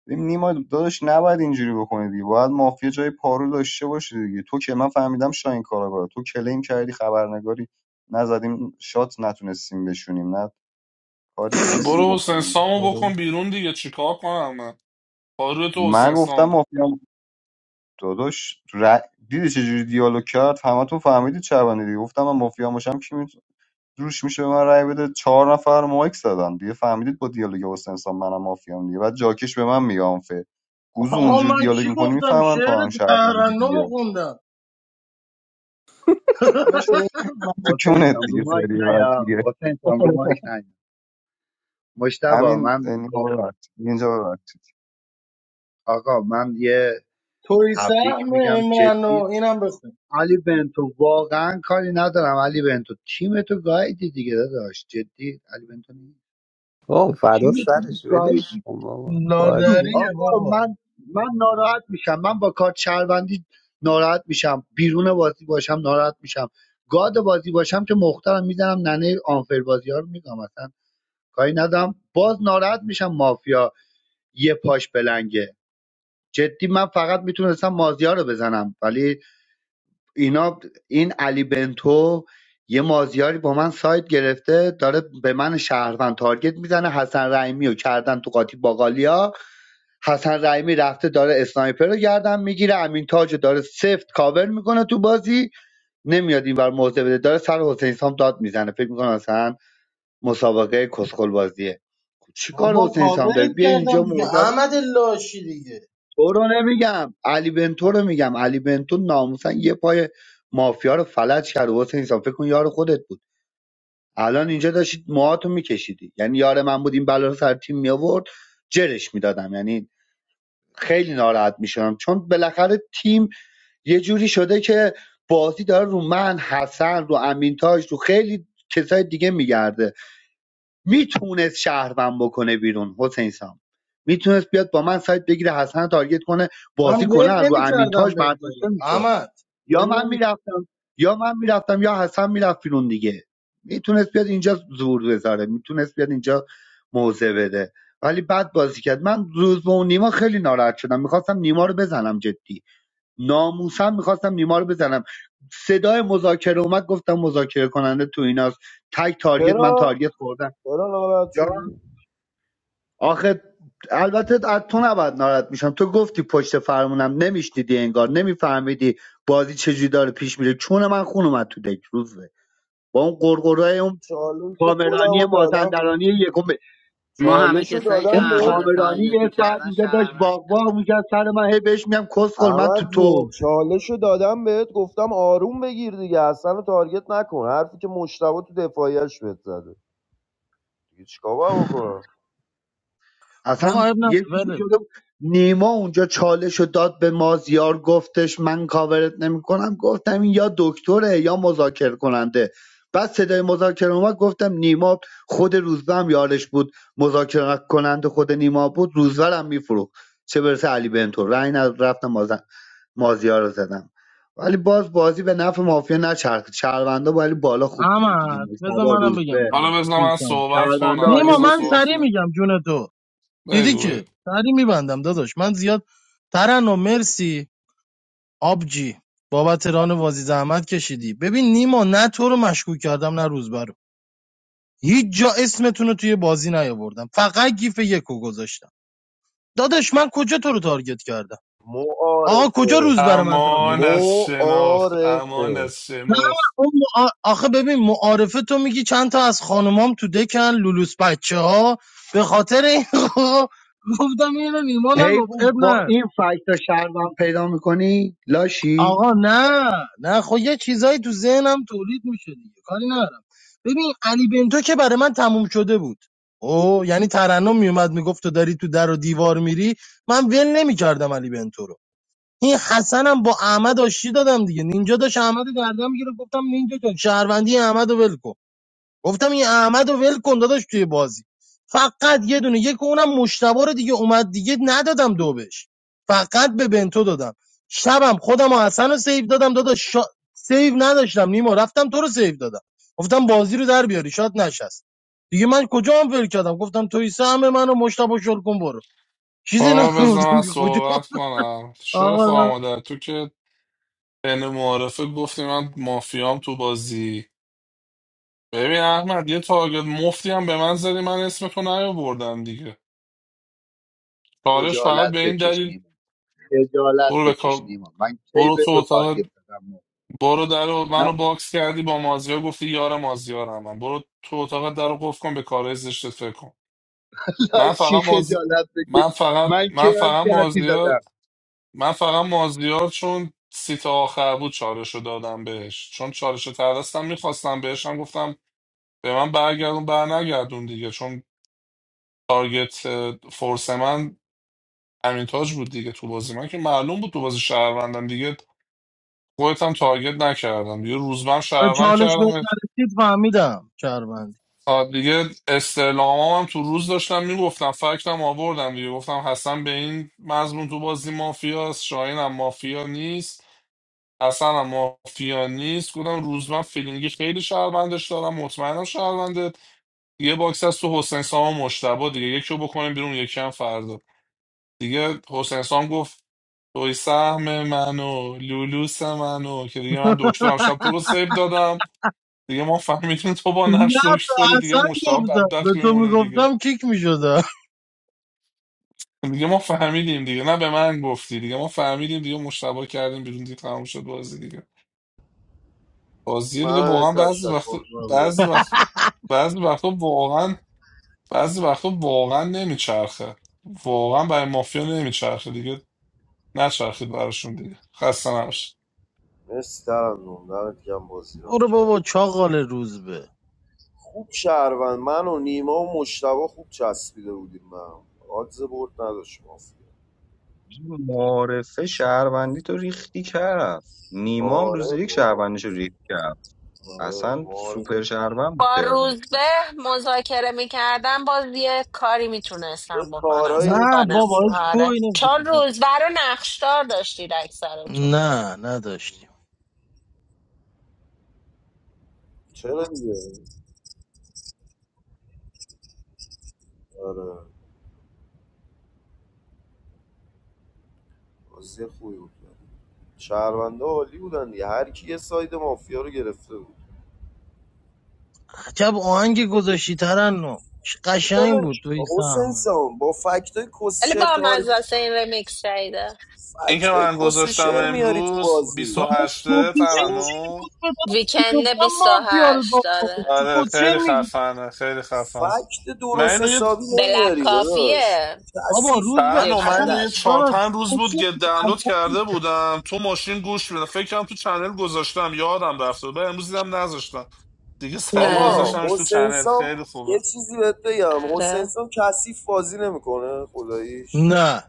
ببین نیما داداش نباید اینجوری بکنی دیگه باید مافیا جای پارو داشته باشه دیگه تو که من فهمیدم شاین کاراگاه تو کلیم کردی خبرنگاری نزدیم شات نتونستیم بشونیم نه کاری تونستیم برو حسین بکنیم سامو بکن بیرون دیگه چیکار کنم من پارو تو من حسین گفتم سام بود مافیا هم- داداش ر... دیدی چه جوری دیالوگ کرد همتون فهمیدید چه بندی دیگه گفتم من مافیا هم باشم کی جوش میشه به من رای بده چهار نفر مایک زدن دیگه فهمیدید با دیالوگ حسین انسان منم مافیام دیگه بعد جاکش به من میگه آنفه گوزو آقا اونجوری من دیالوگ چی میکنی گفتم میفهمن تو شعر هم شهروندی ترنم دیگه خوندم حالا شعر میکنم تو حسین کونت سام رو دیگه مایک سری بعد نیا دیگه حسین سام رو مایک نیا مشتبه همین من اینجا با- ببخش اینجا ببخش آقا من یه توی تبریک سهم میگم منو جدی اینم بخون علی بنتو واقعا کاری ندارم علی بنتو تیم تو گایدی دیگه داداش جدی علی بنتو او فدا تیم سرش تو ولش کن بابا بازی لادریه آقا بابا من من ناراحت میشم من با کارت شهروندی ناراحت میشم بیرون بازی باشم ناراحت میشم گاد بازی باشم که مخترم میزنم ننه آنفر بازی ها رو میگم اصلا کاری ندم باز ناراحت میشم مافیا یه پاش بلنگه جدی من فقط میتونستم مازیار رو بزنم ولی اینا این علی بنتو یه مازیاری با من سایت گرفته داره به من شهروند تارگت میزنه حسن رحیمی رو کردن تو قاطی باقالیا حسن رحیمی رفته داره اسنایپر رو گردن میگیره امین تاج رو داره سفت کاور میکنه تو بازی نمیاد اینور موضع بده داره سر حسین سام داد میزنه فکر میکنه مثلا مسابقه کسخل بازیه چیکار چی کار بابا حسین سام داره کاورت بیا کردم اینجا دیگه موضع رو احمد لاشی دیگه تو رو نمیگم علی بنتو رو میگم علی بنتو ناموسن یه پای مافیا رو فلج کرد حسین سام فکر کن یار خودت بود الان اینجا داشتید موهاتو میکشیدی یعنی یار من بود این بلا رو سر تیم میآورد جرش میدادم یعنی خیلی ناراحت میشم چون بالاخره تیم یه جوری شده که بازی داره رو من حسن رو امینتاج رو خیلی کسای دیگه میگرده میتونست شهروند بکنه بیرون حسین سام میتونست بیاد با من سایت بگیره حسن رو تارگت کنه من بازی کنه ول از رو نمیکردم امینتاج بنت برداشته رو میشد احمد یا ول من نمی میرفتم یا من میرفتم یا حسن میرفت بیرون دیگه میتونست بیاد اینجا زور بذاره میتونست بیاد اینجا موضع بده ولی بد بازی کرد من روز به اون نیما خیلی ناراحت شدم میخواستم نیما رو بزنم جدی ناموسم میخواستم نیما رو بزنم صدای مذاکره اومد گفتم مذاکره کننده تو ایناست تک تارگت من چرا؟ تارگت خوردم چرا ناراحت یا شدی؟ آخه البته از تو نباید ناراحت میشم تو گفتی پشت فرمونم نمیشنیدی انگار نمیفهمیدی بازی چجوری داره پیش میره چون من خون اومد تو دک روزه با اون قرقرای اون چالش خودم پامرانی رو دادم مازندرانی یکم ما همه چالش رو کسایی که اون دادم بهت احمد رو پامرانی تارگت یه ساعت اینجا داشت میکردن واق واق میکرد سر من هی بهش میگم کسخل من تو احمد تو جون چالش رو دادم بهت گفتم آروم بگیر دیگه اصلا رو تارگت نکن حرفی که مشتبه تو دفاعیش بهت زده دیگه چیکار باید بکنم آقا اصلا اب نه یه جوری ولش شده بود. نیما اونجا چالش رو داد به مازیار گفتش من کاورت نمیکنم گفتم این یا دکتره یا مذاکره کننده بعد صدای مذاکره اومد گفتم نیما خود روزبه هم یارش بود مذاکره کننده خود نیما بود روزبه رو هم میفروخت چه برسه علی بنتو رنگ نداد، رفتم ماز مازیار رو زدم ولی باز بازی به نفع مافیا نچرخید شهروندا ولی بالا خوب بودی دیگه احمد بذار مصطبا منم بگم روزبه داداش حالا بزن من سیستم صحبت شهروندا کنم عالی نیما بزن بود من صحبت سری کنم میگم جون تو دیدی بگو که بگو سری میبندم داداش من زیاد ترن و مرسی آبجی بابت ران وازی زحمت کشیدی ببین نیما نه تو رو مشکوک کردم نه روزبه رو هیچ جا اسمتون رو توی بازی نیاوردم فقط گیف یکو گذاشتم داداش من کجا تو رو تارگت کردم آقا کجا معارفه روزبه رو من تارگت امان کردم از شناخت امان معارفه از شناخت اون مع- آخه ببین معارفه تو میگی چند تا از خانومام تو دکن لولوس بچه ها به خاطر این *laughs* آقا گفتم اینو نیما نگفت حیوان اب با نه این فکت شهروند پیدا میکنی لاشی آقا نه نه خب یه چیزایی تو ذهنم تولید میشه دیگه کاری ندارم ببین علی بنتو که برای من تموم شده بود او یعنی ترنم میومد میگفت تو داری تو در و دیوار میری من ول نمیکردم علی بنتو رو این حسنم با احمد آشتی دادم دیگه نینجا داشت احمد رو گردن میگیره گفتم نینجا جان شهروندی احمد رو ول کن گفتم این احمد رو ول کن داداش توی بازی فقط یه دونه یک اونم مشتبه رو دیگه اومد دیگه ندادم دو بهش فقط به بنتو دادم شبم خودم و حسن رو سیو دادم داداش شا... سیو نداشتم نیما رفتم تو رو سیو دادم گفتم بازی رو در بیاری شاد نشست دیگه من کجا هم ول کردم گفتم توی سهم منو مشتبه شل کن برو چیزی حالا بزن نگفتم من که کجا صحبت کنم شوی آقا نه. خواهمادر تو که بین معارفه گفتی من مافیام تو بازی ببین احمد یه تارگت مفتی هم به من زدی من اسم تو نیاوردم دیگه چالش فقط به خجالت این بکش دلیل نیما خجالت برو به بکش کا- نیما من کی برو به تو تو اتاق تارگت زدم برو در و- نه منو باکس کردی با مازیار گفتی یار مازیارم من برو تو اتاق در رو قفل کن به کار زشتت فکر کن من لاشی فقط مازی خجالت بکش من فقط من من کی هم فقط کردی مازیار زدم من فقط مازیار چون سیت آخر بود چالش رو دادم بهش چون چالش رو ترستم میخواستم بهش هم گفتم به من برگردون بر نگردون دیگه چون تارگت اه، فورس من امین تاج بود دیگه تو بازی من که معلوم بود تو بازی شهروندم دیگه خودت هم تارگت نکردم دیگه روزبن آره شهروند چالش بهت کردم نرسید فهمیدم چربند آه، دیگه استعلامام هم تو روز داشتم میگفتم فکتم آوردم دیگه گفتم حسن به این مضمون تو بازی مافیاست شاهین هم مافیا نیست حسن هم مافیا نیست گفتم روزبن فیلینگی خیلی شهروندش دارم مطمئنم شهرونده یه باکس از تو حسین سام و مشتبه دیگه یکی رو بکنیم بیرون یکی هم فردا دیگه حسین سام گفت توی سهم منو لولوس منو که دیگه من دکترم شب تو رو سیو دادم دیگه ما فهمیدیم تو با نه نقش دکتری داری به دیگه حسن مشتاق گفتم به بدبخت تو میمونه دیگه میگفتم کیک میشدم دیگه ما فهمیدیم دیگه نه به من گفتی دیگه ما فهمیدیم دیگه مشتبه کردیم بیرون دیگه تموم شد بازی دیگه بازی دیگه منم یه واقعا بعضی تشکر وقت کنم بعضی بریم وقت بعضی وقتا واقعا بعضی وقتا واقعا نمیچرخه واقعا برای مافیا نمیچرخه دیگه نچرخید براشون دیگه خسته نباشید مرسی ترم جون دمت گرم بازی ران برو بابا کرد چاقال روز به خوب شهروند من و نیما و مشتبه خوب چسبیده بودیم به هم آدز برد نداشت مافیا معارفه شهروندی تو ریختی کرد نیما هم آره روز یک بابا شهروندیشو ریخت کرد آره اصلا معارفه سوپر شهروند بود با ترم روزبه مذاکره میکردم باز یه کاری یه میتونستم بکنم کارایی فکر نه کنم بابا میتونستم هیچ بکنم آره گوی نمیدی چون بابا. روزبه رو نقشدار داشتید اکثرتون نه نداشتیم چرا دیگه آره بازی خوبی بود شهرونده عالی بودن دیگه هر کی یه ساید مافیا رو گرفته بود عجب آهنگ گذاشتی ترنم چه دیگه قشنگ داداش بود توی حسین سهم سام با فکتای کس ولی با شرت مزاسه این رمیکس شایده این که فکتای من کس گذاشتم شعر میاری تو امروز بازی داداش 28 کوکیشن او چی ترانو روز به داداش که ویکند گفتم مافیا رو 28 بابا داره چی آره کوچر خیلی میگی خفنه خیلی خفنه فکت من درست اینو یه حسابی بلک نمیاری داداش کافیه بابا کثیف روز به ترن زیر من اصلا اینو یه صداش چهار پنج داداش روز بود کوچر که میگی دانلود اصلا کرده بودم تو ماشین گوش میدم فکرم تو چنل گذاشتم یادم رفته به امروز دیدم نذاشتم دیگه سری اه، آقا گذاشتمش تو حسین چنل سام خیلی خوبه یه چیزی بهت بگم آره حسین سام کثیف بازی نمیکنه خداییش نه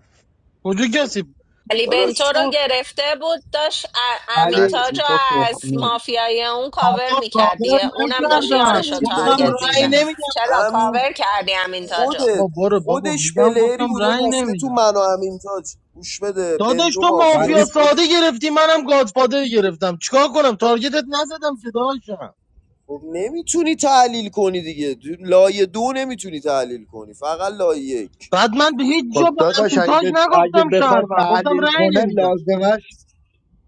کجا کسی علی داداش بنتو رو شد گرفته بود داشت ا- امین ولی تاج رو تصدیق و از تخمی مافیای اون کاور بابا میکرد کاور دیگه اونم داشت نکردم یارش رو نمیتونی تصدیق دیگه و گفتم تارگت رأی میگه داداش تخمی نمیدم چرا بهش. همین کاور کردی امین تاج رو خودت بابا برو بابا خودش میگم پلهری گفتم بوده رأی گفته تو نمیدم من و امین تاج گوش بده داداش بنتو تو ولی مافیا مافیاس ساده خودش گرفتی منم گادفادر گرفتم چیکار کنم تارگتت نزدم که داداشم خب نمیتونی تحلیل کنی دیگه تو لایه دو نمیتونی تحلیل کنی فقط لایه یک بعد من به هیچ جا خب به داداش امین اگه, تاج ب... اگه نگفتم بخواد شهروند گفتم تحلیل رأی کنه نمیدم لازمش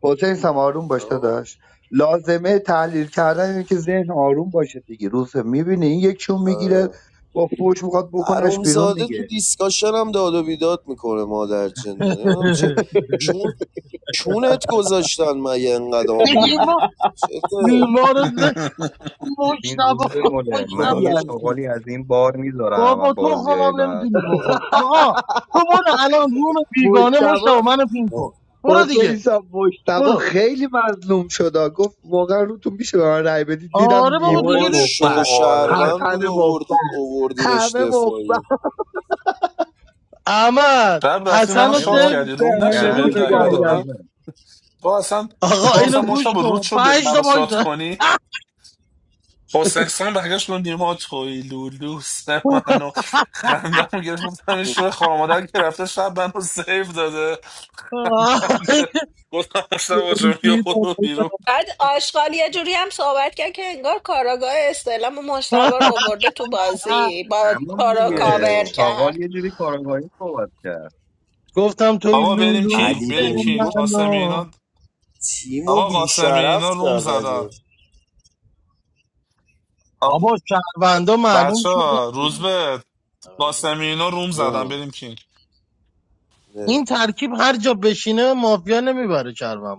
حسین سم آروم باش آه، داداش لازمه تحلیل کردن اینه که ذهن آروم باشه دیگه روز میبینی این یکیون میگیره آره. با فوش میخواد بکنش بیرون حرومزاده تو دیگه دیسکاشن هم داد و بیداد میکنه مادر جنده نمیدونم چه *laughs* چون چونت گذاشتن مگه انقدر این آمبولی ما چته ما رو ز- ببین مشنبا روز به مله مشنبا من یه چغالی از این بار میذارم و بابا تخمم بازیایی هم بعد نمیتونی بخوری آقا *laughs* تو برو الان روم بیگانه مجتبا مشتبا منو پین کن برو حسین دیگه صاحب مجتبا برو خیلی مظلوم شد گفت واقعا روتون میشه به من رأی بدید دیدم آره بابا نیمای دیگه بابا ری- *laughs* شو مفبر آره شهروند حسن بود اووردی مفبر اووردینش همه مفبر دفاعی احمد شب رفتی منو حسن رو همه شاد ما سیف کردی روم نشه دهنتون گوش بهت رو دهنشون رای رو کن گاییدم. گاهی بدم تو اصلا آقا تو اصلا اینو گوش مشتبه رود کن شد بری پنج تا منو شاد مایک کنی حسین سان برگشت گفت نیما توی لولوس منو خندم گرفت گفتم این شوی خارمادر که رفته شب منو سیف داده گفتم مشتبه جون بیا ترکید برو بیرون بعد آشغال یه جوری هم صحبت کرد که انگار کاراگاه استعلام مشتبه رو آورده تو بازی با همون تو رو دیگه کاور نه چاغال کرد یه جوری کارگاهی صحبت کرد گفتم توی آقا بریم لولو کینگ علی سه بریم کینگ بنتو قاسمی معنا اینا تیمو و آقا قاسمی بیشرفت اینا روم کرد زدن اگه آ... بابا شهروندا معلوم بچه شدن ها روز دیگه به شهروندا. قاسمی اینا روم زدن جان بریم کینگ نه. این ترکیب هر جا بشینه مافیا نمیبره شهروند.